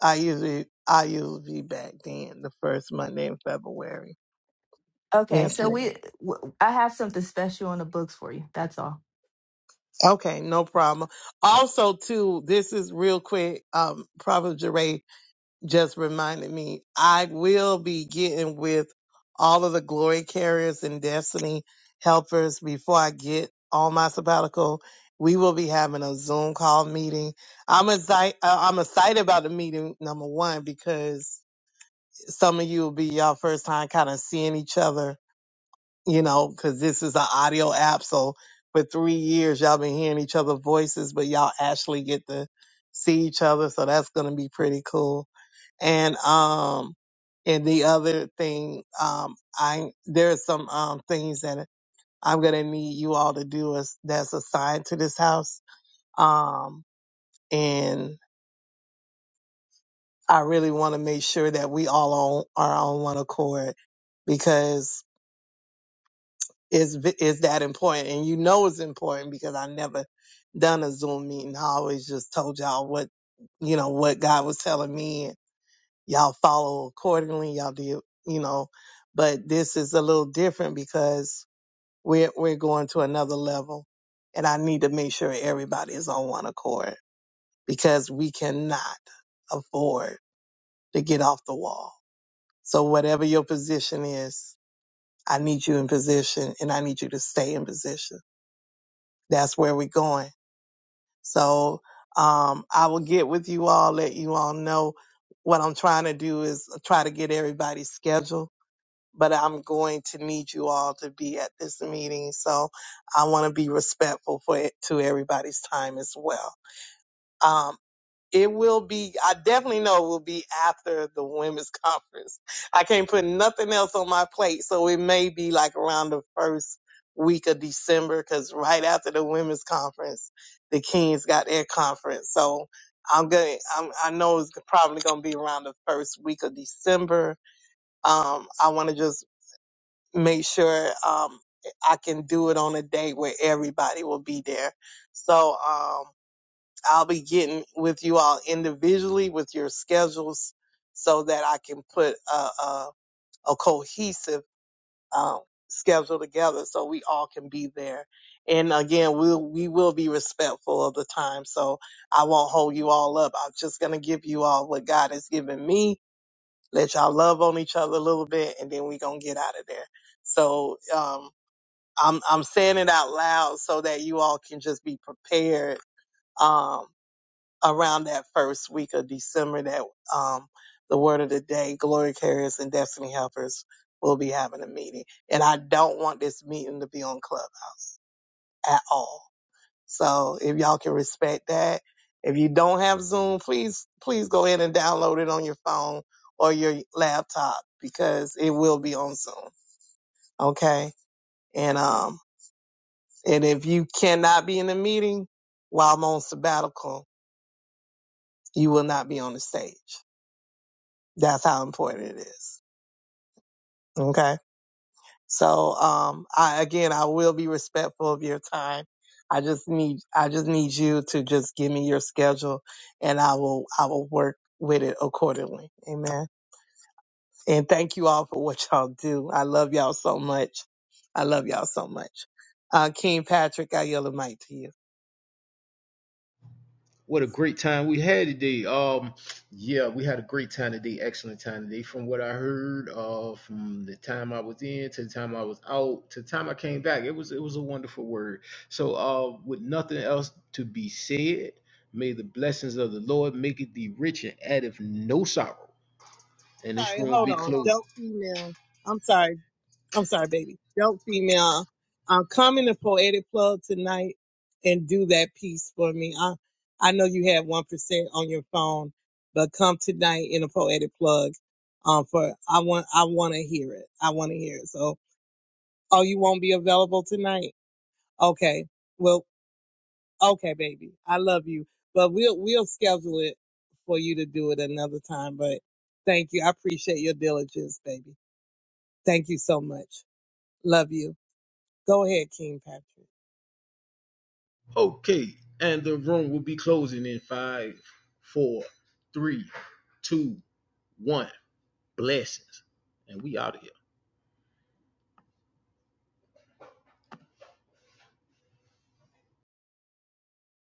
Speaker 12: I usually I usually be back then the first Monday in February.
Speaker 17: Okay.
Speaker 12: Yes,
Speaker 17: So
Speaker 12: ma'am.
Speaker 17: we w- I have something special on the books for you. That's all.
Speaker 12: Okay, no problem. Also, too, this is real quick. Um, Prophet Jeray just reminded me I will be getting with all of the glory carriers and destiny helpers before I get on my sabbatical. We will be having a Zoom call meeting. I'm excited. I'm excited about the meeting. Number one, because some of you will be your first time kind of seeing each other you know, because this is an audio app. So for three years, y'all been hearing each other's voices, but y'all actually get to see each other. So that's going to be pretty cool. And, um, and the other thing, um, I, there are some, um, things that I'm going to need you all to do is that's assigned to this house. Um, and I really want to make sure that we all on, are on one accord because. is v- is that important and you know it's important because i never done a zoom meeting i always just told y'all what you know what god was telling me and y'all follow accordingly y'all did you know but this is a little different because we're we're going to another level and i need to make sure everybody is on one accord because we cannot afford to get off the wall so whatever your position is i need you in position and i need you to stay in position that's where we're going. So um, I will get with you all, let you all know what I'm trying to do is try to get everybody's schedule, but I'm going to need you all to be at this meeting. So I want to be respectful for it, to everybody's time as well. Um, it will be, I definitely know it will be after the women's conference. I can't put nothing else on my plate. So it may be like around the first week of December because right after the women's conference, the Kings got their conference. So I'm going to, I'm, I know it's probably going to be around the first week of December. Um, I want to just make sure, um, I can do it on a day where everybody will be there. So, um, I'll be getting with you all individually with your schedules so that I can put a, a, a cohesive um, schedule together so we all can be there. And again, we'll, we will be respectful of the time. So I won't hold you all up. I'm just going to give you all what God has given me. Let y'all love on each other a little bit and then we going to get out of there. So, um, I'm, I'm saying it out loud so that you all can just be prepared um, around that first week of December that um, the word of the day, glory carriers and destiny helpers will be having a meeting. And I don't want this meeting to be on Clubhouse at all. So if y'all can respect that, if you don't have Zoom, please, please go ahead and download it on your phone or your laptop because it will be on Zoom. Okay. And, um, and if you cannot be in the meeting while I'm on sabbatical, you will not be on the stage. That's how important it is. Okay. So, um, I, again, I will be respectful of your time. I just need, I just need you to just give me your schedule and I will, I will work with it accordingly. Amen. And thank you all for what y'all do. I love y'all so much. I love y'all so much. Uh, King Patrick, I yell the mic to you.
Speaker 1: what a great time we had today. Um, yeah, we had a great time today, excellent time today. From what I heard, uh, from the time I was in to the time I was out to the time I came back, it was it was a wonderful word. So, uh, with nothing else to be said, may the blessings of the Lord make it thee rich and addeth no sorrow. And this
Speaker 12: Sorry.
Speaker 1: room will
Speaker 12: Hold
Speaker 1: be
Speaker 12: on.
Speaker 1: closing.
Speaker 12: Don't email. I'm sorry. I'm sorry, baby. Dope female. Um, come in the poetic plug tonight and do that piece for me. I I know you have one percent on your phone, but come tonight in a poetic plug. Um, for I want I want to hear it. I want to hear it. So, oh, you won't be available tonight? Okay. Well, okay, baby. I love you, but we'll we'll schedule it for you to do it another time. But thank you. I appreciate your diligence, baby. Thank you so much. Love you. Go ahead, King Patrick.
Speaker 1: Okay, and the room will be closing in five, four, three, two, one. Blessings, and we out of here.